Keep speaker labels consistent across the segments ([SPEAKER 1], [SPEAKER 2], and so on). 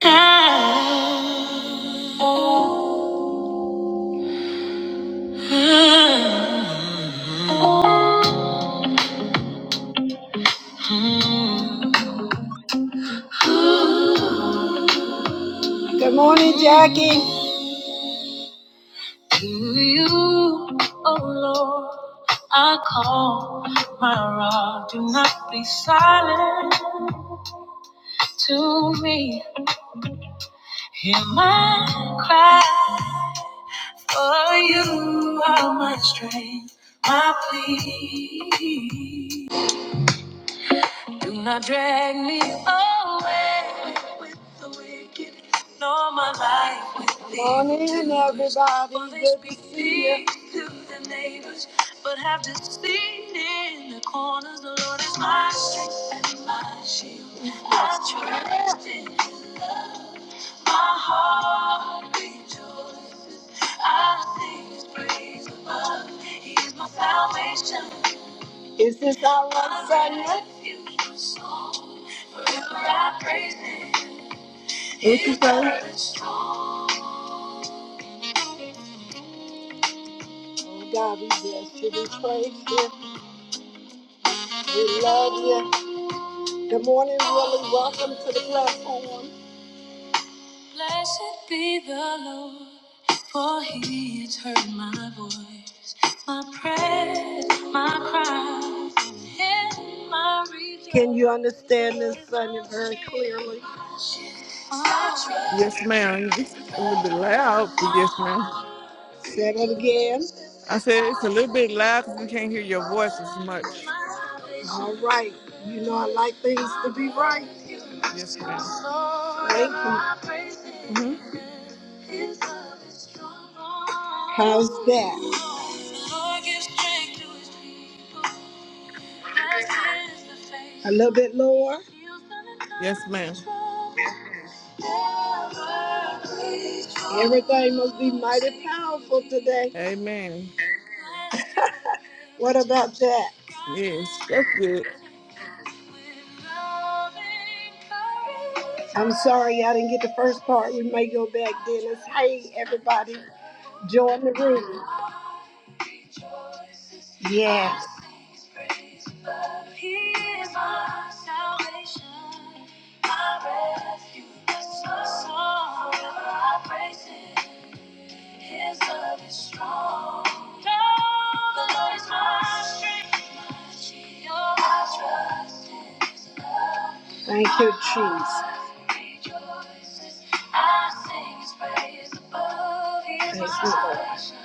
[SPEAKER 1] Good morning, Jackie. To you, oh Lord, I call my rock. Do not be silent to me. Hear my cry. For you are my strength, my plea. Do not drag me away with the wicked, nor my life with thee. Morning, everybody. For they Good to speak see you. to their neighbors, but have deceived in the corners. The Lord is my strength and my shield. I trust in is this our last segment? refuge,
[SPEAKER 2] What you say?
[SPEAKER 1] Oh God, we bless you. We praise you. We love you. Good morning, Willie. Welcome to the platform. Blessed be the Lord, for he has heard my voice, my prayers, my cries, and my reason. Can you understand this, Sonia, very clearly? Say
[SPEAKER 2] Yes, ma'am. It's a little bit loud, but yes, ma'am.
[SPEAKER 1] that again.
[SPEAKER 2] I said it's a little bit loud because we can't hear your voice as much.
[SPEAKER 1] All right. You know I like things to be right.
[SPEAKER 2] Yes, madam
[SPEAKER 1] Thank you.
[SPEAKER 2] Mm-hmm.
[SPEAKER 1] How's that? A little bit lower.
[SPEAKER 2] Yes, ma'am.
[SPEAKER 1] Everything must be mighty powerful today.
[SPEAKER 2] Amen.
[SPEAKER 1] What about that?
[SPEAKER 2] Yes, that's it.
[SPEAKER 1] I'm sorry I didn't get the first part. We may go back, Dennis. Hey, everybody, join the room. Yes. His love is strong. The Lord is my strength. Your I trust in His love. Thank you, Jesus. Rejoices. I sing His praise above. He is Thank my you, Lord. salvation.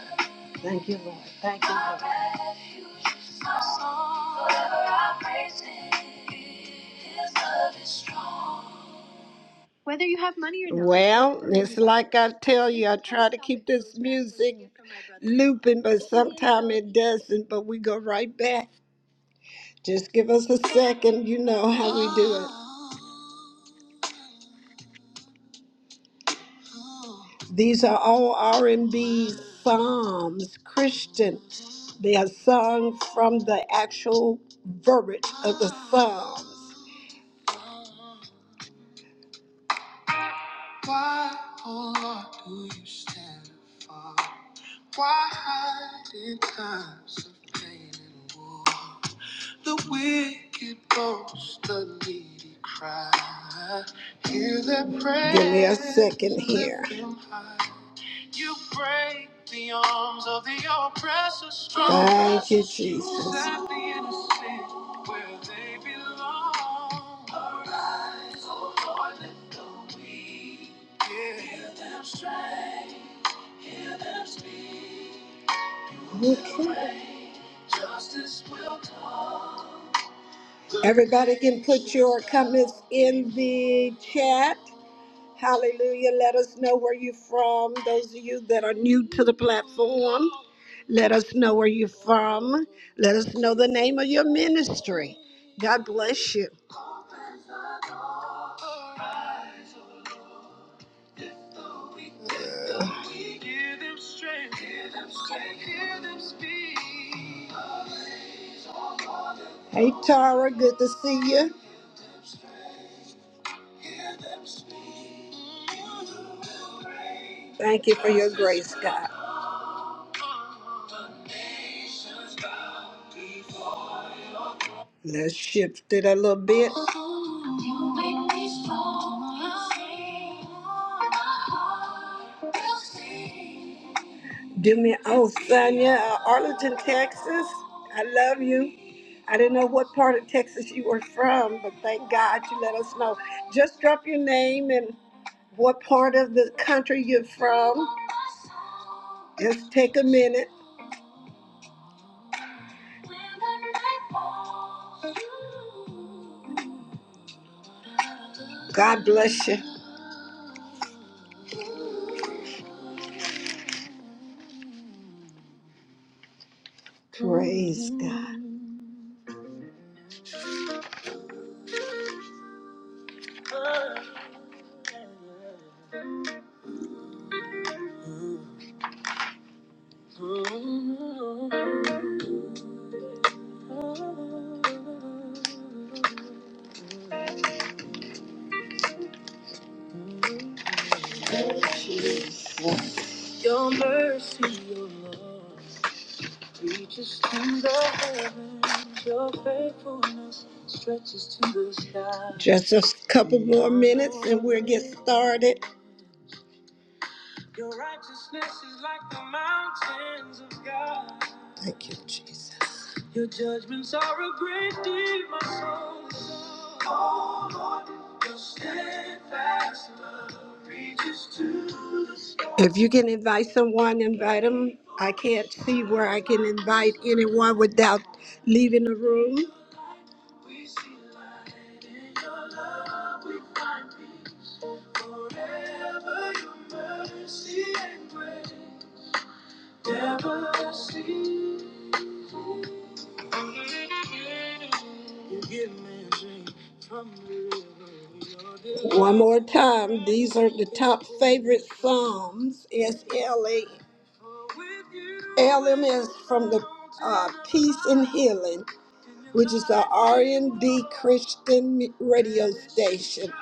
[SPEAKER 1] Thank you, Lord. Thank you, My Lord. My refuge, my song. Forever I praise Him. His love is strong. Well, it's like I tell you, I try to keep this music looping, but sometimes it doesn't. But we go right back. Just give us a second. You know how we do it. These are all R&B psalms, Christian. They are sung from the actual verbiage of the psalms. Why, oh Lord, do you stand afar? Why hide in times of pain and war? The wicked boast, the needy cry. Hear their prayer. Give me a second here. You break the arms of the oppressor strong. Thank you, Jesus. Set the innocent where they belong. Arise, O Lord, lift the weak. Yeah. Give them strength, hear them speak. Okay. Justice will come. Everybody can put your comments in the chat. Hallelujah. Let us know where you're from. Those of you that are new to the platform, let us know where you're from. Let us know the name of your ministry. God bless you. Hey, Tara, good to see you. Thank you for your grace, God. Let's shift it a little bit. You make me strong. Do me, oh, Sonia, uh, Arlington, Texas. I love you. I didn't know what part of Texas you were from, but thank God you let us know. Just drop your name and what part of the country you're from. Just take a minute. God bless you. Praise God. Your mercy, your love. Reaches to the heavens, your faithfulness stretches to the sky. Just a couple more minutes and we'll get started. Your righteousness is like the mountains of God. Thank you, Jesus. Your judgments are a great deed, my soul. Oh Lord, your steadfast love reaches to the stars. If you can invite someone, invite them. I can't see where I can invite anyone without leaving the room. We see light in your love, we find peace. Forever your mercy and grace never cease. One more time. These are the top favorite Psalms. It's LA. LM is from the uh, Peace and Healing, which is the R&B Christian m- radio station.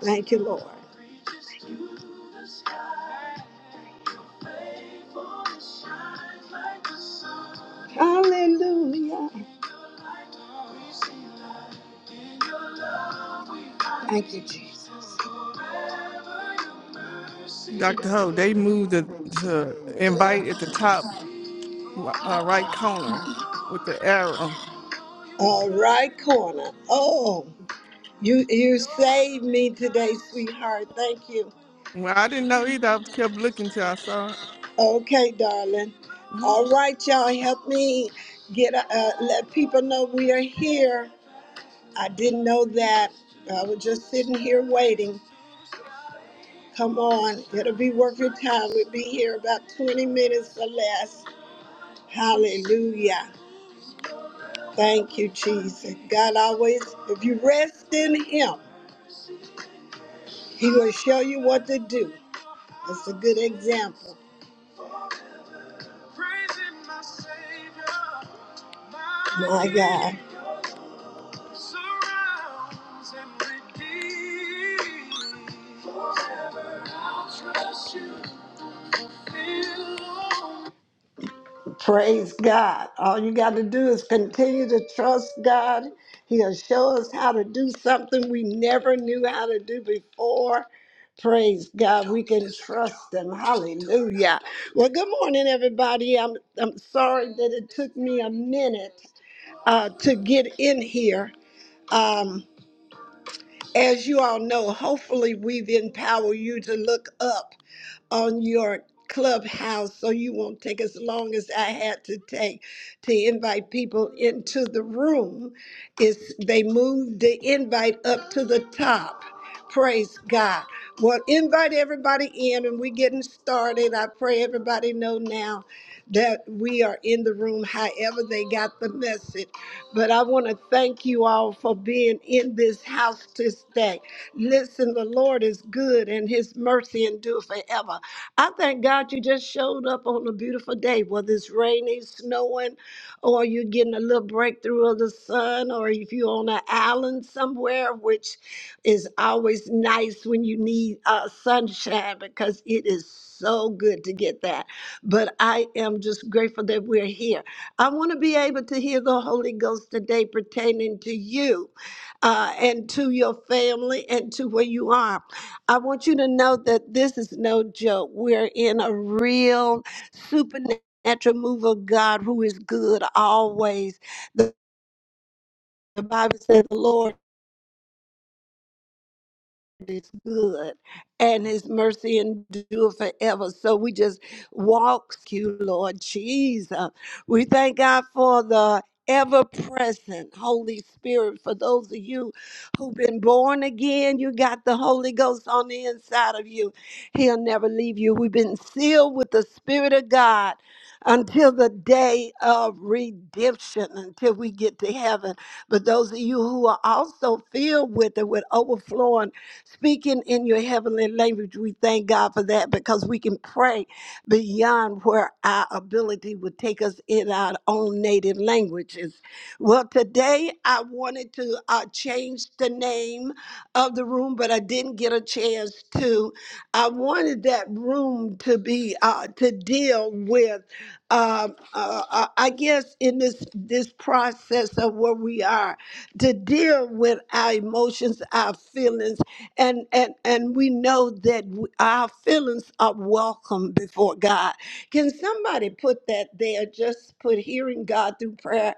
[SPEAKER 1] Thank you, Lord. Hallelujah. Thank you, Jesus.
[SPEAKER 2] Dr. Ho, they moved the to invite at the top uh, right corner with the arrow.
[SPEAKER 1] All right, corner. Oh, you you saved me today, sweetheart. Thank you.
[SPEAKER 2] Well, I didn't know either. I kept looking till I saw it.
[SPEAKER 1] Okay, darling.
[SPEAKER 2] hmm
[SPEAKER 1] All right, y'all. Help me get uh, uh, let people know we are here. I didn't know that. I was just sitting here waiting. Come on, it'll be worth your time. We'll be here about 20 minutes or less. Hallelujah. Thank you, Jesus. God always, if you rest in Him, He will show you what to do. That's a good example. Praising my Savior, my God. surrounds and redeems. Forever I'll trust you. Praise God. All you got to do is continue to trust God. He'll show us how to do something we never knew how to do before. Praise God. We can trust Him. Hallelujah. Well, good morning, everybody. I'm, I'm sorry that it took me a minute uh, to get in here. Um, As you all know, hopefully we've empowered you to look up on your clubhouse so you won't take as long as I had to take to invite people into the room. It's they moved the invite up to the top. Praise God. Well, invite everybody in and we're getting started. I pray everybody know now that we are in the room however they got the message. But I want to thank you all for being in this house this day. Listen, the Lord is good and his mercy endure forever. I thank God you just showed up on a beautiful day, whether it's raining, snowing, or you're getting a little breakthrough of the sun, or if you're on an island somewhere, which is always nice when you need uh, sunshine because it is so good to get that. But I am just grateful that we're here. I want to be able to hear the Holy Ghost today pertaining to you uh, and to your family and to where you are. I want you to know that this is no joke. We're in a real supernatural move of God who is good always. The the Bible says the Lord. is good and his mercy endure forever. So we just walk you, Lord Jesus. We thank God for the ever present Holy Spirit. For those of you who've been born again, you got the Holy Ghost on the inside of you. He'll never leave you. We've been sealed with the Spirit of God until the day of redemption, until we get to heaven. But those of you who are also filled with it, with overflowing Speaking in your heavenly language, we thank God for that because we can pray beyond where our ability would take us in our own native languages. Well, today I wanted to uh, change the name of the room, but I didn't get a chance to. I wanted that room to be uh, to deal with. Um, uh, uh, I guess in this this process of where we are, to deal with our emotions, our feelings and and and we know that w- our feelings are welcome before God. Can somebody put that there? Just put hearing God through prayer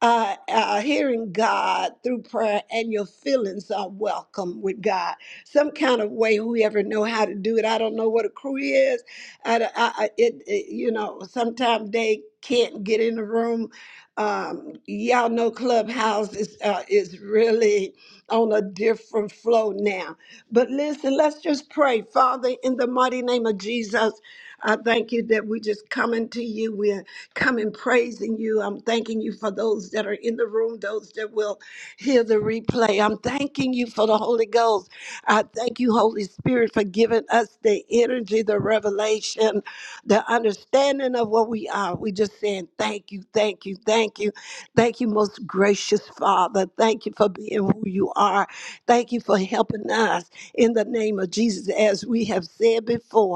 [SPEAKER 1] uh, uh, hearing God through prayer and your feelings are welcome with God. Some kind of way, whoever know how to do it. I don't know what a crew is. I, I, I- it, it- you know, sometimes they can't get in the room. Um, y'all know Clubhouse is, uh, is really on a different flow now. But listen, let's just pray. Father, in the mighty name of Jesus, I thank you that we just coming to you coming praising you. I'm thanking you for those that are in the room, those that will hear the replay. I'm thanking you for the Holy Ghost. I thank you, Holy Spirit, for giving us the energy, the revelation, the understanding of what we are. We just saying thank you, thank you, thank you. Thank you, most gracious Father. Thank you for being who you are. Thank you for helping us in the name of Jesus, as we have said before.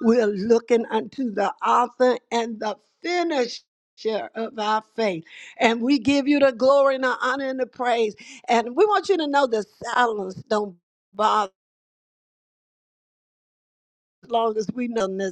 [SPEAKER 1] We're looking unto the author and the finisher of our faith. And we give you the glory and the honor and the praise. And we want you to know that silence don't bother as long as we know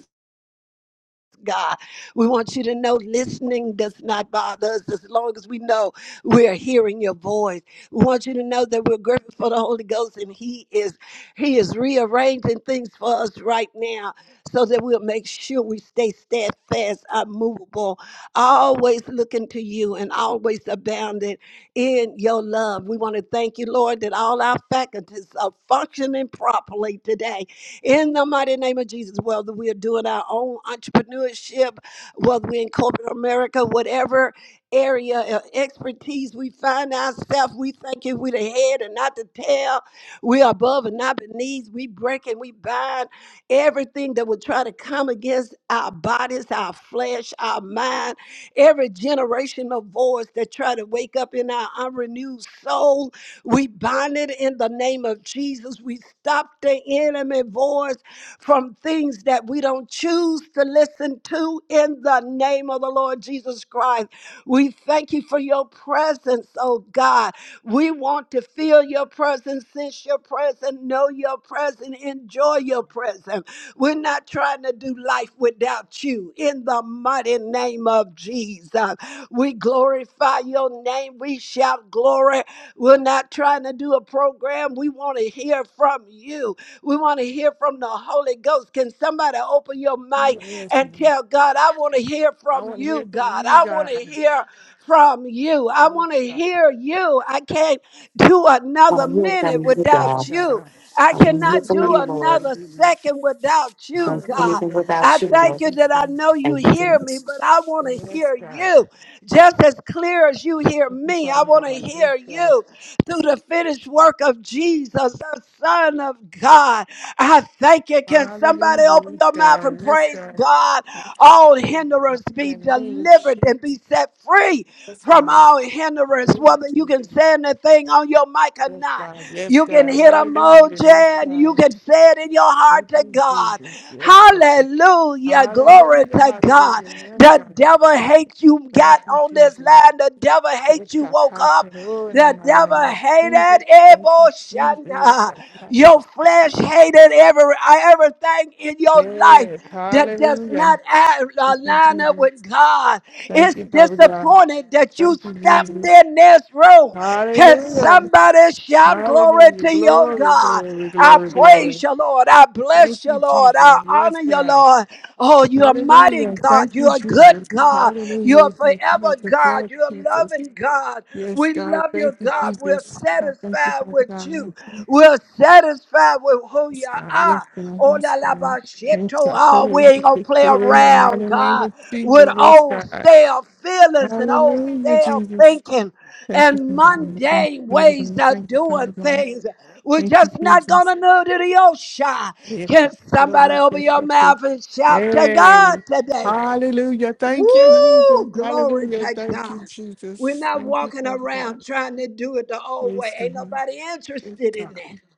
[SPEAKER 1] God. We want you to know listening does not bother us as long as we know we're hearing your voice. We want you to know that we're grateful for the Holy Ghost and He is He is rearranging things for us right now so that we'll make sure we stay steadfast, unmovable, always looking to you and always abounding in your love. We want to thank you, Lord, that all our faculties are functioning properly today in the mighty name of Jesus. Whether we're doing our own entrepreneurship, whether we're in corporate America, whatever area of expertise we find ourselves, we thank you. We're the head and not the tail. We are above and not beneath. We break and we bind everything that would try to come against our bodies, our flesh, our mind, every generational voice that try to wake up in our unrenewed soul we bind it in the name of Jesus. We stop the enemy voice from things that we don't choose to listen to in the name of the Lord Jesus Christ. We thank you for your presence, oh God. We want to feel your presence, sense your presence, know your presence, enjoy your presence. We're not trying to do life without you in the mighty name of Jesus. We glorify your name. We shout glory we're not trying to do a program. We want to hear from you. We want to hear from the Holy Ghost. Can somebody open your mic
[SPEAKER 2] Yes,
[SPEAKER 1] and
[SPEAKER 2] ma'am.
[SPEAKER 1] tell God, I want to hear
[SPEAKER 2] I
[SPEAKER 1] from
[SPEAKER 2] want to hear
[SPEAKER 1] you,
[SPEAKER 2] from
[SPEAKER 1] God.
[SPEAKER 2] you
[SPEAKER 1] I want
[SPEAKER 2] guys.
[SPEAKER 1] to hear from you. I
[SPEAKER 2] Yes,
[SPEAKER 1] want to
[SPEAKER 2] God.
[SPEAKER 1] hear you. I can't do
[SPEAKER 3] want
[SPEAKER 1] another
[SPEAKER 3] to hear
[SPEAKER 1] minute
[SPEAKER 3] from you,
[SPEAKER 2] Yes,
[SPEAKER 1] without
[SPEAKER 3] God.
[SPEAKER 1] you.
[SPEAKER 2] God.
[SPEAKER 1] I
[SPEAKER 3] I want to hear
[SPEAKER 1] cannot
[SPEAKER 3] from
[SPEAKER 1] do
[SPEAKER 3] you,
[SPEAKER 2] Another thing
[SPEAKER 3] Lord.
[SPEAKER 2] to
[SPEAKER 1] another
[SPEAKER 2] do.
[SPEAKER 1] second without
[SPEAKER 3] I
[SPEAKER 1] you,
[SPEAKER 3] can't do
[SPEAKER 1] God.
[SPEAKER 3] anything
[SPEAKER 2] Hallelujah. Yes,
[SPEAKER 1] I
[SPEAKER 3] without
[SPEAKER 2] God.
[SPEAKER 3] you,
[SPEAKER 1] thank
[SPEAKER 3] Lord.
[SPEAKER 1] you
[SPEAKER 2] Yes,
[SPEAKER 1] that I
[SPEAKER 2] God.
[SPEAKER 1] know you
[SPEAKER 3] Thank you,
[SPEAKER 1] hear me,
[SPEAKER 3] Jesus.
[SPEAKER 1] but I want to
[SPEAKER 2] Yes,
[SPEAKER 1] hear
[SPEAKER 2] God.
[SPEAKER 1] you just as clear as you hear
[SPEAKER 2] Thank you,
[SPEAKER 1] me. I
[SPEAKER 2] Father
[SPEAKER 1] want to
[SPEAKER 2] God. Yes,
[SPEAKER 1] hear
[SPEAKER 2] God.
[SPEAKER 1] you through the finished work of Jesus, the Son of God. I thank you. Can somebody open
[SPEAKER 2] Hallelujah.
[SPEAKER 1] your
[SPEAKER 2] Yes,
[SPEAKER 1] mouth
[SPEAKER 2] God.
[SPEAKER 1] and
[SPEAKER 2] Yes,
[SPEAKER 1] praise
[SPEAKER 2] God.
[SPEAKER 1] God?
[SPEAKER 2] That's
[SPEAKER 1] All
[SPEAKER 2] the name of
[SPEAKER 1] hindrance
[SPEAKER 2] God.
[SPEAKER 1] be
[SPEAKER 2] In the name of
[SPEAKER 1] delivered and
[SPEAKER 2] Jesus.
[SPEAKER 1] be set free
[SPEAKER 2] Yes,
[SPEAKER 1] from
[SPEAKER 2] God.
[SPEAKER 1] all hindrance,
[SPEAKER 2] Praise
[SPEAKER 1] whether you can
[SPEAKER 2] Jesus.
[SPEAKER 1] say anything on your mic or
[SPEAKER 2] Yes,
[SPEAKER 1] not.
[SPEAKER 2] God. Yes,
[SPEAKER 1] You can
[SPEAKER 2] God.
[SPEAKER 1] hit a
[SPEAKER 2] Hallelujah.
[SPEAKER 1] emoji
[SPEAKER 2] Yes,
[SPEAKER 1] and you
[SPEAKER 2] God.
[SPEAKER 1] can say it in your heart
[SPEAKER 2] Thank
[SPEAKER 1] to
[SPEAKER 2] you,
[SPEAKER 1] God.
[SPEAKER 2] Jesus. Yes, God.
[SPEAKER 1] Hallelujah. Glory
[SPEAKER 2] Hallelujah.
[SPEAKER 1] to God.
[SPEAKER 2] Hallelujah. Yes,
[SPEAKER 1] The
[SPEAKER 2] God.
[SPEAKER 1] devil hates you
[SPEAKER 2] Thank
[SPEAKER 1] got
[SPEAKER 2] you,
[SPEAKER 1] on this
[SPEAKER 2] Jesus.
[SPEAKER 1] land. The devil hates
[SPEAKER 2] It's
[SPEAKER 1] you
[SPEAKER 2] a
[SPEAKER 1] woke up.
[SPEAKER 2] power in the
[SPEAKER 1] The
[SPEAKER 2] mighty
[SPEAKER 1] devil
[SPEAKER 2] name of Jesus.
[SPEAKER 1] hated
[SPEAKER 2] Thank
[SPEAKER 1] Ebo
[SPEAKER 2] you, Jesus. It's
[SPEAKER 1] Shanda.
[SPEAKER 2] a
[SPEAKER 1] Your
[SPEAKER 2] power.
[SPEAKER 1] flesh hated every everything in your
[SPEAKER 2] Yes,
[SPEAKER 1] life that does
[SPEAKER 2] hallelujah.
[SPEAKER 1] not a-
[SPEAKER 2] Thank you,
[SPEAKER 1] align up with
[SPEAKER 2] Jesus.
[SPEAKER 1] God.
[SPEAKER 2] Thank
[SPEAKER 1] It's
[SPEAKER 2] you, Father God.
[SPEAKER 1] disappointed that you
[SPEAKER 2] Thank you,
[SPEAKER 1] stepped
[SPEAKER 2] Jesus.
[SPEAKER 1] in this room. Can
[SPEAKER 2] Hallelujah.
[SPEAKER 1] somebody shout glory
[SPEAKER 2] Hallelujah.
[SPEAKER 1] to your
[SPEAKER 2] Glory,
[SPEAKER 1] God?
[SPEAKER 2] glory,
[SPEAKER 1] I
[SPEAKER 2] glory, glory.
[SPEAKER 1] praise you, Lord. I
[SPEAKER 2] Thank
[SPEAKER 1] bless you,
[SPEAKER 2] you,
[SPEAKER 1] Lord.
[SPEAKER 2] Jesus.
[SPEAKER 1] I
[SPEAKER 2] Yes,
[SPEAKER 1] honor you,
[SPEAKER 2] God.
[SPEAKER 1] Lord. Oh, you're a mighty
[SPEAKER 2] Hallelujah. Thank
[SPEAKER 1] God.
[SPEAKER 2] you,
[SPEAKER 1] You're a
[SPEAKER 2] Jesus.
[SPEAKER 1] good God. You're a
[SPEAKER 2] Hallelujah. Thank you,
[SPEAKER 1] forever
[SPEAKER 2] the
[SPEAKER 1] God.
[SPEAKER 2] blood,
[SPEAKER 1] You're a
[SPEAKER 2] Jesus.
[SPEAKER 1] loving God.
[SPEAKER 2] Yes,
[SPEAKER 1] We
[SPEAKER 2] God.
[SPEAKER 1] love
[SPEAKER 2] Thank
[SPEAKER 1] you,
[SPEAKER 2] you,
[SPEAKER 1] God. We're
[SPEAKER 2] Jesus. I thank you,
[SPEAKER 1] satisfied
[SPEAKER 2] Father
[SPEAKER 1] with
[SPEAKER 2] God.
[SPEAKER 1] you.
[SPEAKER 2] Yes,
[SPEAKER 1] We're satisfied with who you
[SPEAKER 2] God. Yes,
[SPEAKER 1] are.
[SPEAKER 2] God.
[SPEAKER 1] Oh, la
[SPEAKER 2] Yes,
[SPEAKER 1] la
[SPEAKER 2] God.
[SPEAKER 1] ba shit,
[SPEAKER 2] Thank you,
[SPEAKER 1] oh, ah,
[SPEAKER 2] Father.
[SPEAKER 1] we ain't gonna play
[SPEAKER 2] In the mighty
[SPEAKER 1] around,
[SPEAKER 2] name
[SPEAKER 1] God,
[SPEAKER 2] of
[SPEAKER 1] with
[SPEAKER 2] Jesus. Yes,
[SPEAKER 1] old
[SPEAKER 2] God.
[SPEAKER 1] stale feelings and old
[SPEAKER 2] Hallelujah,
[SPEAKER 1] stale
[SPEAKER 2] Jesus.
[SPEAKER 1] thinking
[SPEAKER 2] Thank you,
[SPEAKER 1] and
[SPEAKER 2] Father. God. Thank you,
[SPEAKER 1] mundane
[SPEAKER 2] Father.
[SPEAKER 1] ways
[SPEAKER 2] God.
[SPEAKER 1] of
[SPEAKER 2] Thank you, Father.
[SPEAKER 1] doing
[SPEAKER 2] God.
[SPEAKER 1] things. We're
[SPEAKER 2] Thank you,
[SPEAKER 1] just not
[SPEAKER 2] Jesus.
[SPEAKER 1] gonna know to the ocean.
[SPEAKER 2] Yeah,
[SPEAKER 1] Can
[SPEAKER 2] God. Lord,
[SPEAKER 1] somebody
[SPEAKER 2] we
[SPEAKER 1] open
[SPEAKER 2] thank you,
[SPEAKER 1] your
[SPEAKER 2] thank you.
[SPEAKER 1] mouth and shout to God
[SPEAKER 2] Yay.
[SPEAKER 1] today?
[SPEAKER 2] Hallelujah. Thank you, Jesus.
[SPEAKER 1] Woo! Glory
[SPEAKER 2] Hallelujah.
[SPEAKER 1] to
[SPEAKER 2] Thank you,
[SPEAKER 1] God. We're
[SPEAKER 2] Jesus.
[SPEAKER 1] not
[SPEAKER 2] Thank you,
[SPEAKER 1] walking
[SPEAKER 2] Father God.
[SPEAKER 1] around trying to do it the old way.
[SPEAKER 2] Praise
[SPEAKER 1] Ain't
[SPEAKER 2] God.
[SPEAKER 1] nobody
[SPEAKER 2] Praise
[SPEAKER 1] interested in
[SPEAKER 2] God.
[SPEAKER 1] that.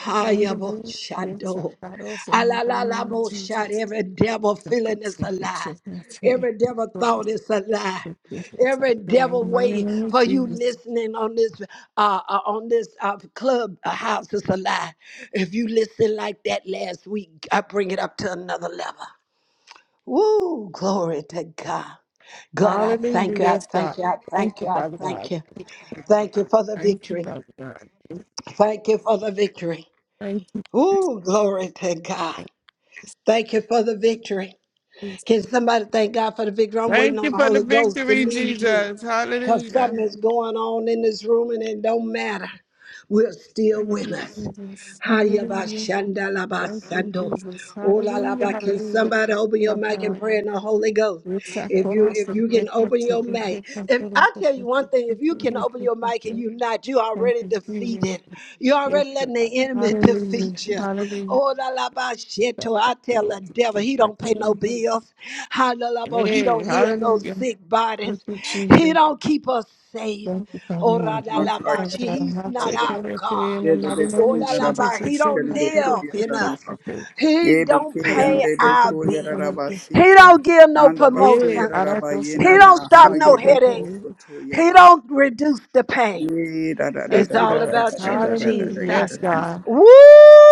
[SPEAKER 1] Hayabo
[SPEAKER 2] Hallelujah. Yes, I
[SPEAKER 1] Shado.
[SPEAKER 2] God, also in the mighty name of
[SPEAKER 1] Alalalabo shot.
[SPEAKER 2] Jesus.
[SPEAKER 1] Every devil
[SPEAKER 2] So good
[SPEAKER 1] feeling
[SPEAKER 2] to
[SPEAKER 1] is
[SPEAKER 2] see
[SPEAKER 1] a
[SPEAKER 2] you.
[SPEAKER 1] lie.
[SPEAKER 2] Check me out here.
[SPEAKER 1] Every devil
[SPEAKER 2] Good to
[SPEAKER 1] thought
[SPEAKER 2] see
[SPEAKER 1] is a lie.
[SPEAKER 2] you. Yes,
[SPEAKER 1] Every
[SPEAKER 2] I God, in
[SPEAKER 1] devil
[SPEAKER 2] the mighty
[SPEAKER 1] way
[SPEAKER 2] name
[SPEAKER 1] for
[SPEAKER 2] of
[SPEAKER 1] you
[SPEAKER 2] Jesus.
[SPEAKER 1] listening on this uh, uh, on this uh, club uh, house is a lie. If you listen like that last week, I bring it up to another level. Woo, glory to God. God, I thank
[SPEAKER 2] Hallelujah.
[SPEAKER 1] you. I
[SPEAKER 2] Yes,
[SPEAKER 1] thank
[SPEAKER 2] God.
[SPEAKER 1] you. I
[SPEAKER 2] Thank
[SPEAKER 1] thank you.
[SPEAKER 2] you,
[SPEAKER 1] I
[SPEAKER 2] Father God.
[SPEAKER 1] thank you.
[SPEAKER 2] Thank you,
[SPEAKER 1] Thank you
[SPEAKER 2] God.
[SPEAKER 1] for the
[SPEAKER 2] Thank you,
[SPEAKER 1] victory.
[SPEAKER 2] Father God.
[SPEAKER 1] Thank you for the victory.
[SPEAKER 2] Thank you.
[SPEAKER 1] Ooh, glory to God.
[SPEAKER 2] Thank you.
[SPEAKER 1] Thank you for the victory.
[SPEAKER 2] Jesus.
[SPEAKER 1] Can somebody thank God for the victory? I'm waiting
[SPEAKER 2] Thank
[SPEAKER 1] on
[SPEAKER 2] you
[SPEAKER 1] the
[SPEAKER 2] for the
[SPEAKER 1] Holy Ghost to
[SPEAKER 2] victory,
[SPEAKER 1] lead me
[SPEAKER 2] Jesus.
[SPEAKER 1] because
[SPEAKER 2] Hallelujah.
[SPEAKER 1] something is going on in this room and it don't matter. We're still
[SPEAKER 2] Thank you,
[SPEAKER 1] winners.
[SPEAKER 2] Jesus.
[SPEAKER 1] Hayaba
[SPEAKER 2] Hallelujah.
[SPEAKER 1] shanda laba
[SPEAKER 2] Thank you,
[SPEAKER 1] sando.
[SPEAKER 2] Jesus.
[SPEAKER 1] Ola
[SPEAKER 2] Hallelujah.
[SPEAKER 1] laba. Can
[SPEAKER 2] Hallelujah.
[SPEAKER 1] somebody open
[SPEAKER 2] Thank
[SPEAKER 1] your
[SPEAKER 2] you,
[SPEAKER 1] mic and
[SPEAKER 2] God.
[SPEAKER 1] pray in the Holy Ghost?
[SPEAKER 2] We thank you,
[SPEAKER 1] If you
[SPEAKER 2] Lord,
[SPEAKER 1] if
[SPEAKER 2] for the
[SPEAKER 1] you can open
[SPEAKER 2] victory.
[SPEAKER 1] your
[SPEAKER 2] We
[SPEAKER 1] mic,
[SPEAKER 2] thank
[SPEAKER 1] if
[SPEAKER 2] you, Lord,
[SPEAKER 1] I
[SPEAKER 2] for
[SPEAKER 1] tell you
[SPEAKER 2] the
[SPEAKER 1] one thing, if you can
[SPEAKER 2] victory.
[SPEAKER 1] open
[SPEAKER 2] We
[SPEAKER 1] your
[SPEAKER 2] thank
[SPEAKER 1] mic and
[SPEAKER 2] you.
[SPEAKER 1] you not, you
[SPEAKER 2] Thank
[SPEAKER 1] already
[SPEAKER 2] you, Jesus.
[SPEAKER 1] defeated. You
[SPEAKER 2] Yes,
[SPEAKER 1] already letting
[SPEAKER 2] God.
[SPEAKER 1] the enemy
[SPEAKER 2] Hallelujah.
[SPEAKER 1] defeat you.
[SPEAKER 2] Hallelujah.
[SPEAKER 1] Ola laba
[SPEAKER 2] Thank
[SPEAKER 1] sheto. I
[SPEAKER 2] you,
[SPEAKER 1] tell
[SPEAKER 2] Lord.
[SPEAKER 1] the devil
[SPEAKER 2] Thank
[SPEAKER 1] he don't pay
[SPEAKER 2] you,
[SPEAKER 1] no
[SPEAKER 2] Lord.
[SPEAKER 1] bills. Halalabo he
[SPEAKER 2] Hey,
[SPEAKER 1] don't heal no
[SPEAKER 2] hallelujah.
[SPEAKER 1] sick
[SPEAKER 2] Thank
[SPEAKER 1] bodies.
[SPEAKER 2] you,
[SPEAKER 1] He
[SPEAKER 2] Jesus.
[SPEAKER 1] don't keep us safe.
[SPEAKER 2] Thank you, Father
[SPEAKER 1] Ora
[SPEAKER 2] God.
[SPEAKER 1] la
[SPEAKER 2] Thank
[SPEAKER 1] la
[SPEAKER 2] you,
[SPEAKER 4] Makaya
[SPEAKER 1] ba.
[SPEAKER 2] Father God.
[SPEAKER 1] He's
[SPEAKER 2] And I'll
[SPEAKER 1] not
[SPEAKER 2] take
[SPEAKER 4] Rakaya
[SPEAKER 1] our
[SPEAKER 2] everything in
[SPEAKER 1] God.
[SPEAKER 2] the
[SPEAKER 4] Yede
[SPEAKER 2] mighty name
[SPEAKER 1] Oh
[SPEAKER 2] of
[SPEAKER 1] la
[SPEAKER 4] Bekoya
[SPEAKER 1] la ba.
[SPEAKER 2] Jesus. We
[SPEAKER 1] He
[SPEAKER 4] Rabasi
[SPEAKER 2] say,
[SPEAKER 1] don't
[SPEAKER 4] Kele
[SPEAKER 2] thank you, Lord,
[SPEAKER 1] live
[SPEAKER 4] Bekoya
[SPEAKER 2] we
[SPEAKER 1] in
[SPEAKER 2] say
[SPEAKER 1] us.
[SPEAKER 4] Rabaha
[SPEAKER 2] thank you.
[SPEAKER 1] He
[SPEAKER 4] Yebe
[SPEAKER 1] don't
[SPEAKER 2] For the
[SPEAKER 4] Ke
[SPEAKER 2] rest
[SPEAKER 1] pay
[SPEAKER 4] Ande
[SPEAKER 2] of
[SPEAKER 1] our
[SPEAKER 2] the things
[SPEAKER 4] Bekoya
[SPEAKER 1] bills.
[SPEAKER 2] that I've been
[SPEAKER 1] He
[SPEAKER 4] Rabasi
[SPEAKER 2] thinking.
[SPEAKER 1] don't give no
[SPEAKER 4] Anda Bakoya
[SPEAKER 2] Hey,
[SPEAKER 1] promotions.
[SPEAKER 2] I don't
[SPEAKER 4] Raba
[SPEAKER 2] know, so
[SPEAKER 1] He
[SPEAKER 4] Yena
[SPEAKER 2] we
[SPEAKER 1] don't stop
[SPEAKER 2] we
[SPEAKER 4] Nanaha
[SPEAKER 1] no
[SPEAKER 2] say
[SPEAKER 4] Yebe
[SPEAKER 2] thank
[SPEAKER 4] Ko
[SPEAKER 1] headaches.
[SPEAKER 2] you.
[SPEAKER 4] Soto
[SPEAKER 1] He
[SPEAKER 4] Yaba
[SPEAKER 1] don't reduce the pain.
[SPEAKER 4] Ye da da da
[SPEAKER 2] Thank
[SPEAKER 1] It's
[SPEAKER 4] da
[SPEAKER 2] you,
[SPEAKER 4] da
[SPEAKER 1] all
[SPEAKER 4] da
[SPEAKER 2] Lord.
[SPEAKER 4] da
[SPEAKER 1] about
[SPEAKER 4] da
[SPEAKER 1] you,
[SPEAKER 4] da da da
[SPEAKER 2] Hallelujah.
[SPEAKER 4] da
[SPEAKER 1] Jesus.
[SPEAKER 2] Yes,
[SPEAKER 4] Yede Rama
[SPEAKER 2] God.
[SPEAKER 1] Woo!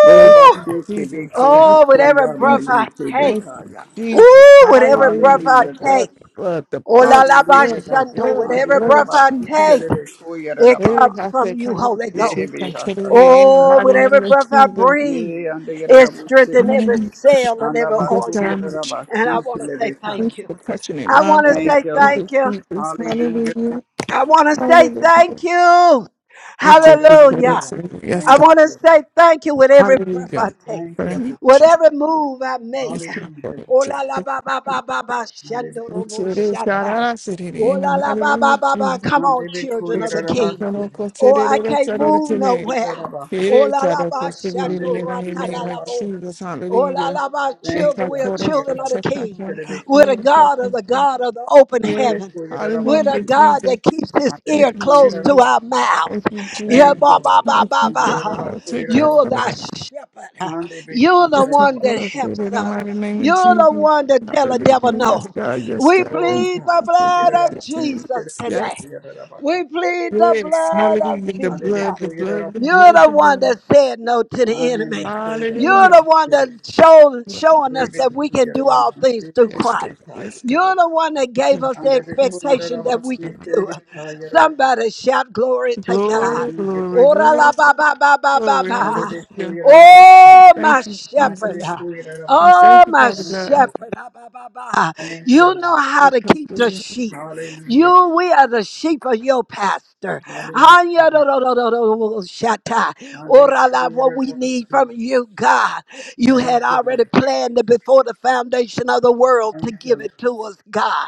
[SPEAKER 4] O
[SPEAKER 2] Thank you,
[SPEAKER 4] Basi Kebe
[SPEAKER 2] Jesus.
[SPEAKER 4] Ko
[SPEAKER 2] Thank
[SPEAKER 1] Oh,
[SPEAKER 2] you,
[SPEAKER 4] Soto
[SPEAKER 1] whatever
[SPEAKER 4] Yaba
[SPEAKER 1] breath
[SPEAKER 2] Jesus.
[SPEAKER 4] Ye
[SPEAKER 1] I
[SPEAKER 4] Kebe
[SPEAKER 1] take.
[SPEAKER 2] Thank you,
[SPEAKER 4] Kaya
[SPEAKER 2] Jesus.
[SPEAKER 1] Ooh, whatever breath
[SPEAKER 2] Hallelujah.
[SPEAKER 1] I
[SPEAKER 2] The
[SPEAKER 4] Hallelujah God
[SPEAKER 2] blood,
[SPEAKER 1] take.
[SPEAKER 2] the blood, the
[SPEAKER 1] Oh la
[SPEAKER 2] blood,
[SPEAKER 1] la
[SPEAKER 2] the
[SPEAKER 1] ba
[SPEAKER 2] blood,
[SPEAKER 4] Hallelujah
[SPEAKER 2] the
[SPEAKER 4] God
[SPEAKER 1] shando.
[SPEAKER 2] blood, the
[SPEAKER 4] Ande
[SPEAKER 1] Whatever
[SPEAKER 2] blood of
[SPEAKER 1] breath I
[SPEAKER 4] Rabasi
[SPEAKER 2] Jesus.
[SPEAKER 1] take,
[SPEAKER 4] Kele Bekoya
[SPEAKER 1] it
[SPEAKER 2] Hey,
[SPEAKER 4] Rabaha
[SPEAKER 1] comes
[SPEAKER 2] I
[SPEAKER 1] from
[SPEAKER 2] said,
[SPEAKER 1] you,
[SPEAKER 2] come on,
[SPEAKER 1] Holy Ghost.
[SPEAKER 2] bitches,
[SPEAKER 4] Yebe
[SPEAKER 2] and kill it
[SPEAKER 4] Hasaka
[SPEAKER 2] in the
[SPEAKER 1] Oh, with
[SPEAKER 2] mighty
[SPEAKER 4] Yarabaha
[SPEAKER 2] name
[SPEAKER 1] every
[SPEAKER 2] of
[SPEAKER 1] breath I
[SPEAKER 2] Jesus.
[SPEAKER 1] breathe,
[SPEAKER 4] Yea, and the yada da
[SPEAKER 1] it
[SPEAKER 4] bo se.
[SPEAKER 1] strengthens every
[SPEAKER 2] Hallelujah.
[SPEAKER 1] cell and
[SPEAKER 4] And the
[SPEAKER 1] every
[SPEAKER 4] ba
[SPEAKER 2] Yes,
[SPEAKER 4] su
[SPEAKER 2] God,
[SPEAKER 1] organ.
[SPEAKER 4] yada
[SPEAKER 2] I'm a
[SPEAKER 4] da
[SPEAKER 2] chief
[SPEAKER 4] ba
[SPEAKER 1] And I
[SPEAKER 4] si
[SPEAKER 1] want to say thank you.
[SPEAKER 2] for touching it,
[SPEAKER 1] I want
[SPEAKER 2] Mom,
[SPEAKER 1] to
[SPEAKER 2] Father, God,
[SPEAKER 4] Thank
[SPEAKER 1] say
[SPEAKER 4] you,
[SPEAKER 2] thank
[SPEAKER 4] Lord.
[SPEAKER 2] you,
[SPEAKER 1] thank you.
[SPEAKER 2] Jesus.
[SPEAKER 4] Hallelujah.
[SPEAKER 2] Hallelujah.
[SPEAKER 1] I want to say
[SPEAKER 2] Hallelujah.
[SPEAKER 1] thank you.
[SPEAKER 2] I said, we put
[SPEAKER 4] Hallelujah.
[SPEAKER 1] Hallelujah.
[SPEAKER 2] us
[SPEAKER 4] God.
[SPEAKER 2] in. Yes,
[SPEAKER 1] I
[SPEAKER 4] Thank
[SPEAKER 2] God.
[SPEAKER 1] want to
[SPEAKER 4] you, Lord.
[SPEAKER 1] say thank you with every breath I
[SPEAKER 2] Hallelujah.
[SPEAKER 1] take,
[SPEAKER 4] Thank you,
[SPEAKER 2] Thank you,
[SPEAKER 4] Lord.
[SPEAKER 1] with
[SPEAKER 2] Jesus.
[SPEAKER 1] every move I make.
[SPEAKER 2] Yes, God. Thank
[SPEAKER 4] Hallelujah.
[SPEAKER 2] you,
[SPEAKER 1] Oh la la
[SPEAKER 2] Jesus.
[SPEAKER 1] ba ba ba ba ba
[SPEAKER 4] And the be
[SPEAKER 1] shando
[SPEAKER 2] Yes,
[SPEAKER 1] robo
[SPEAKER 2] it is, God.
[SPEAKER 1] shata.
[SPEAKER 2] I said it
[SPEAKER 1] Oh
[SPEAKER 2] in the
[SPEAKER 1] la la
[SPEAKER 2] mighty
[SPEAKER 1] ba
[SPEAKER 2] name
[SPEAKER 1] ba
[SPEAKER 2] of
[SPEAKER 1] ba ba.
[SPEAKER 2] Jesus.
[SPEAKER 1] Come on,
[SPEAKER 4] ku
[SPEAKER 1] children of
[SPEAKER 2] Yes,
[SPEAKER 4] yada
[SPEAKER 1] the
[SPEAKER 4] da
[SPEAKER 2] I said,
[SPEAKER 4] ba
[SPEAKER 1] king.
[SPEAKER 4] si.
[SPEAKER 2] oh, God, said
[SPEAKER 1] Oh,
[SPEAKER 2] it,
[SPEAKER 1] I
[SPEAKER 2] oh, God,
[SPEAKER 1] can't
[SPEAKER 2] said
[SPEAKER 4] And the
[SPEAKER 2] it
[SPEAKER 1] move
[SPEAKER 2] to
[SPEAKER 4] be
[SPEAKER 2] me.
[SPEAKER 4] ku yada
[SPEAKER 1] nowhere.
[SPEAKER 4] da ba si.
[SPEAKER 2] It
[SPEAKER 1] Oh
[SPEAKER 2] is,
[SPEAKER 1] la
[SPEAKER 2] God.
[SPEAKER 1] la
[SPEAKER 2] I said
[SPEAKER 1] ba
[SPEAKER 2] it
[SPEAKER 4] And the be yada da
[SPEAKER 1] shato
[SPEAKER 2] in the
[SPEAKER 1] rata la
[SPEAKER 2] name
[SPEAKER 1] la
[SPEAKER 2] of
[SPEAKER 4] si.
[SPEAKER 1] bo.
[SPEAKER 2] Jesus.
[SPEAKER 1] Oh, la,
[SPEAKER 2] Hallelujah.
[SPEAKER 1] la, my
[SPEAKER 2] Yes,
[SPEAKER 4] Thank
[SPEAKER 1] children,
[SPEAKER 2] I
[SPEAKER 4] you,
[SPEAKER 1] we are
[SPEAKER 2] called
[SPEAKER 4] and
[SPEAKER 2] us
[SPEAKER 4] the yada
[SPEAKER 2] for
[SPEAKER 1] children
[SPEAKER 4] da
[SPEAKER 1] of the
[SPEAKER 4] ba
[SPEAKER 2] check. I
[SPEAKER 4] si
[SPEAKER 1] King.
[SPEAKER 2] can't
[SPEAKER 1] We're
[SPEAKER 2] control
[SPEAKER 1] the
[SPEAKER 2] it.
[SPEAKER 4] yada da
[SPEAKER 2] help
[SPEAKER 1] God of
[SPEAKER 2] me,
[SPEAKER 1] the
[SPEAKER 2] please.
[SPEAKER 1] God of the open
[SPEAKER 4] And the be
[SPEAKER 2] Yes,
[SPEAKER 1] heaven.
[SPEAKER 4] yada da
[SPEAKER 1] We're the
[SPEAKER 2] hallelujah,
[SPEAKER 4] si.
[SPEAKER 1] God
[SPEAKER 2] Jesus.
[SPEAKER 1] that keeps his
[SPEAKER 4] And the be
[SPEAKER 2] Thank
[SPEAKER 1] ear
[SPEAKER 2] you,
[SPEAKER 1] close
[SPEAKER 4] yada da
[SPEAKER 1] to
[SPEAKER 2] Jesus.
[SPEAKER 1] our mouth.
[SPEAKER 2] Thank you,
[SPEAKER 1] Yeah,
[SPEAKER 4] Thank
[SPEAKER 2] Jesus.
[SPEAKER 4] you,
[SPEAKER 1] ba, ba,
[SPEAKER 4] Lord.
[SPEAKER 1] ba,
[SPEAKER 2] Thank
[SPEAKER 1] ba,
[SPEAKER 2] you,
[SPEAKER 4] And the
[SPEAKER 2] Jesus.
[SPEAKER 4] other
[SPEAKER 1] ba.
[SPEAKER 2] I
[SPEAKER 4] about
[SPEAKER 2] Take
[SPEAKER 4] queer, the
[SPEAKER 2] care
[SPEAKER 4] other
[SPEAKER 1] You're
[SPEAKER 2] for
[SPEAKER 4] about-
[SPEAKER 1] the
[SPEAKER 2] that.
[SPEAKER 1] shepherd.
[SPEAKER 4] and they be cool,
[SPEAKER 1] You're
[SPEAKER 4] the
[SPEAKER 1] the
[SPEAKER 4] other
[SPEAKER 2] It's a
[SPEAKER 1] one
[SPEAKER 4] about
[SPEAKER 1] that
[SPEAKER 2] prayer
[SPEAKER 4] cool.
[SPEAKER 1] helps
[SPEAKER 2] in the
[SPEAKER 1] us.
[SPEAKER 2] mighty name of
[SPEAKER 1] You're the
[SPEAKER 2] Jesus.
[SPEAKER 1] one that tell the devil
[SPEAKER 2] Hallelujah. Yes,
[SPEAKER 1] no.
[SPEAKER 2] God. Yes,
[SPEAKER 1] We
[SPEAKER 2] God. Thank
[SPEAKER 4] Oh
[SPEAKER 2] you.
[SPEAKER 1] plead the
[SPEAKER 4] God, and
[SPEAKER 2] Take
[SPEAKER 4] the
[SPEAKER 1] blood
[SPEAKER 2] care,
[SPEAKER 4] other
[SPEAKER 1] of
[SPEAKER 4] about
[SPEAKER 2] take
[SPEAKER 4] cool,
[SPEAKER 2] care.
[SPEAKER 4] the
[SPEAKER 1] Jesus
[SPEAKER 4] other about
[SPEAKER 2] Yes.
[SPEAKER 4] cool,
[SPEAKER 1] today.
[SPEAKER 4] the other about
[SPEAKER 1] We
[SPEAKER 4] cool.
[SPEAKER 1] plead the
[SPEAKER 2] Yes.
[SPEAKER 1] blood of
[SPEAKER 2] Hallelujah. The
[SPEAKER 4] And they be
[SPEAKER 1] Jesus.
[SPEAKER 2] blood, the
[SPEAKER 4] cool, the other
[SPEAKER 2] blood,
[SPEAKER 4] about
[SPEAKER 2] the
[SPEAKER 1] You're
[SPEAKER 2] blood,
[SPEAKER 1] the
[SPEAKER 2] the
[SPEAKER 1] one
[SPEAKER 2] blood.
[SPEAKER 1] that said no to
[SPEAKER 4] cool.
[SPEAKER 1] the
[SPEAKER 4] And they
[SPEAKER 1] enemy.
[SPEAKER 4] make cool, the other
[SPEAKER 1] You're
[SPEAKER 2] Hallelujah.
[SPEAKER 1] the
[SPEAKER 4] about
[SPEAKER 1] one that
[SPEAKER 4] cool.
[SPEAKER 1] showed,
[SPEAKER 2] Blood of
[SPEAKER 1] showing
[SPEAKER 4] They
[SPEAKER 1] us
[SPEAKER 4] be
[SPEAKER 1] that
[SPEAKER 2] Jesus.
[SPEAKER 4] cool,
[SPEAKER 1] we
[SPEAKER 4] the
[SPEAKER 1] can
[SPEAKER 4] other
[SPEAKER 1] do all
[SPEAKER 4] about cool,
[SPEAKER 1] things through
[SPEAKER 4] the
[SPEAKER 2] Yes,
[SPEAKER 4] other be
[SPEAKER 1] Christ.
[SPEAKER 2] God.
[SPEAKER 4] cool.
[SPEAKER 2] Yes, God.
[SPEAKER 1] You're the one that
[SPEAKER 2] Yes,
[SPEAKER 1] gave us the
[SPEAKER 2] God.
[SPEAKER 4] And they be cool,
[SPEAKER 2] Yes,
[SPEAKER 4] the
[SPEAKER 2] God.
[SPEAKER 4] other
[SPEAKER 1] expectation that
[SPEAKER 4] about
[SPEAKER 2] Yes,
[SPEAKER 1] we
[SPEAKER 4] cool,
[SPEAKER 1] can
[SPEAKER 2] God.
[SPEAKER 4] the other
[SPEAKER 1] do
[SPEAKER 4] be
[SPEAKER 1] it.
[SPEAKER 4] cool, the other about-
[SPEAKER 1] Somebody shout glory to God.
[SPEAKER 2] Glory,
[SPEAKER 4] Hallelujah,
[SPEAKER 2] glory,
[SPEAKER 4] God.
[SPEAKER 1] Ora
[SPEAKER 2] glory,
[SPEAKER 1] la ba ba ba ba ba
[SPEAKER 2] glory.
[SPEAKER 4] And they be
[SPEAKER 1] ba.
[SPEAKER 4] cool,
[SPEAKER 2] Hallelujah.
[SPEAKER 4] the other about cool.
[SPEAKER 1] Oh, my
[SPEAKER 2] Thank you,
[SPEAKER 4] And they
[SPEAKER 1] shepherd.
[SPEAKER 4] be
[SPEAKER 2] Jesus.
[SPEAKER 4] cool, the other about
[SPEAKER 2] I thank
[SPEAKER 1] Oh,
[SPEAKER 2] you,
[SPEAKER 1] my
[SPEAKER 2] Father
[SPEAKER 4] Thank you,
[SPEAKER 2] God.
[SPEAKER 4] Lord.
[SPEAKER 1] shepherd. Ah, bah, bah, bah.
[SPEAKER 4] Thank you,
[SPEAKER 1] You know
[SPEAKER 4] Lord.
[SPEAKER 1] how to keep the sheep.
[SPEAKER 4] Hallelujah.
[SPEAKER 1] You, we are the sheep of your pastor.
[SPEAKER 4] Hallelujah, God.
[SPEAKER 1] Shatta, what we need from
[SPEAKER 4] Handerikuyerabasi.
[SPEAKER 1] you, God. You
[SPEAKER 4] Thank
[SPEAKER 1] had
[SPEAKER 4] you,
[SPEAKER 1] already
[SPEAKER 4] Lord.
[SPEAKER 1] planned before the foundation of the world to
[SPEAKER 4] Thank you,
[SPEAKER 1] give
[SPEAKER 4] Lord.
[SPEAKER 1] it to us, God.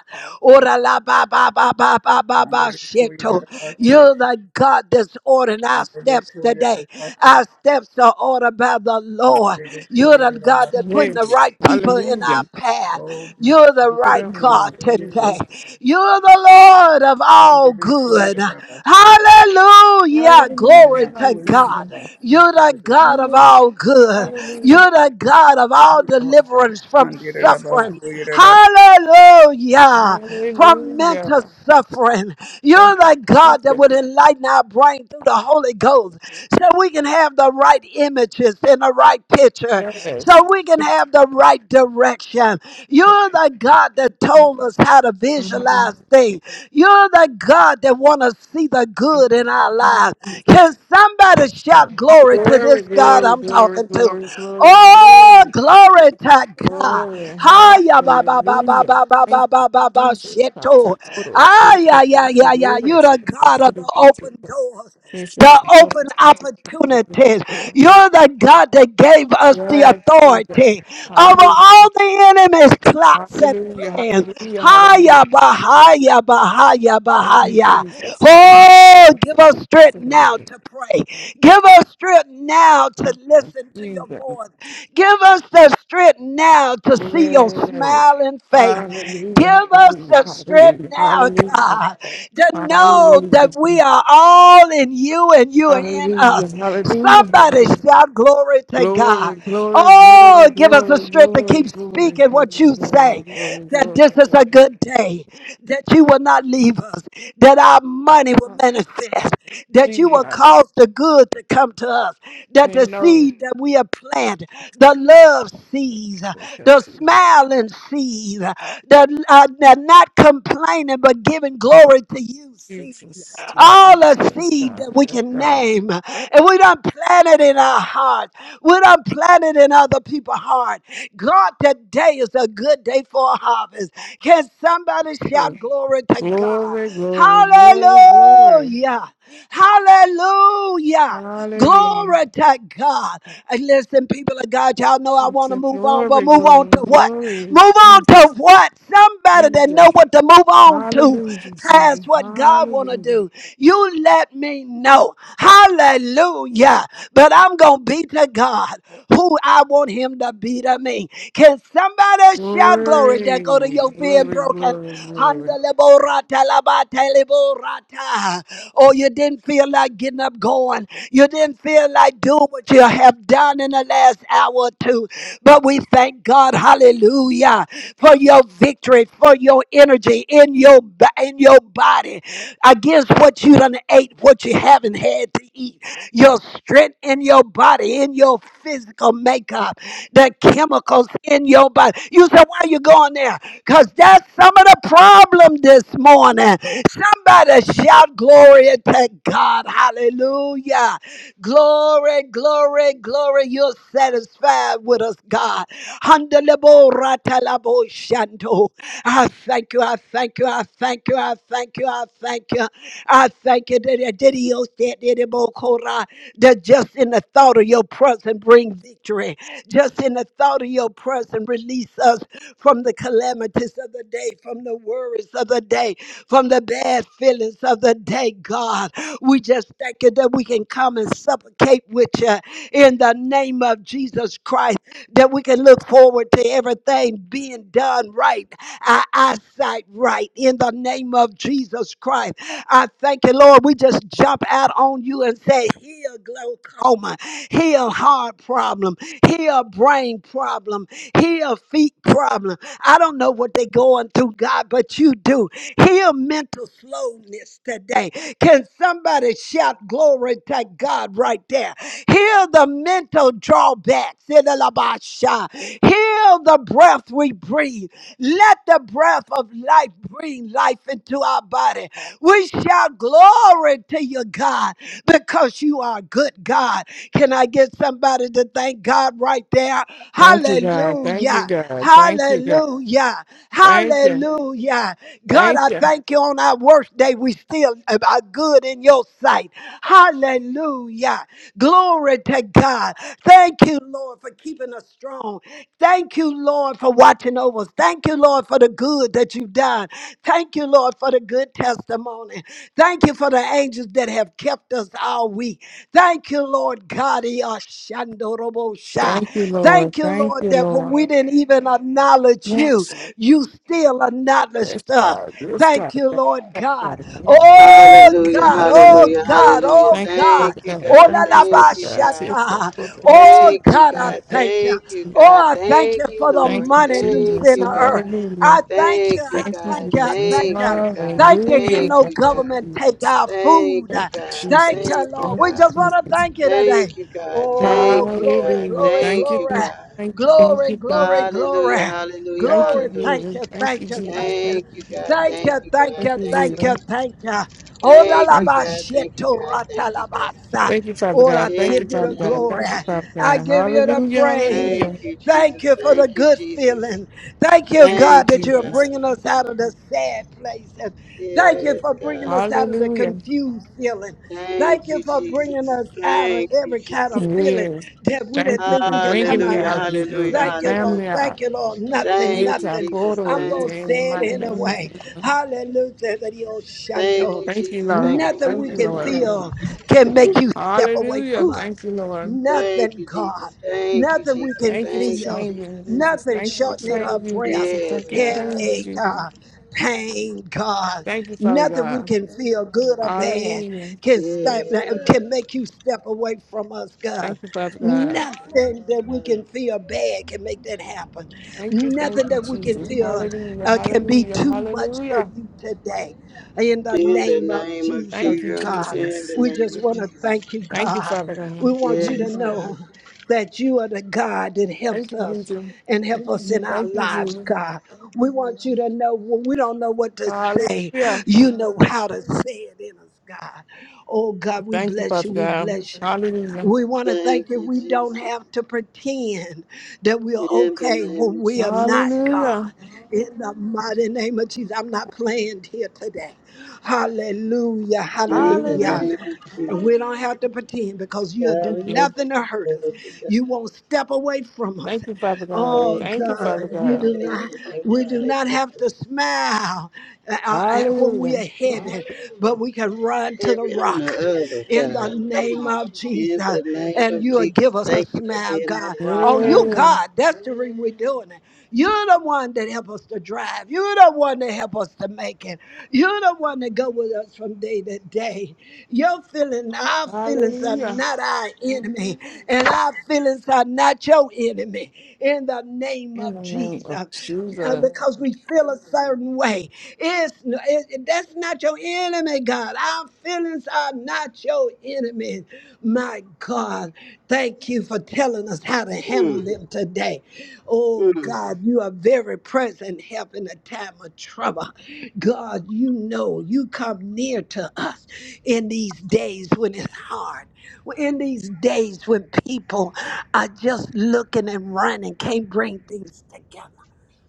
[SPEAKER 1] Shito,
[SPEAKER 4] Handerikuyerabasi.
[SPEAKER 1] you're the God that's ordering our steps today.
[SPEAKER 4] Handerikuyerabaka.
[SPEAKER 1] Our steps are ordered by the Lord. You're the God that putting the
[SPEAKER 2] Yes.
[SPEAKER 4] Handerikuyerabasi.
[SPEAKER 1] right people in our
[SPEAKER 2] Hallelujah.
[SPEAKER 1] path.
[SPEAKER 4] Oh God.
[SPEAKER 1] You're the
[SPEAKER 2] Put
[SPEAKER 1] right
[SPEAKER 2] on the
[SPEAKER 1] God
[SPEAKER 2] Lord
[SPEAKER 1] today.
[SPEAKER 2] Jesus.
[SPEAKER 4] Handerikuyerabasi.
[SPEAKER 1] You're the Lord of all good.
[SPEAKER 4] Handerikuyerabasi.
[SPEAKER 1] Hallelujah. Glory
[SPEAKER 2] Hallelujah.
[SPEAKER 1] to God.
[SPEAKER 2] Hallelujah.
[SPEAKER 4] Anamakuyerabasi.
[SPEAKER 1] You're the God of
[SPEAKER 2] Hallelujah.
[SPEAKER 1] all good.
[SPEAKER 2] Hallelujah.
[SPEAKER 1] You're the God of all
[SPEAKER 4] You are God.
[SPEAKER 1] deliverance from
[SPEAKER 4] And there
[SPEAKER 2] Yes,
[SPEAKER 4] is
[SPEAKER 2] God.
[SPEAKER 1] suffering.
[SPEAKER 4] four year
[SPEAKER 1] Hallelujah. From mental
[SPEAKER 2] Hallelujah.
[SPEAKER 1] suffering. You're
[SPEAKER 2] Thank
[SPEAKER 1] the
[SPEAKER 2] you,
[SPEAKER 1] God that
[SPEAKER 2] Jesus.
[SPEAKER 1] would enlighten our brain through the Holy Ghost so we can have the right images and the right picture,
[SPEAKER 2] Yes.
[SPEAKER 1] so we can have the right direction. You're the God that told us how to visualize things. You're the God that want to see the good in our lives.
[SPEAKER 2] Yes.
[SPEAKER 1] Can somebody shout glory to
[SPEAKER 2] Glory,
[SPEAKER 1] this God
[SPEAKER 2] glory,
[SPEAKER 1] I'm
[SPEAKER 2] glory,
[SPEAKER 1] talking to?
[SPEAKER 2] glory, glory,
[SPEAKER 1] Oh,
[SPEAKER 2] glory.
[SPEAKER 1] glory to God.
[SPEAKER 2] Glory,
[SPEAKER 1] Hiya ba ba ba ba
[SPEAKER 2] hallelujah.
[SPEAKER 1] ba ba
[SPEAKER 2] Thank
[SPEAKER 1] ba
[SPEAKER 2] you,
[SPEAKER 1] ba ba ba
[SPEAKER 2] Jesus.
[SPEAKER 1] shito.
[SPEAKER 2] Takatoro,
[SPEAKER 1] Ah
[SPEAKER 2] tsika, tsika,
[SPEAKER 1] yeah yeah yeah yeah.
[SPEAKER 2] lero,
[SPEAKER 1] You're the
[SPEAKER 2] tsika, tsika,
[SPEAKER 1] God of
[SPEAKER 2] tsika,
[SPEAKER 1] the
[SPEAKER 2] tsika,
[SPEAKER 1] open
[SPEAKER 2] tsika,
[SPEAKER 1] doors, the
[SPEAKER 2] tsika,
[SPEAKER 1] open
[SPEAKER 2] tsika,
[SPEAKER 1] opportunities.
[SPEAKER 2] tsika, tsika.
[SPEAKER 1] You're the God that gave us the
[SPEAKER 2] Yes, Jesus.
[SPEAKER 1] authority over
[SPEAKER 2] Hallelujah.
[SPEAKER 1] all the enemy's plots and
[SPEAKER 2] Hallelujah.
[SPEAKER 1] plans.
[SPEAKER 2] Hallelujah. Hallelujah.
[SPEAKER 1] Haya Bahaya Bahaya
[SPEAKER 2] Thank you,
[SPEAKER 1] Bahaya.
[SPEAKER 2] Jesus.
[SPEAKER 1] Oh, give us strength
[SPEAKER 2] Thank you,
[SPEAKER 1] now to pray. Give us strength now to listen to your
[SPEAKER 2] Jesus.
[SPEAKER 1] voice. Give us the strength now to see your
[SPEAKER 2] Yes.
[SPEAKER 1] smiling face.
[SPEAKER 2] Hallelujah,
[SPEAKER 1] Give us
[SPEAKER 2] hallelujah,
[SPEAKER 1] the strength
[SPEAKER 2] hallelujah,
[SPEAKER 1] now,
[SPEAKER 2] hallelujah,
[SPEAKER 1] God, to know
[SPEAKER 2] hallelujah,
[SPEAKER 1] that
[SPEAKER 2] Jesus.
[SPEAKER 1] we are all in you and you are in us.
[SPEAKER 2] hallelujah, hallelujah,
[SPEAKER 1] Somebody
[SPEAKER 2] hallelujah.
[SPEAKER 1] shout glory to God.
[SPEAKER 2] Glory, glory, glory, glory,
[SPEAKER 1] Oh, give us the strength to keep
[SPEAKER 2] glory, glory,
[SPEAKER 1] speaking what
[SPEAKER 2] glory,
[SPEAKER 1] you
[SPEAKER 2] glory,
[SPEAKER 1] say
[SPEAKER 2] glory,
[SPEAKER 1] that
[SPEAKER 2] glory,
[SPEAKER 1] this is a
[SPEAKER 2] glory.
[SPEAKER 1] good day, that you will not leave us, that our money will manifest, that you will
[SPEAKER 2] Jesus,
[SPEAKER 1] cause the good to come to us, that the
[SPEAKER 2] man knows.
[SPEAKER 1] seed that we have planted, the love seeds, the
[SPEAKER 2] Yes,
[SPEAKER 1] smiling seed, the, uh, the not complaining but giving glory to you seed,
[SPEAKER 2] Jesus,
[SPEAKER 1] all
[SPEAKER 2] Jesus,
[SPEAKER 1] the
[SPEAKER 2] yes,
[SPEAKER 1] seed that
[SPEAKER 2] God,
[SPEAKER 1] we
[SPEAKER 2] yes,
[SPEAKER 1] can
[SPEAKER 2] God.
[SPEAKER 1] name, and we don't plant it in our hearts what I'm planted in other people's heart. God, today is a good day for a harvest. Can somebody shout
[SPEAKER 2] Hey,
[SPEAKER 1] glory to God?
[SPEAKER 2] Glory, glory, glory, glory.
[SPEAKER 1] Hallelujah. Hallelujah.
[SPEAKER 2] Hallelujah.
[SPEAKER 1] Glory to God. And listen, people of God, y'all know I
[SPEAKER 2] That's
[SPEAKER 1] want to
[SPEAKER 2] it.
[SPEAKER 1] move on, but
[SPEAKER 2] Glory,
[SPEAKER 1] move on
[SPEAKER 2] glory,
[SPEAKER 1] to what?
[SPEAKER 2] glory.
[SPEAKER 1] Move on to
[SPEAKER 2] Jesus,
[SPEAKER 1] what? Somebody that know
[SPEAKER 2] Jesus.
[SPEAKER 1] what to move on to
[SPEAKER 2] Hallelujah, Jesus.
[SPEAKER 1] past what God want to
[SPEAKER 2] Hallelujah.
[SPEAKER 1] do. You let me know. Hallelujah but I'm going to be to God who I want him to be to me. Can somebody shout glory that go to
[SPEAKER 2] Glory,
[SPEAKER 1] your being
[SPEAKER 2] glory,
[SPEAKER 1] broken?
[SPEAKER 2] glory, glory.
[SPEAKER 1] Handeleborata labateleborata. Oh, you didn't feel like getting up going. You didn't feel like doing what you have done in the last hour or two. But we thank God, hallelujah, for your victory, for your energy in your, bo- in your body against what you done ate, what you haven't had to eat your strength in your body, in your physical makeup, the chemicals in your body. You say, Why you going there? Because that's some of the problem this morning. Somebody shout glory to God. Hallelujah. Glory, glory, glory. You're satisfied with us, God. Handelebo ratalabo shando. I thank you. I thank you. I thank you. I thank you. I thank you. I thank you that that- that he owes that that he more called that just in the thought of your presence bring victory. Just in the thought of your presence release us from the calamities of the day, from the worries of the day, from the bad feelings of the day, God. We just thank you that we can come and supplicate with you in the name of Jesus Christ, that we can look forward to everything being done right, our eyesight right, in the name of Jesus Christ. I thank you, Lord. We just jump out on you and say, heal glaucoma, heal heart problem, heal brain problem, heal feet problem. I don't know what they're going through, God, but you do. Heal mental slowness today. Can somebody shout glory to God right there? Heal the mental drawbacks. Heal the breath we breathe. Let the breath of life bring life into our body. We shout glory to you, God, because you are a good God. Can I get somebody to thank God right there?
[SPEAKER 2] Thank you, God. Thank
[SPEAKER 1] Hallelujah.
[SPEAKER 2] you, God. Thank you, God.
[SPEAKER 1] Hallelujah.
[SPEAKER 2] Thank you.
[SPEAKER 1] Hallelujah. God,
[SPEAKER 2] Thank
[SPEAKER 1] I
[SPEAKER 2] you.
[SPEAKER 1] thank you on our worst day. We still are good in your sight. Hallelujah. Glory to God. Thank you, Lord, for keeping us strong. Thank you, Lord, for watching over us. Thank you, Lord, for the good that you've done. Thank you, Lord, for the good testimony. Thank you for the angels that have kept us all week. Thank you, Lord God. Yashandorobosha.
[SPEAKER 2] Thank you, Lord.
[SPEAKER 1] Thank you,
[SPEAKER 2] Thank
[SPEAKER 1] Lord,
[SPEAKER 2] you,
[SPEAKER 1] that when
[SPEAKER 2] Lord.
[SPEAKER 1] we didn't even acknowledge you,
[SPEAKER 2] Yes.
[SPEAKER 1] you still
[SPEAKER 2] Yes,
[SPEAKER 1] acknowledged us.
[SPEAKER 2] God. Yes,
[SPEAKER 1] Thank
[SPEAKER 2] God.
[SPEAKER 1] you,
[SPEAKER 2] Thank
[SPEAKER 1] Lord
[SPEAKER 2] you,
[SPEAKER 1] God.
[SPEAKER 2] God. Thank you, Father
[SPEAKER 1] Oh,
[SPEAKER 2] God.
[SPEAKER 1] Oh
[SPEAKER 2] Thank you,
[SPEAKER 5] Hallelujah,
[SPEAKER 1] God,
[SPEAKER 2] Father
[SPEAKER 1] oh
[SPEAKER 2] God.
[SPEAKER 5] hallelujah,
[SPEAKER 1] God,
[SPEAKER 5] hallelujah.
[SPEAKER 1] oh
[SPEAKER 2] Thank you,
[SPEAKER 1] God.
[SPEAKER 2] Father
[SPEAKER 5] Thank you,
[SPEAKER 2] God.
[SPEAKER 1] Oh
[SPEAKER 5] God.
[SPEAKER 1] la
[SPEAKER 2] Thank you,
[SPEAKER 1] la
[SPEAKER 2] Father
[SPEAKER 1] ba
[SPEAKER 5] Thank you,
[SPEAKER 2] God.
[SPEAKER 5] God.
[SPEAKER 2] Yes, God.
[SPEAKER 1] shata.
[SPEAKER 2] Lord, we seek
[SPEAKER 1] Oh
[SPEAKER 5] Thank you,
[SPEAKER 1] God,
[SPEAKER 2] your
[SPEAKER 1] I
[SPEAKER 5] God.
[SPEAKER 2] name.
[SPEAKER 1] thank you.
[SPEAKER 5] Thank you, God.
[SPEAKER 1] Oh, I thank you
[SPEAKER 5] Thank you,
[SPEAKER 1] for the
[SPEAKER 2] Thank
[SPEAKER 5] Lord.
[SPEAKER 2] you,
[SPEAKER 1] money loose
[SPEAKER 5] Thank
[SPEAKER 2] Jesus.
[SPEAKER 1] in the
[SPEAKER 5] you,
[SPEAKER 1] earth.
[SPEAKER 5] God.
[SPEAKER 2] Hallelujah.
[SPEAKER 1] I thank you,
[SPEAKER 5] Thank you,
[SPEAKER 1] I
[SPEAKER 2] Thank you,
[SPEAKER 5] God.
[SPEAKER 1] thank you, I
[SPEAKER 2] Jesus.
[SPEAKER 1] thank
[SPEAKER 5] Thank
[SPEAKER 1] you.
[SPEAKER 5] you, God.
[SPEAKER 1] Thank you, can
[SPEAKER 2] Hallelujah.
[SPEAKER 5] Thank
[SPEAKER 1] no
[SPEAKER 2] Thank
[SPEAKER 5] you,
[SPEAKER 2] you,
[SPEAKER 5] God.
[SPEAKER 1] government take
[SPEAKER 2] Jesus.
[SPEAKER 1] our food?
[SPEAKER 5] Thank you,
[SPEAKER 2] Thank you,
[SPEAKER 5] God.
[SPEAKER 1] Thank
[SPEAKER 2] Jesus.
[SPEAKER 1] you,
[SPEAKER 5] Thank you,
[SPEAKER 1] Lord.
[SPEAKER 2] Thank
[SPEAKER 1] We
[SPEAKER 2] you,
[SPEAKER 5] God.
[SPEAKER 1] just want to
[SPEAKER 2] Jesus.
[SPEAKER 1] thank you today.
[SPEAKER 5] Thank you, God.
[SPEAKER 1] Oh,
[SPEAKER 5] Thank you,
[SPEAKER 1] glory,
[SPEAKER 5] God.
[SPEAKER 2] Hallelujah.
[SPEAKER 1] glory,
[SPEAKER 2] Thank
[SPEAKER 5] Thank
[SPEAKER 2] you,
[SPEAKER 5] you,
[SPEAKER 2] thank you,
[SPEAKER 1] glory,
[SPEAKER 5] God.
[SPEAKER 2] thank you, thank
[SPEAKER 1] glory,
[SPEAKER 2] you, thank
[SPEAKER 1] glory,
[SPEAKER 2] you.
[SPEAKER 5] Hallelujah,
[SPEAKER 1] glory,
[SPEAKER 5] hallelujah,
[SPEAKER 2] Thank you,
[SPEAKER 1] glory.
[SPEAKER 5] hallelujah.
[SPEAKER 1] Thank
[SPEAKER 2] Jesus.
[SPEAKER 1] you,
[SPEAKER 2] Thank you,
[SPEAKER 1] thank you,
[SPEAKER 2] Jesus.
[SPEAKER 1] thank you,
[SPEAKER 2] Thank
[SPEAKER 5] Thank you,
[SPEAKER 2] you, Jesus.
[SPEAKER 5] God.
[SPEAKER 1] thank
[SPEAKER 5] Thank
[SPEAKER 1] you,
[SPEAKER 5] you,
[SPEAKER 1] thank
[SPEAKER 2] Thank
[SPEAKER 5] God.
[SPEAKER 1] you,
[SPEAKER 2] you,
[SPEAKER 5] Thank you,
[SPEAKER 1] thank you,
[SPEAKER 5] God.
[SPEAKER 2] Jesus.
[SPEAKER 1] thank you.
[SPEAKER 5] Thank you,
[SPEAKER 2] Thank
[SPEAKER 5] God. Thank you, God. Thank you, God.
[SPEAKER 1] Oralabashetoratelabasa.
[SPEAKER 2] thank you, Father
[SPEAKER 1] Lord,
[SPEAKER 2] God.
[SPEAKER 1] I
[SPEAKER 2] Thank you,
[SPEAKER 5] In
[SPEAKER 1] give you
[SPEAKER 5] the
[SPEAKER 2] Father
[SPEAKER 1] the
[SPEAKER 2] God.
[SPEAKER 5] name
[SPEAKER 1] glory.
[SPEAKER 5] of
[SPEAKER 2] Thank you, Father
[SPEAKER 1] I
[SPEAKER 2] God.
[SPEAKER 5] Jesus.
[SPEAKER 1] give you the
[SPEAKER 2] Hallelujah.
[SPEAKER 1] praise.
[SPEAKER 2] Hallelujah.
[SPEAKER 5] Thank you,
[SPEAKER 1] Thank
[SPEAKER 5] Jesus.
[SPEAKER 1] you for the
[SPEAKER 5] Thank you,
[SPEAKER 1] good
[SPEAKER 5] Jesus.
[SPEAKER 1] feeling. Thank you,
[SPEAKER 2] Thank you,
[SPEAKER 1] God,
[SPEAKER 5] Thank you,
[SPEAKER 1] that you're
[SPEAKER 2] Jesus.
[SPEAKER 5] God.
[SPEAKER 1] bringing us out of the sad places. Thank you
[SPEAKER 5] Yes,
[SPEAKER 1] for
[SPEAKER 5] God.
[SPEAKER 1] bringing us out of the
[SPEAKER 2] Hallelujah.
[SPEAKER 1] confused feeling. Thank
[SPEAKER 5] Thank
[SPEAKER 1] you
[SPEAKER 5] you,
[SPEAKER 1] for bringing
[SPEAKER 5] Jesus.
[SPEAKER 1] us out of
[SPEAKER 5] Thank you,
[SPEAKER 1] every kind of
[SPEAKER 5] Jesus.
[SPEAKER 1] feeling
[SPEAKER 2] Yes.
[SPEAKER 1] that we
[SPEAKER 2] Thank
[SPEAKER 1] didn't
[SPEAKER 2] you
[SPEAKER 1] think
[SPEAKER 2] for
[SPEAKER 1] we could
[SPEAKER 2] bringing
[SPEAKER 1] come
[SPEAKER 2] me
[SPEAKER 1] out
[SPEAKER 5] Hallelujah,
[SPEAKER 2] out,
[SPEAKER 1] of.
[SPEAKER 2] Jesus.
[SPEAKER 5] hallelujah,
[SPEAKER 1] Thank you,
[SPEAKER 5] hallelujah.
[SPEAKER 1] Lord.
[SPEAKER 2] Family out.
[SPEAKER 1] Thank you, Lord. Nothing,
[SPEAKER 5] Thank
[SPEAKER 2] It's
[SPEAKER 5] you,
[SPEAKER 2] our
[SPEAKER 1] nothing.
[SPEAKER 5] Jesus.
[SPEAKER 2] glory
[SPEAKER 1] I'm
[SPEAKER 2] in
[SPEAKER 1] going
[SPEAKER 5] Thank
[SPEAKER 1] to
[SPEAKER 5] you,
[SPEAKER 2] the
[SPEAKER 1] say it
[SPEAKER 2] mighty
[SPEAKER 1] in a
[SPEAKER 2] name of
[SPEAKER 5] Jesus.
[SPEAKER 1] way.
[SPEAKER 2] Jesus.
[SPEAKER 1] Hallelujah. that you'll shunt
[SPEAKER 5] Thank you,
[SPEAKER 2] Thank you,
[SPEAKER 5] Jesus. Thank
[SPEAKER 2] Lord.
[SPEAKER 5] you,
[SPEAKER 1] Nothing
[SPEAKER 2] Thank
[SPEAKER 1] we
[SPEAKER 2] you,
[SPEAKER 5] Jesus.
[SPEAKER 1] can
[SPEAKER 5] Thank
[SPEAKER 2] Lord.
[SPEAKER 5] you,
[SPEAKER 1] feel
[SPEAKER 5] Jesus.
[SPEAKER 1] can make you step away
[SPEAKER 2] Hallelujah.
[SPEAKER 1] from
[SPEAKER 5] Ooh.
[SPEAKER 1] us.
[SPEAKER 2] Thank you, Lord.
[SPEAKER 5] Thank
[SPEAKER 1] Nothing,
[SPEAKER 5] you,
[SPEAKER 1] God.
[SPEAKER 5] Jesus. Thank you,
[SPEAKER 1] Nothing we
[SPEAKER 5] Jesus.
[SPEAKER 1] can
[SPEAKER 2] Thank you for
[SPEAKER 5] Thank you,
[SPEAKER 1] feel.
[SPEAKER 2] changing,
[SPEAKER 5] Jesus.
[SPEAKER 2] Jesus.
[SPEAKER 1] Nothing
[SPEAKER 2] Thank you for
[SPEAKER 1] shortening our
[SPEAKER 2] changing,
[SPEAKER 1] breath.
[SPEAKER 2] Jesus.
[SPEAKER 5] Yes,
[SPEAKER 2] Thank you for
[SPEAKER 5] God.
[SPEAKER 2] changing,
[SPEAKER 1] Headache,
[SPEAKER 2] Jesus.
[SPEAKER 1] God. Pain, God.
[SPEAKER 2] Thank you, Father
[SPEAKER 1] Nothing we
[SPEAKER 2] God.
[SPEAKER 1] can feel, good or bad,
[SPEAKER 2] Hallelujah.
[SPEAKER 1] can step,
[SPEAKER 5] Yes, God.
[SPEAKER 1] can make you step away from us,
[SPEAKER 2] Thank
[SPEAKER 1] God.
[SPEAKER 2] you, Father God.
[SPEAKER 1] Nothing that we can feel bad can make that happen.
[SPEAKER 2] Thank you, thank
[SPEAKER 1] Nothing
[SPEAKER 2] you,
[SPEAKER 1] that we can
[SPEAKER 2] Jesus.
[SPEAKER 1] feel
[SPEAKER 2] Hallelujah,
[SPEAKER 1] uh, can be
[SPEAKER 2] hallelujah,
[SPEAKER 1] too much for
[SPEAKER 2] hallelujah.
[SPEAKER 1] you today. In the
[SPEAKER 5] In the
[SPEAKER 1] name of
[SPEAKER 5] name of
[SPEAKER 1] Jesus,
[SPEAKER 2] Thank you,
[SPEAKER 5] Jesus.
[SPEAKER 1] God,
[SPEAKER 5] In
[SPEAKER 2] Jesus.
[SPEAKER 5] the
[SPEAKER 1] we
[SPEAKER 5] name
[SPEAKER 1] just
[SPEAKER 5] of
[SPEAKER 1] want to
[SPEAKER 5] Jesus.
[SPEAKER 1] thank you,
[SPEAKER 2] Thank you,
[SPEAKER 1] God.
[SPEAKER 2] Father
[SPEAKER 1] We
[SPEAKER 2] God.
[SPEAKER 1] want you to
[SPEAKER 5] Yes, God.
[SPEAKER 1] know that you are the God that
[SPEAKER 2] Thank
[SPEAKER 1] helps
[SPEAKER 2] you,
[SPEAKER 1] us
[SPEAKER 2] Jesus.
[SPEAKER 1] and help us in our
[SPEAKER 2] Thank you,
[SPEAKER 1] lives,
[SPEAKER 2] Jesus.
[SPEAKER 1] God. We want you to know when we don't know what to say,
[SPEAKER 2] Hallelujah.
[SPEAKER 1] you know how to say it in us, God. Oh God, we
[SPEAKER 2] Thank you,
[SPEAKER 1] bless
[SPEAKER 2] Father
[SPEAKER 1] you. We
[SPEAKER 2] God.
[SPEAKER 1] bless you.
[SPEAKER 2] Hallelujah.
[SPEAKER 1] We want to
[SPEAKER 5] Thank
[SPEAKER 1] thank you.
[SPEAKER 5] you,
[SPEAKER 1] We don't
[SPEAKER 5] Jesus.
[SPEAKER 1] have to pretend that we are
[SPEAKER 5] In the
[SPEAKER 1] okay
[SPEAKER 5] name
[SPEAKER 1] when
[SPEAKER 5] of
[SPEAKER 1] we are not
[SPEAKER 5] Jesus.
[SPEAKER 2] Hallelujah.
[SPEAKER 1] God. In the mighty name of Jesus, I'm not playing here today. Hallelujah.
[SPEAKER 5] In the
[SPEAKER 1] Hallelujah.
[SPEAKER 5] name
[SPEAKER 2] Hallelujah.
[SPEAKER 5] of
[SPEAKER 1] And
[SPEAKER 5] Jesus.
[SPEAKER 1] we don't have to pretend because you'll
[SPEAKER 5] God,
[SPEAKER 1] do
[SPEAKER 2] Thank
[SPEAKER 5] we thank
[SPEAKER 2] you.
[SPEAKER 5] you
[SPEAKER 1] nothing to
[SPEAKER 5] for
[SPEAKER 1] hurt us.
[SPEAKER 5] clarity, God.
[SPEAKER 1] You won't step away from us.
[SPEAKER 2] Thank you, Father God.
[SPEAKER 1] Oh
[SPEAKER 5] Thank
[SPEAKER 2] Thank
[SPEAKER 5] you,
[SPEAKER 2] you,
[SPEAKER 5] God,
[SPEAKER 1] God,
[SPEAKER 2] Father
[SPEAKER 5] for
[SPEAKER 1] you
[SPEAKER 2] God.
[SPEAKER 5] never
[SPEAKER 1] do not,
[SPEAKER 5] leaving us, never
[SPEAKER 1] we do not
[SPEAKER 5] forsaking us,
[SPEAKER 1] have
[SPEAKER 5] God.
[SPEAKER 1] to smile uh, uh, when we are
[SPEAKER 2] Hallelujah.
[SPEAKER 1] headed, but we can run to the
[SPEAKER 5] Every on
[SPEAKER 1] rock
[SPEAKER 5] the other,
[SPEAKER 1] in the
[SPEAKER 5] God.
[SPEAKER 1] name
[SPEAKER 5] Come on.
[SPEAKER 1] of
[SPEAKER 5] In
[SPEAKER 1] Jesus.
[SPEAKER 5] the name
[SPEAKER 1] And
[SPEAKER 5] of
[SPEAKER 1] you will
[SPEAKER 5] Jesus,
[SPEAKER 1] give us a
[SPEAKER 5] thank you for
[SPEAKER 1] smile,
[SPEAKER 5] being our
[SPEAKER 1] God.
[SPEAKER 5] rock,
[SPEAKER 1] Oh,
[SPEAKER 5] God.
[SPEAKER 1] you
[SPEAKER 2] Yeah.
[SPEAKER 1] God, that's the reason we're doing it. You're the one that help us to drive. You're the one that help us to make it. You're the one that go with us from day away today. Your feelings, our feelings are
[SPEAKER 2] Hallelujah.
[SPEAKER 1] not our enemy, and our feelings are not your enemy in the name
[SPEAKER 2] In
[SPEAKER 1] of
[SPEAKER 2] the name of
[SPEAKER 1] Jesus. Uh,
[SPEAKER 2] Jesus.
[SPEAKER 1] because we feel a certain way. It's, it, it- that's not your enemy, God. Our feelings are not your enemy. My God, thank you for telling us how to handle
[SPEAKER 5] Mm,
[SPEAKER 1] them today. Oh
[SPEAKER 5] mm.
[SPEAKER 1] God, you are very present help in a time of trouble. God, you know you come near to us in these days when it's hard, in these days when people are just looking and running, can't bring things together.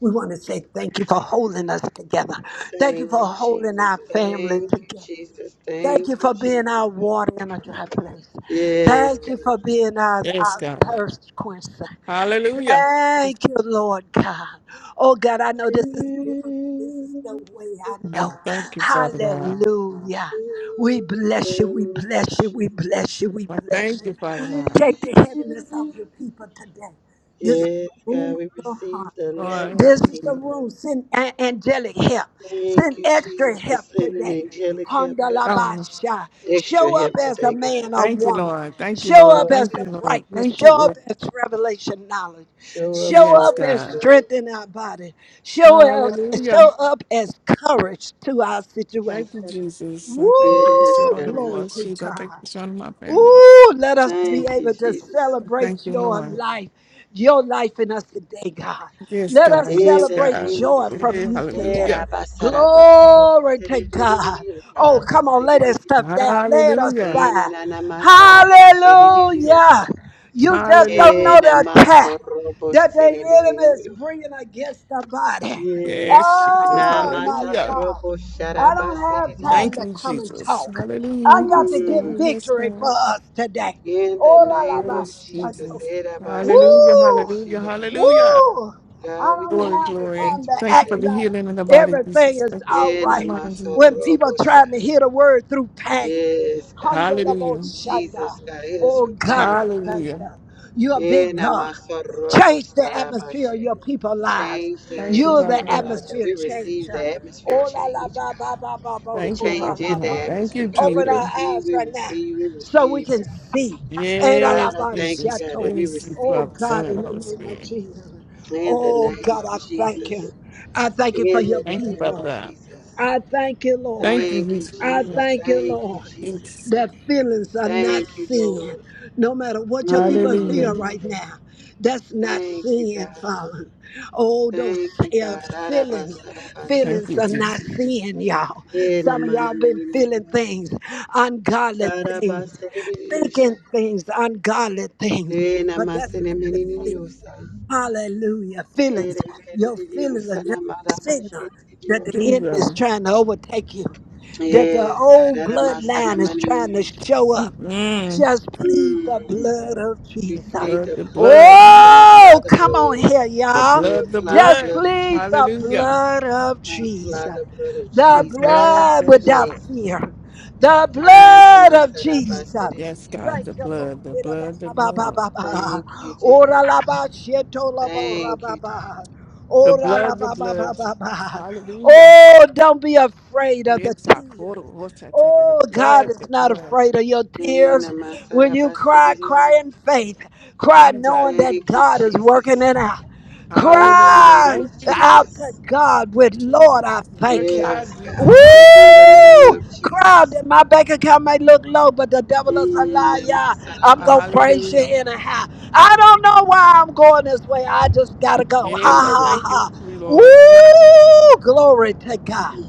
[SPEAKER 1] We want to say thank you for holding us together. Thank you
[SPEAKER 5] Thank
[SPEAKER 1] for
[SPEAKER 5] you,
[SPEAKER 1] holding
[SPEAKER 5] Jesus.
[SPEAKER 1] our family
[SPEAKER 5] Thank you,
[SPEAKER 1] together.
[SPEAKER 5] Jesus.
[SPEAKER 1] Thank you
[SPEAKER 5] Thank you,
[SPEAKER 1] for being
[SPEAKER 5] Jesus.
[SPEAKER 1] our water in a dry place.
[SPEAKER 5] Yes,
[SPEAKER 1] Thank
[SPEAKER 5] God.
[SPEAKER 1] you for being our,
[SPEAKER 2] Yes,
[SPEAKER 1] our
[SPEAKER 2] God.
[SPEAKER 1] thirst quencher.
[SPEAKER 2] Hallelujah.
[SPEAKER 1] Thank you, Lord God. Oh God, I know this
[SPEAKER 5] Thank
[SPEAKER 1] is different, but this is the way I
[SPEAKER 2] I
[SPEAKER 1] know.
[SPEAKER 2] thank you, Father God.
[SPEAKER 1] Hallelujah. We bless you, we
[SPEAKER 5] you,
[SPEAKER 1] bless you, we bless you, we
[SPEAKER 2] I
[SPEAKER 1] bless
[SPEAKER 2] thank you,
[SPEAKER 1] you.
[SPEAKER 2] Father
[SPEAKER 5] Jesus.
[SPEAKER 2] God.
[SPEAKER 1] Take the heaviness of your people today. This
[SPEAKER 5] Yes,
[SPEAKER 1] room
[SPEAKER 5] God, we
[SPEAKER 1] of your heart.
[SPEAKER 5] receive the light
[SPEAKER 2] Lord,
[SPEAKER 5] and
[SPEAKER 1] This
[SPEAKER 2] help us.
[SPEAKER 5] Thank
[SPEAKER 1] is
[SPEAKER 5] you,
[SPEAKER 1] the
[SPEAKER 2] to-
[SPEAKER 5] evening.
[SPEAKER 1] room. Send a- angelic help.
[SPEAKER 5] Thank
[SPEAKER 1] Send
[SPEAKER 5] you,
[SPEAKER 1] extra
[SPEAKER 5] Jesus, for
[SPEAKER 1] help
[SPEAKER 5] sending
[SPEAKER 1] today.
[SPEAKER 5] angelic help, God.
[SPEAKER 2] Oh,
[SPEAKER 1] Handalabasha.
[SPEAKER 5] Extra
[SPEAKER 1] Show up
[SPEAKER 5] help
[SPEAKER 1] as a
[SPEAKER 5] today, God.
[SPEAKER 1] man or
[SPEAKER 2] thank you,
[SPEAKER 1] woman.
[SPEAKER 2] Lord. Thank you,
[SPEAKER 1] Show
[SPEAKER 5] Show
[SPEAKER 2] Lord.
[SPEAKER 1] up
[SPEAKER 5] up,
[SPEAKER 1] as
[SPEAKER 2] Thank you,
[SPEAKER 1] the
[SPEAKER 5] God.
[SPEAKER 2] Lord.
[SPEAKER 1] brightness.
[SPEAKER 2] Thank you,
[SPEAKER 1] Show up
[SPEAKER 2] Lord.
[SPEAKER 1] as revelation knowledge.
[SPEAKER 5] Show up,
[SPEAKER 1] Show
[SPEAKER 5] show
[SPEAKER 2] Yes,
[SPEAKER 1] up
[SPEAKER 5] up,
[SPEAKER 1] as
[SPEAKER 2] God.
[SPEAKER 5] show up.
[SPEAKER 1] strength in our body. Show us,
[SPEAKER 2] Hallelujah.
[SPEAKER 1] show up as courage to our
[SPEAKER 2] Thank you,
[SPEAKER 1] situation.
[SPEAKER 2] Jesus. I thank you for
[SPEAKER 5] Yes,
[SPEAKER 1] Woo!
[SPEAKER 2] showing
[SPEAKER 5] God.
[SPEAKER 2] up for
[SPEAKER 1] Glory
[SPEAKER 2] us,
[SPEAKER 1] to
[SPEAKER 2] Jesus. I thank you
[SPEAKER 1] God.
[SPEAKER 2] for showing up my family.
[SPEAKER 1] Ooh, let us
[SPEAKER 2] Lord.
[SPEAKER 1] be
[SPEAKER 5] Thank you,
[SPEAKER 1] able to
[SPEAKER 5] Jesus.
[SPEAKER 2] Thank
[SPEAKER 1] celebrate
[SPEAKER 2] you,
[SPEAKER 1] your
[SPEAKER 2] Lord.
[SPEAKER 1] life, your life in us today, God.
[SPEAKER 2] Yes,
[SPEAKER 1] Let us
[SPEAKER 2] God.
[SPEAKER 5] In
[SPEAKER 2] Yes,
[SPEAKER 5] the
[SPEAKER 1] celebrate
[SPEAKER 2] God.
[SPEAKER 5] name of
[SPEAKER 1] joy from
[SPEAKER 2] Eh,
[SPEAKER 5] Jesus.
[SPEAKER 1] you today.
[SPEAKER 2] Hallelujah.
[SPEAKER 1] Glory to God. Oh, come on, lay that stuff down. Lay it
[SPEAKER 2] Hallelujah.
[SPEAKER 5] Bene
[SPEAKER 1] aside.
[SPEAKER 5] na namasaraba
[SPEAKER 1] Hallelujah.
[SPEAKER 5] shedidiosa.
[SPEAKER 1] You just don't
[SPEAKER 5] Ke
[SPEAKER 2] Hallelujah.
[SPEAKER 1] know the attack
[SPEAKER 5] namasorobo
[SPEAKER 1] that the enemy is
[SPEAKER 5] senemenio.
[SPEAKER 1] bringing against the body.
[SPEAKER 5] Yes,
[SPEAKER 2] Yes,
[SPEAKER 5] God.
[SPEAKER 2] Jesus.
[SPEAKER 1] Oh, my
[SPEAKER 2] Hallelujah.
[SPEAKER 1] God.
[SPEAKER 5] Namatarobo
[SPEAKER 1] I
[SPEAKER 5] sharaba
[SPEAKER 1] don't have
[SPEAKER 5] sedidio.
[SPEAKER 1] time
[SPEAKER 2] Thank
[SPEAKER 1] to
[SPEAKER 2] you,
[SPEAKER 1] come and
[SPEAKER 2] Jesus.
[SPEAKER 1] talk. I
[SPEAKER 2] Hallelujah.
[SPEAKER 1] got to
[SPEAKER 2] Yes,
[SPEAKER 1] get
[SPEAKER 2] God.
[SPEAKER 5] Mm.
[SPEAKER 2] Yes,
[SPEAKER 1] victory
[SPEAKER 2] God.
[SPEAKER 1] for us today.
[SPEAKER 5] In the
[SPEAKER 1] Ora la la,
[SPEAKER 5] name
[SPEAKER 1] ba
[SPEAKER 5] of
[SPEAKER 2] Yes,
[SPEAKER 5] Jesus.
[SPEAKER 1] shanto.
[SPEAKER 2] Jesus. Hallelujah.
[SPEAKER 5] erabasarobo
[SPEAKER 1] Woo!
[SPEAKER 2] Hallelujah.
[SPEAKER 5] shedidio.
[SPEAKER 2] Hallelujah.
[SPEAKER 1] Woo! I
[SPEAKER 5] God, we
[SPEAKER 1] don't
[SPEAKER 2] Glory,
[SPEAKER 5] thank you
[SPEAKER 1] have
[SPEAKER 5] for
[SPEAKER 2] glory.
[SPEAKER 1] time to
[SPEAKER 5] victory
[SPEAKER 2] Thank you
[SPEAKER 1] act
[SPEAKER 2] for
[SPEAKER 5] today,
[SPEAKER 2] the
[SPEAKER 5] oh
[SPEAKER 1] like
[SPEAKER 5] God.
[SPEAKER 2] healing in the body,
[SPEAKER 1] everything
[SPEAKER 2] Jesus.
[SPEAKER 1] is
[SPEAKER 2] Thank you
[SPEAKER 1] all
[SPEAKER 5] Yeah,
[SPEAKER 2] for the
[SPEAKER 1] right
[SPEAKER 2] mind,
[SPEAKER 1] when
[SPEAKER 2] Jesus.
[SPEAKER 1] people
[SPEAKER 5] namasorobo sha.
[SPEAKER 1] trying to hear the word through pain.
[SPEAKER 5] Yes, God. Ooh,
[SPEAKER 1] Handalabo
[SPEAKER 2] Hallelujah.
[SPEAKER 1] shanda.
[SPEAKER 5] Jesus, God, heal us
[SPEAKER 1] Oh
[SPEAKER 5] from
[SPEAKER 1] God,
[SPEAKER 5] pain.
[SPEAKER 1] I
[SPEAKER 5] God.
[SPEAKER 1] thank
[SPEAKER 2] Hallelujah.
[SPEAKER 1] you. You're a
[SPEAKER 5] Yeah,
[SPEAKER 1] big God.
[SPEAKER 5] namasorobo
[SPEAKER 1] Change the
[SPEAKER 5] saraba
[SPEAKER 1] atmosphere
[SPEAKER 5] she.
[SPEAKER 1] of your people's lives.
[SPEAKER 5] Change the
[SPEAKER 2] Thank you,
[SPEAKER 1] You're
[SPEAKER 5] atmosphere
[SPEAKER 2] Father
[SPEAKER 1] the
[SPEAKER 5] of our
[SPEAKER 2] God.
[SPEAKER 5] lives, God.
[SPEAKER 1] atmosphere
[SPEAKER 5] We receive
[SPEAKER 1] changer.
[SPEAKER 5] the atmosphere
[SPEAKER 1] Oh la la
[SPEAKER 5] change,
[SPEAKER 1] ba
[SPEAKER 5] God.
[SPEAKER 1] ba ba ba ba
[SPEAKER 5] The
[SPEAKER 2] Thank you,
[SPEAKER 1] kura
[SPEAKER 5] change
[SPEAKER 2] Father
[SPEAKER 1] la
[SPEAKER 5] in the
[SPEAKER 2] God.
[SPEAKER 1] la.
[SPEAKER 2] Thank you,
[SPEAKER 5] atmosphere, God. We
[SPEAKER 1] Open
[SPEAKER 2] Jesus.
[SPEAKER 1] our
[SPEAKER 5] receive,
[SPEAKER 1] eyes
[SPEAKER 5] we
[SPEAKER 1] right now
[SPEAKER 5] receive, we
[SPEAKER 1] so we
[SPEAKER 5] receive,
[SPEAKER 1] can
[SPEAKER 5] God.
[SPEAKER 1] see. Eh, la la
[SPEAKER 2] Yes,
[SPEAKER 5] God, I
[SPEAKER 1] ba
[SPEAKER 5] thank you,
[SPEAKER 2] Jesus.
[SPEAKER 5] God, that
[SPEAKER 1] shato.
[SPEAKER 5] we
[SPEAKER 2] Please, you
[SPEAKER 1] Oh
[SPEAKER 5] receive
[SPEAKER 2] Father, Son,
[SPEAKER 1] God,
[SPEAKER 2] and
[SPEAKER 1] in the
[SPEAKER 2] Holy
[SPEAKER 1] name of
[SPEAKER 2] Spirit.
[SPEAKER 1] Jesus.
[SPEAKER 5] in the
[SPEAKER 1] Oh
[SPEAKER 5] name
[SPEAKER 1] God,
[SPEAKER 5] of
[SPEAKER 1] I thank
[SPEAKER 5] Jesus.
[SPEAKER 1] you. I thank you for
[SPEAKER 5] In the
[SPEAKER 1] your
[SPEAKER 2] Thank you,
[SPEAKER 5] name
[SPEAKER 2] Father
[SPEAKER 5] of
[SPEAKER 1] people.
[SPEAKER 2] God.
[SPEAKER 5] Jesus.
[SPEAKER 1] I thank you,
[SPEAKER 2] Thank
[SPEAKER 1] Lord.
[SPEAKER 2] you,
[SPEAKER 5] Thank you,
[SPEAKER 2] Jesus.
[SPEAKER 1] I
[SPEAKER 5] Jesus.
[SPEAKER 1] thank you,
[SPEAKER 5] Thank you,
[SPEAKER 1] Lord
[SPEAKER 2] It's,
[SPEAKER 5] Jesus.
[SPEAKER 1] that feelings are not
[SPEAKER 5] Thank you, Lord.
[SPEAKER 1] sin. No matter what your people
[SPEAKER 5] Mm,
[SPEAKER 1] feel
[SPEAKER 2] hallelujah.
[SPEAKER 1] right now, that's not
[SPEAKER 5] thank you,
[SPEAKER 1] sin,
[SPEAKER 5] God.
[SPEAKER 1] Father. Oh, those
[SPEAKER 5] Thank you,
[SPEAKER 1] uh,
[SPEAKER 5] God.
[SPEAKER 1] feelings,
[SPEAKER 5] Arabasarabata.
[SPEAKER 2] Thank
[SPEAKER 1] feelings
[SPEAKER 2] you,
[SPEAKER 1] are
[SPEAKER 2] Jesus.
[SPEAKER 1] not sin, y'all. Some of y'all been feeling
[SPEAKER 5] Enamanamaniniwa.
[SPEAKER 1] things, ungodly things,
[SPEAKER 5] Tarabasiririusha.
[SPEAKER 1] thinking things, ungodly things,
[SPEAKER 5] Ena
[SPEAKER 1] but that's
[SPEAKER 5] masene
[SPEAKER 1] not the sin.
[SPEAKER 5] meneniosa.
[SPEAKER 1] Hallelujah. Feelings,
[SPEAKER 5] Kere
[SPEAKER 1] your feelings are
[SPEAKER 5] meneniosa na
[SPEAKER 1] just a signal
[SPEAKER 5] marabashe
[SPEAKER 1] that
[SPEAKER 5] nenio.
[SPEAKER 1] the enemy
[SPEAKER 2] Jesus.
[SPEAKER 1] is trying to overtake you that the
[SPEAKER 5] Yes, God,
[SPEAKER 1] old
[SPEAKER 5] ada masana
[SPEAKER 1] bloodline is trying to
[SPEAKER 5] menenio.
[SPEAKER 1] show up.
[SPEAKER 2] Mm-mm.
[SPEAKER 1] Just plead the
[SPEAKER 5] Mm.
[SPEAKER 1] blood of
[SPEAKER 5] We
[SPEAKER 2] The
[SPEAKER 1] Jesus.
[SPEAKER 5] plead
[SPEAKER 2] blood,
[SPEAKER 5] the
[SPEAKER 2] the
[SPEAKER 5] blood of
[SPEAKER 2] blood,
[SPEAKER 5] Jesus. I apply
[SPEAKER 1] Oh,
[SPEAKER 5] the
[SPEAKER 1] come on
[SPEAKER 5] blood.
[SPEAKER 1] here,
[SPEAKER 2] the
[SPEAKER 1] y'all.
[SPEAKER 5] We
[SPEAKER 2] blood, the
[SPEAKER 5] apply the
[SPEAKER 1] Just
[SPEAKER 2] blood.
[SPEAKER 5] blood of
[SPEAKER 1] plead the
[SPEAKER 5] Jesus.
[SPEAKER 2] Hallelujah.
[SPEAKER 1] blood of
[SPEAKER 5] I
[SPEAKER 1] Jesus.
[SPEAKER 5] apply the blood of
[SPEAKER 1] The
[SPEAKER 2] The
[SPEAKER 5] Jesus,
[SPEAKER 2] blood,
[SPEAKER 1] blood
[SPEAKER 2] the
[SPEAKER 5] Jesus,
[SPEAKER 1] without
[SPEAKER 2] blood.
[SPEAKER 5] Jesus.
[SPEAKER 1] fear. The
[SPEAKER 5] Ana
[SPEAKER 1] blood of
[SPEAKER 5] masada
[SPEAKER 1] Jesus.
[SPEAKER 5] basede
[SPEAKER 2] Yes,
[SPEAKER 5] nenio.
[SPEAKER 2] God,
[SPEAKER 1] Thank
[SPEAKER 2] the
[SPEAKER 1] you, Lord.
[SPEAKER 2] blood, the blood, the
[SPEAKER 1] ba ba ba
[SPEAKER 2] blood.
[SPEAKER 1] ba ba.
[SPEAKER 5] Thank you, dear.
[SPEAKER 1] Ora la ba sheto la ba ora
[SPEAKER 5] Thank
[SPEAKER 1] ba
[SPEAKER 5] you, dear.
[SPEAKER 1] ba.
[SPEAKER 2] The
[SPEAKER 1] Ora la
[SPEAKER 2] blood, the
[SPEAKER 1] ba ba
[SPEAKER 2] blood.
[SPEAKER 1] ba ba ba.
[SPEAKER 2] Hallelujah.
[SPEAKER 1] Oh, don't be afraid of the
[SPEAKER 2] It's our quarter.
[SPEAKER 1] tears.
[SPEAKER 2] water to The
[SPEAKER 1] Oh, God
[SPEAKER 2] blood, the
[SPEAKER 1] is not
[SPEAKER 2] blood.
[SPEAKER 1] afraid of your tears.
[SPEAKER 5] Ena
[SPEAKER 1] When
[SPEAKER 5] masada
[SPEAKER 1] you
[SPEAKER 5] basede
[SPEAKER 1] cry,
[SPEAKER 5] nenio.
[SPEAKER 1] cry in faith. Cry knowing
[SPEAKER 2] Jesus.
[SPEAKER 1] that
[SPEAKER 5] Thank you,
[SPEAKER 1] God is working
[SPEAKER 5] Jesus.
[SPEAKER 1] it out.
[SPEAKER 5] In the
[SPEAKER 2] Hallelujah.
[SPEAKER 5] name
[SPEAKER 1] Cry
[SPEAKER 2] Thank
[SPEAKER 5] of
[SPEAKER 2] you, Jesus.
[SPEAKER 1] out to
[SPEAKER 5] Jesus.
[SPEAKER 1] God with, Lord,
[SPEAKER 2] Jesus.
[SPEAKER 1] I
[SPEAKER 2] Work
[SPEAKER 1] thank
[SPEAKER 2] it
[SPEAKER 1] you.
[SPEAKER 5] Yes,
[SPEAKER 2] out,
[SPEAKER 5] God.
[SPEAKER 2] Jesus.
[SPEAKER 5] In the name
[SPEAKER 1] Woo!
[SPEAKER 5] of
[SPEAKER 1] Crowd
[SPEAKER 5] Jesus.
[SPEAKER 1] that my bank account may look low, but the devil is a
[SPEAKER 5] Mm,
[SPEAKER 1] liar. I'm gonna
[SPEAKER 5] namasarabasara.
[SPEAKER 1] praise you
[SPEAKER 2] Hallelujah.
[SPEAKER 1] anyhow. I don't know why I'm going this way. I just gotta go.
[SPEAKER 5] In
[SPEAKER 2] Yes, I
[SPEAKER 5] the
[SPEAKER 1] Ha
[SPEAKER 2] thank
[SPEAKER 5] name.
[SPEAKER 1] ha
[SPEAKER 2] you, Lord. Thank,
[SPEAKER 1] Ooh, glory to God.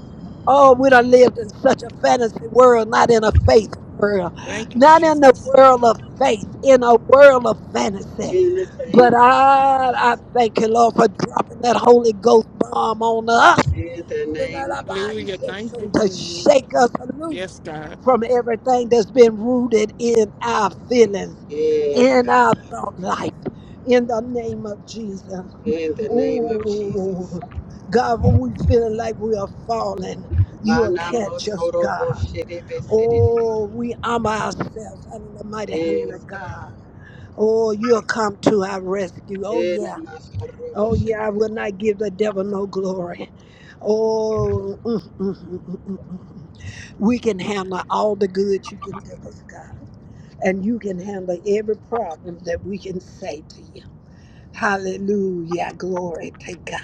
[SPEAKER 1] Oh, we done lived in such a fantasy world, not in a faith world,
[SPEAKER 2] thank you,
[SPEAKER 1] not in the
[SPEAKER 2] Jesus.
[SPEAKER 1] world of faith, in a world of fantasy.
[SPEAKER 5] In the name
[SPEAKER 1] But
[SPEAKER 5] of
[SPEAKER 1] I, I
[SPEAKER 5] Jesus.
[SPEAKER 1] thank you, Lord, for dropping that Holy Ghost bomb on us
[SPEAKER 5] In the name of
[SPEAKER 2] Hallelujah.
[SPEAKER 5] Jesus.
[SPEAKER 2] Thank you,
[SPEAKER 1] to
[SPEAKER 2] Jesus.
[SPEAKER 1] shake us loose
[SPEAKER 2] Yes, God.
[SPEAKER 1] from everything that's been rooted in our feelings,
[SPEAKER 5] Yes,
[SPEAKER 1] in
[SPEAKER 5] God.
[SPEAKER 1] our thought life, in the name of Jesus.
[SPEAKER 5] In the name of Jesus.
[SPEAKER 1] Oh, God, when we feeling like we are falling, you will catch us, God.
[SPEAKER 5] Manamosoroboshedebesede.
[SPEAKER 1] Oh, we arm ourselves under the mighty hand
[SPEAKER 5] Yes,
[SPEAKER 1] of
[SPEAKER 5] God.
[SPEAKER 1] God. Oh, you'll come to our rescue. Oh,
[SPEAKER 5] In the
[SPEAKER 1] yeah.
[SPEAKER 5] Masorobo.
[SPEAKER 1] Oh, yeah. I will not give the devil no glory. Oh, mm, mm, mm, mm, mm, mm. mm, mm. we can handle all the good you can give us, God. And you can handle every problem that we can say to you. Hallelujah. Glory to God.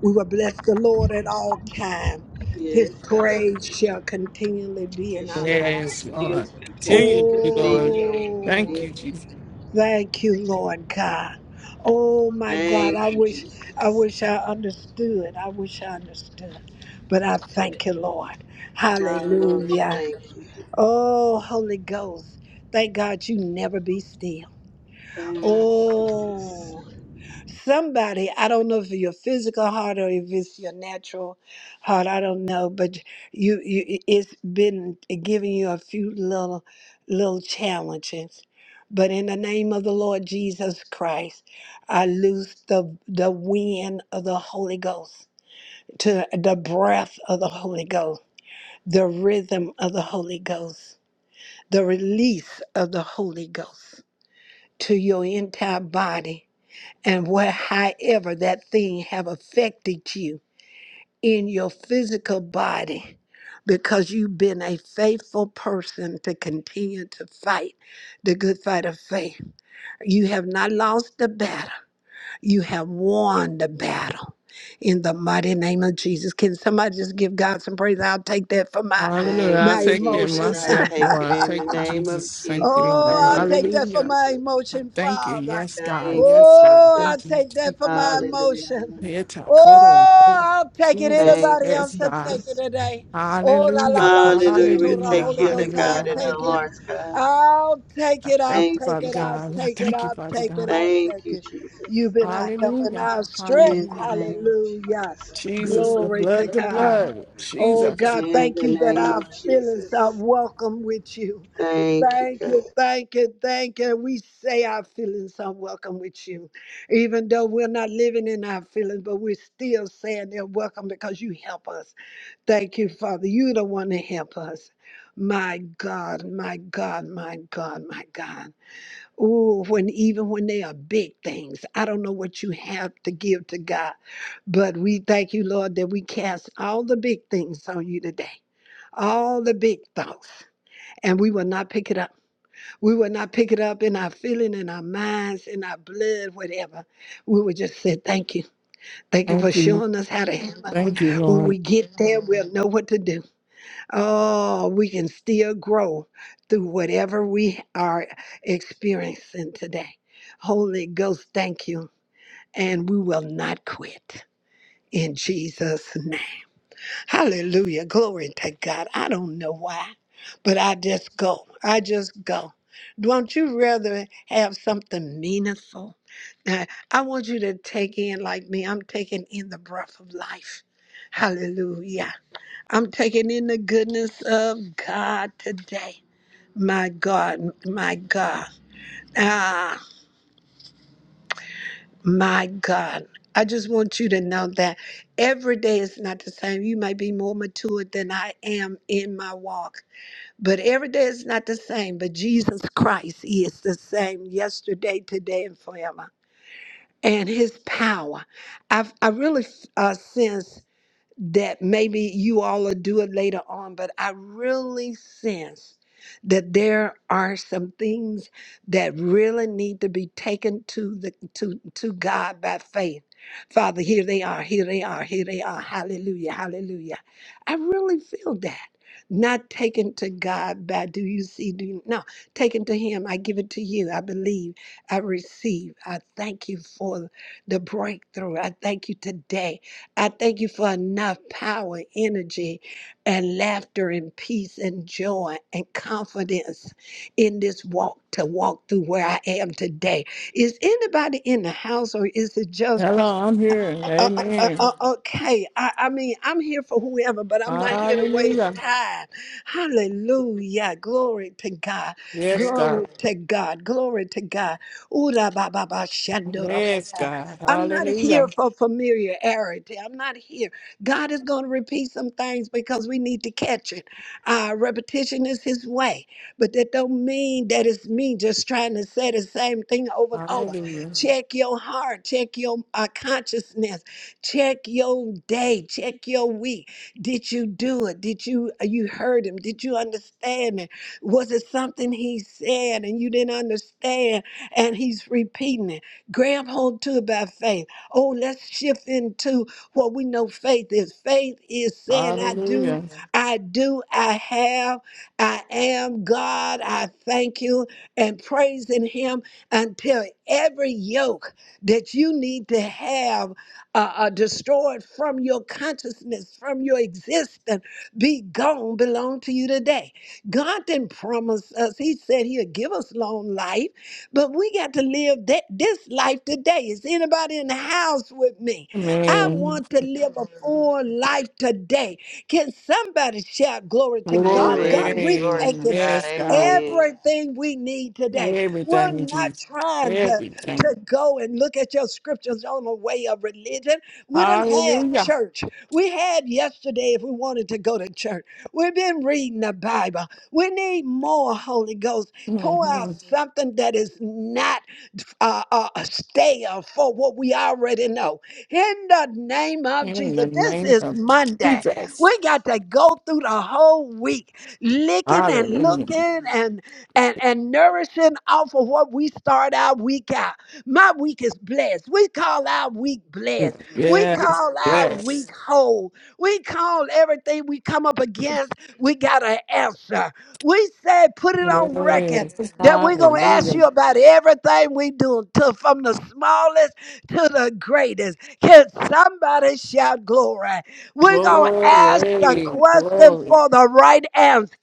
[SPEAKER 1] We will bless the Lord at all times.
[SPEAKER 5] Yes,
[SPEAKER 1] His
[SPEAKER 5] God.
[SPEAKER 1] praise shall continually be
[SPEAKER 5] It
[SPEAKER 1] in our
[SPEAKER 5] shall
[SPEAKER 2] Yes,
[SPEAKER 1] mouth.
[SPEAKER 5] continue,
[SPEAKER 2] Lord.
[SPEAKER 5] continue,
[SPEAKER 2] Continue, Lord.
[SPEAKER 1] Oh,
[SPEAKER 2] Thank you,
[SPEAKER 5] continue.
[SPEAKER 2] Jesus.
[SPEAKER 1] thank you, Lord God. Oh my God,
[SPEAKER 5] Thank
[SPEAKER 1] I
[SPEAKER 5] you,
[SPEAKER 1] wish I
[SPEAKER 5] Jesus.
[SPEAKER 1] wish I understood. I wish I understood. But I thank you, Lord.
[SPEAKER 5] Ah, Lord,
[SPEAKER 1] Hallelujah.
[SPEAKER 5] thank you.
[SPEAKER 1] Oh, Holy Ghost. Thank God you never be still.
[SPEAKER 5] Thank you, Jesus.
[SPEAKER 1] Oh somebody i don't know if your physical heart or if it's your natural heart i don't know but you, you it's been giving you a few little little challenges but in the name of the lord jesus christ i loose the the wind of the holy ghost to the breath of the holy ghost the rhythm of the holy ghost the release of the holy ghost to your entire body and where however that thing have affected you in your physical body because you've been a faithful person to continue to fight the good fight of faith. You have not lost the battle. You have won the battle in the mighty name of Jesus. Can somebody just give God some praise? I'll take that for my
[SPEAKER 2] Hallelujah.
[SPEAKER 5] Thank
[SPEAKER 2] I'll
[SPEAKER 1] my
[SPEAKER 5] you,
[SPEAKER 2] take care of
[SPEAKER 5] Jesus.
[SPEAKER 1] emotions.
[SPEAKER 5] I
[SPEAKER 2] myself,
[SPEAKER 5] take it
[SPEAKER 2] Lord.
[SPEAKER 5] in
[SPEAKER 2] Thank
[SPEAKER 5] the
[SPEAKER 2] you,
[SPEAKER 5] name of
[SPEAKER 2] Jesus. Thank you,
[SPEAKER 5] Jesus.
[SPEAKER 2] Lord.
[SPEAKER 1] Oh, I
[SPEAKER 5] Thank
[SPEAKER 1] take
[SPEAKER 5] you,
[SPEAKER 1] that for
[SPEAKER 2] Hallelujah.
[SPEAKER 5] Jesus.
[SPEAKER 1] my
[SPEAKER 2] I
[SPEAKER 1] emotion,
[SPEAKER 2] Thank you.
[SPEAKER 1] Father.
[SPEAKER 2] Yes, God.
[SPEAKER 5] Thank you,
[SPEAKER 2] Yes, God.
[SPEAKER 1] Oh, I
[SPEAKER 2] Thank you.
[SPEAKER 5] Jesus.
[SPEAKER 1] take that
[SPEAKER 2] Jesus.
[SPEAKER 1] for my
[SPEAKER 5] Hallelujah.
[SPEAKER 1] emotion.
[SPEAKER 5] hallelujah.
[SPEAKER 2] Yes,
[SPEAKER 1] Oh,
[SPEAKER 2] God.
[SPEAKER 1] I'll take it.
[SPEAKER 2] Jesus.
[SPEAKER 1] Anybody
[SPEAKER 5] Thank you,
[SPEAKER 1] else
[SPEAKER 2] Yes,
[SPEAKER 1] to
[SPEAKER 2] God.
[SPEAKER 1] take it
[SPEAKER 5] Jesus.
[SPEAKER 1] today? Oh, la la
[SPEAKER 2] Hallelujah.
[SPEAKER 1] ba shit,
[SPEAKER 5] Hallelujah. We'll
[SPEAKER 1] Torah,
[SPEAKER 5] take
[SPEAKER 2] Hallelujah.
[SPEAKER 1] Holy
[SPEAKER 5] healing,
[SPEAKER 1] Ghost, I'll
[SPEAKER 2] Hallelujah.
[SPEAKER 5] God, in our
[SPEAKER 1] take it.
[SPEAKER 2] Hallelujah.
[SPEAKER 5] hearts, God.
[SPEAKER 1] I'll take
[SPEAKER 2] I
[SPEAKER 1] it. I'll
[SPEAKER 2] thank you,
[SPEAKER 5] Thank
[SPEAKER 1] take
[SPEAKER 5] you,
[SPEAKER 2] Father
[SPEAKER 1] it. I'll
[SPEAKER 2] God. I
[SPEAKER 1] take
[SPEAKER 5] Jesus.
[SPEAKER 1] it.
[SPEAKER 2] thank you,
[SPEAKER 1] I'll
[SPEAKER 2] Father
[SPEAKER 1] take it.
[SPEAKER 2] God.
[SPEAKER 1] I'll
[SPEAKER 5] Thank
[SPEAKER 1] take
[SPEAKER 5] you,
[SPEAKER 1] it.
[SPEAKER 5] Jesus.
[SPEAKER 1] You've been our help and
[SPEAKER 2] Hallelujah.
[SPEAKER 1] our strength.
[SPEAKER 5] In
[SPEAKER 2] Hallelujah.
[SPEAKER 5] the name of
[SPEAKER 1] Hallelujah.
[SPEAKER 5] Jesus.
[SPEAKER 2] Jesus, the
[SPEAKER 1] Glory to
[SPEAKER 2] blood, the
[SPEAKER 1] God.
[SPEAKER 2] blood.
[SPEAKER 1] Oh
[SPEAKER 2] Jesus.
[SPEAKER 1] God,
[SPEAKER 5] In
[SPEAKER 1] thank
[SPEAKER 5] the
[SPEAKER 1] you that
[SPEAKER 5] name of
[SPEAKER 1] our feelings are
[SPEAKER 5] Jesus.
[SPEAKER 1] welcome with you.
[SPEAKER 5] Thank you,
[SPEAKER 1] Thank
[SPEAKER 5] God.
[SPEAKER 1] you, thank you, thank you. We say our feelings are welcome with you. Even though we're not living in our feelings, but we're still saying they're welcome because you help us. Thank you, Father. You're the one to help us. My God, my God, my God, my God. Oh, when even when they are big things, I don't know what you have to give to God, but we thank you, Lord, that we cast all the big things on you today, all the big thoughts, and we will not pick it up we would not pick it up in our feeling, in our minds, in our blood, whatever. We would just say, Thank you. Thank you for
[SPEAKER 2] Thank you.
[SPEAKER 1] showing us how to handle it.
[SPEAKER 2] Thank you,
[SPEAKER 1] When
[SPEAKER 2] Lord.
[SPEAKER 1] we get there, we'll know what to do. Oh, we can still grow through whatever we are experiencing today. Holy Ghost, thank you. And we will not quit in Jesus' name. Hallelujah. Glory to God. I don't know why, but I just go. I just go. Don't you rather have something meaningful? Now, I want you to take in, like me, I'm taking in the breath of life. Hallelujah. I'm taking in the goodness of God today. My God, my God. Ah, my God. I just want you to know that every day is not the same. You might be more mature than I am in my walk. But every day is not the same, but Jesus Christ he is the same yesterday, today, and forever. And his power. I've, I really uh, sense that maybe you all will do it later on, but I really sense that there are some things that really need to be taken to the to to God by faith. Father, here they are, here they are, here they are. Hallelujah, hallelujah. I really feel that. Not taken to God by do you see, do you no, taken to Him. I give it to you. I believe, I receive. I thank you for the breakthrough. I thank you today I thank you for enough power, energy, and laughter, and peace, and joy, and confidence in this walk to walk through where I am today. Is anybody in the house, or is it just?
[SPEAKER 2] Hello, I'm here.
[SPEAKER 1] Uh, uh, uh,
[SPEAKER 2] Amen.
[SPEAKER 1] uh, okay, I, I mean, I'm here for whoever, but I'm not here to
[SPEAKER 2] Hallelujah.
[SPEAKER 1] waste time. Hallelujah. Glory to God.
[SPEAKER 2] Yes, God.
[SPEAKER 1] Glory to God. Glory to God. Ura ba ba ba shando ra ba
[SPEAKER 2] Yes,
[SPEAKER 1] ba.
[SPEAKER 2] God.
[SPEAKER 1] I'm not
[SPEAKER 2] Hallelujah.
[SPEAKER 1] here for familiarity. I'm not here. God is going to repeat some things because we need to catch it. Uh, repetition is his way, but that don't mean that it's me just trying to say the same thing over and over.
[SPEAKER 2] Hallelujah.
[SPEAKER 1] Check your heart, check your uh, consciousness Check your day, check your week. Did you do it? Did you uh, you heard him? Did you understand it? Was it something he said and you didn't understand and he's repeating it? Grab hold to it by faith. Oh, let's shift into what we know faith is. Faith is saying, I do,
[SPEAKER 2] Hallelujah.
[SPEAKER 1] I do, I have, I am God, I thank you, and praising him until every yoke that you need to have uh, uh, destroyed from your consciousness, from your existence, be gone, belong to you today. God didn't promise us, He said He'll give us long life, but we got to live that, this life today. Is anybody in the house with me? I
[SPEAKER 2] Amen.
[SPEAKER 1] want to live a full life today. Can somebody shout glory to God? God,
[SPEAKER 5] Amen.
[SPEAKER 2] Glory.
[SPEAKER 1] we've
[SPEAKER 5] Glory to
[SPEAKER 1] taken
[SPEAKER 5] God.
[SPEAKER 2] Yes, God.
[SPEAKER 5] Amen.
[SPEAKER 1] everything we need today. We're
[SPEAKER 2] Everything,
[SPEAKER 1] not
[SPEAKER 2] Jesus.
[SPEAKER 1] trying to
[SPEAKER 2] Everything.
[SPEAKER 1] to go and look at your scriptures on the way of religion. We done had
[SPEAKER 2] Hallelujah.
[SPEAKER 1] church. We had yesterday if we wanted to go to church. We've been reading the Bible. We need more Holy Ghost. Pour out
[SPEAKER 2] Mhm.
[SPEAKER 1] something that is not uh, uh, stay for what we already know. In the name of
[SPEAKER 2] In
[SPEAKER 1] Jesus,
[SPEAKER 2] the
[SPEAKER 1] this
[SPEAKER 2] name
[SPEAKER 1] is
[SPEAKER 2] of
[SPEAKER 1] Monday.
[SPEAKER 2] Jesus.
[SPEAKER 1] We got to go through the whole week licking and
[SPEAKER 2] Hallelujah.
[SPEAKER 1] looking and, and, and nourishing off of what we start our week out. My week is blessed. We call our week blessed. We
[SPEAKER 2] Yes.
[SPEAKER 1] call our
[SPEAKER 2] Yes.
[SPEAKER 1] week whole. We call everything we come up against, we got an answer. We said, put it
[SPEAKER 2] Yes.
[SPEAKER 1] on record that we're going to ask
[SPEAKER 2] Hallelujah.
[SPEAKER 1] you about everything we do to, from the smallest to the greatest. Can somebody shout glory? We're going to ask the
[SPEAKER 2] Glory.
[SPEAKER 1] question
[SPEAKER 2] Glory.
[SPEAKER 1] for the right answer.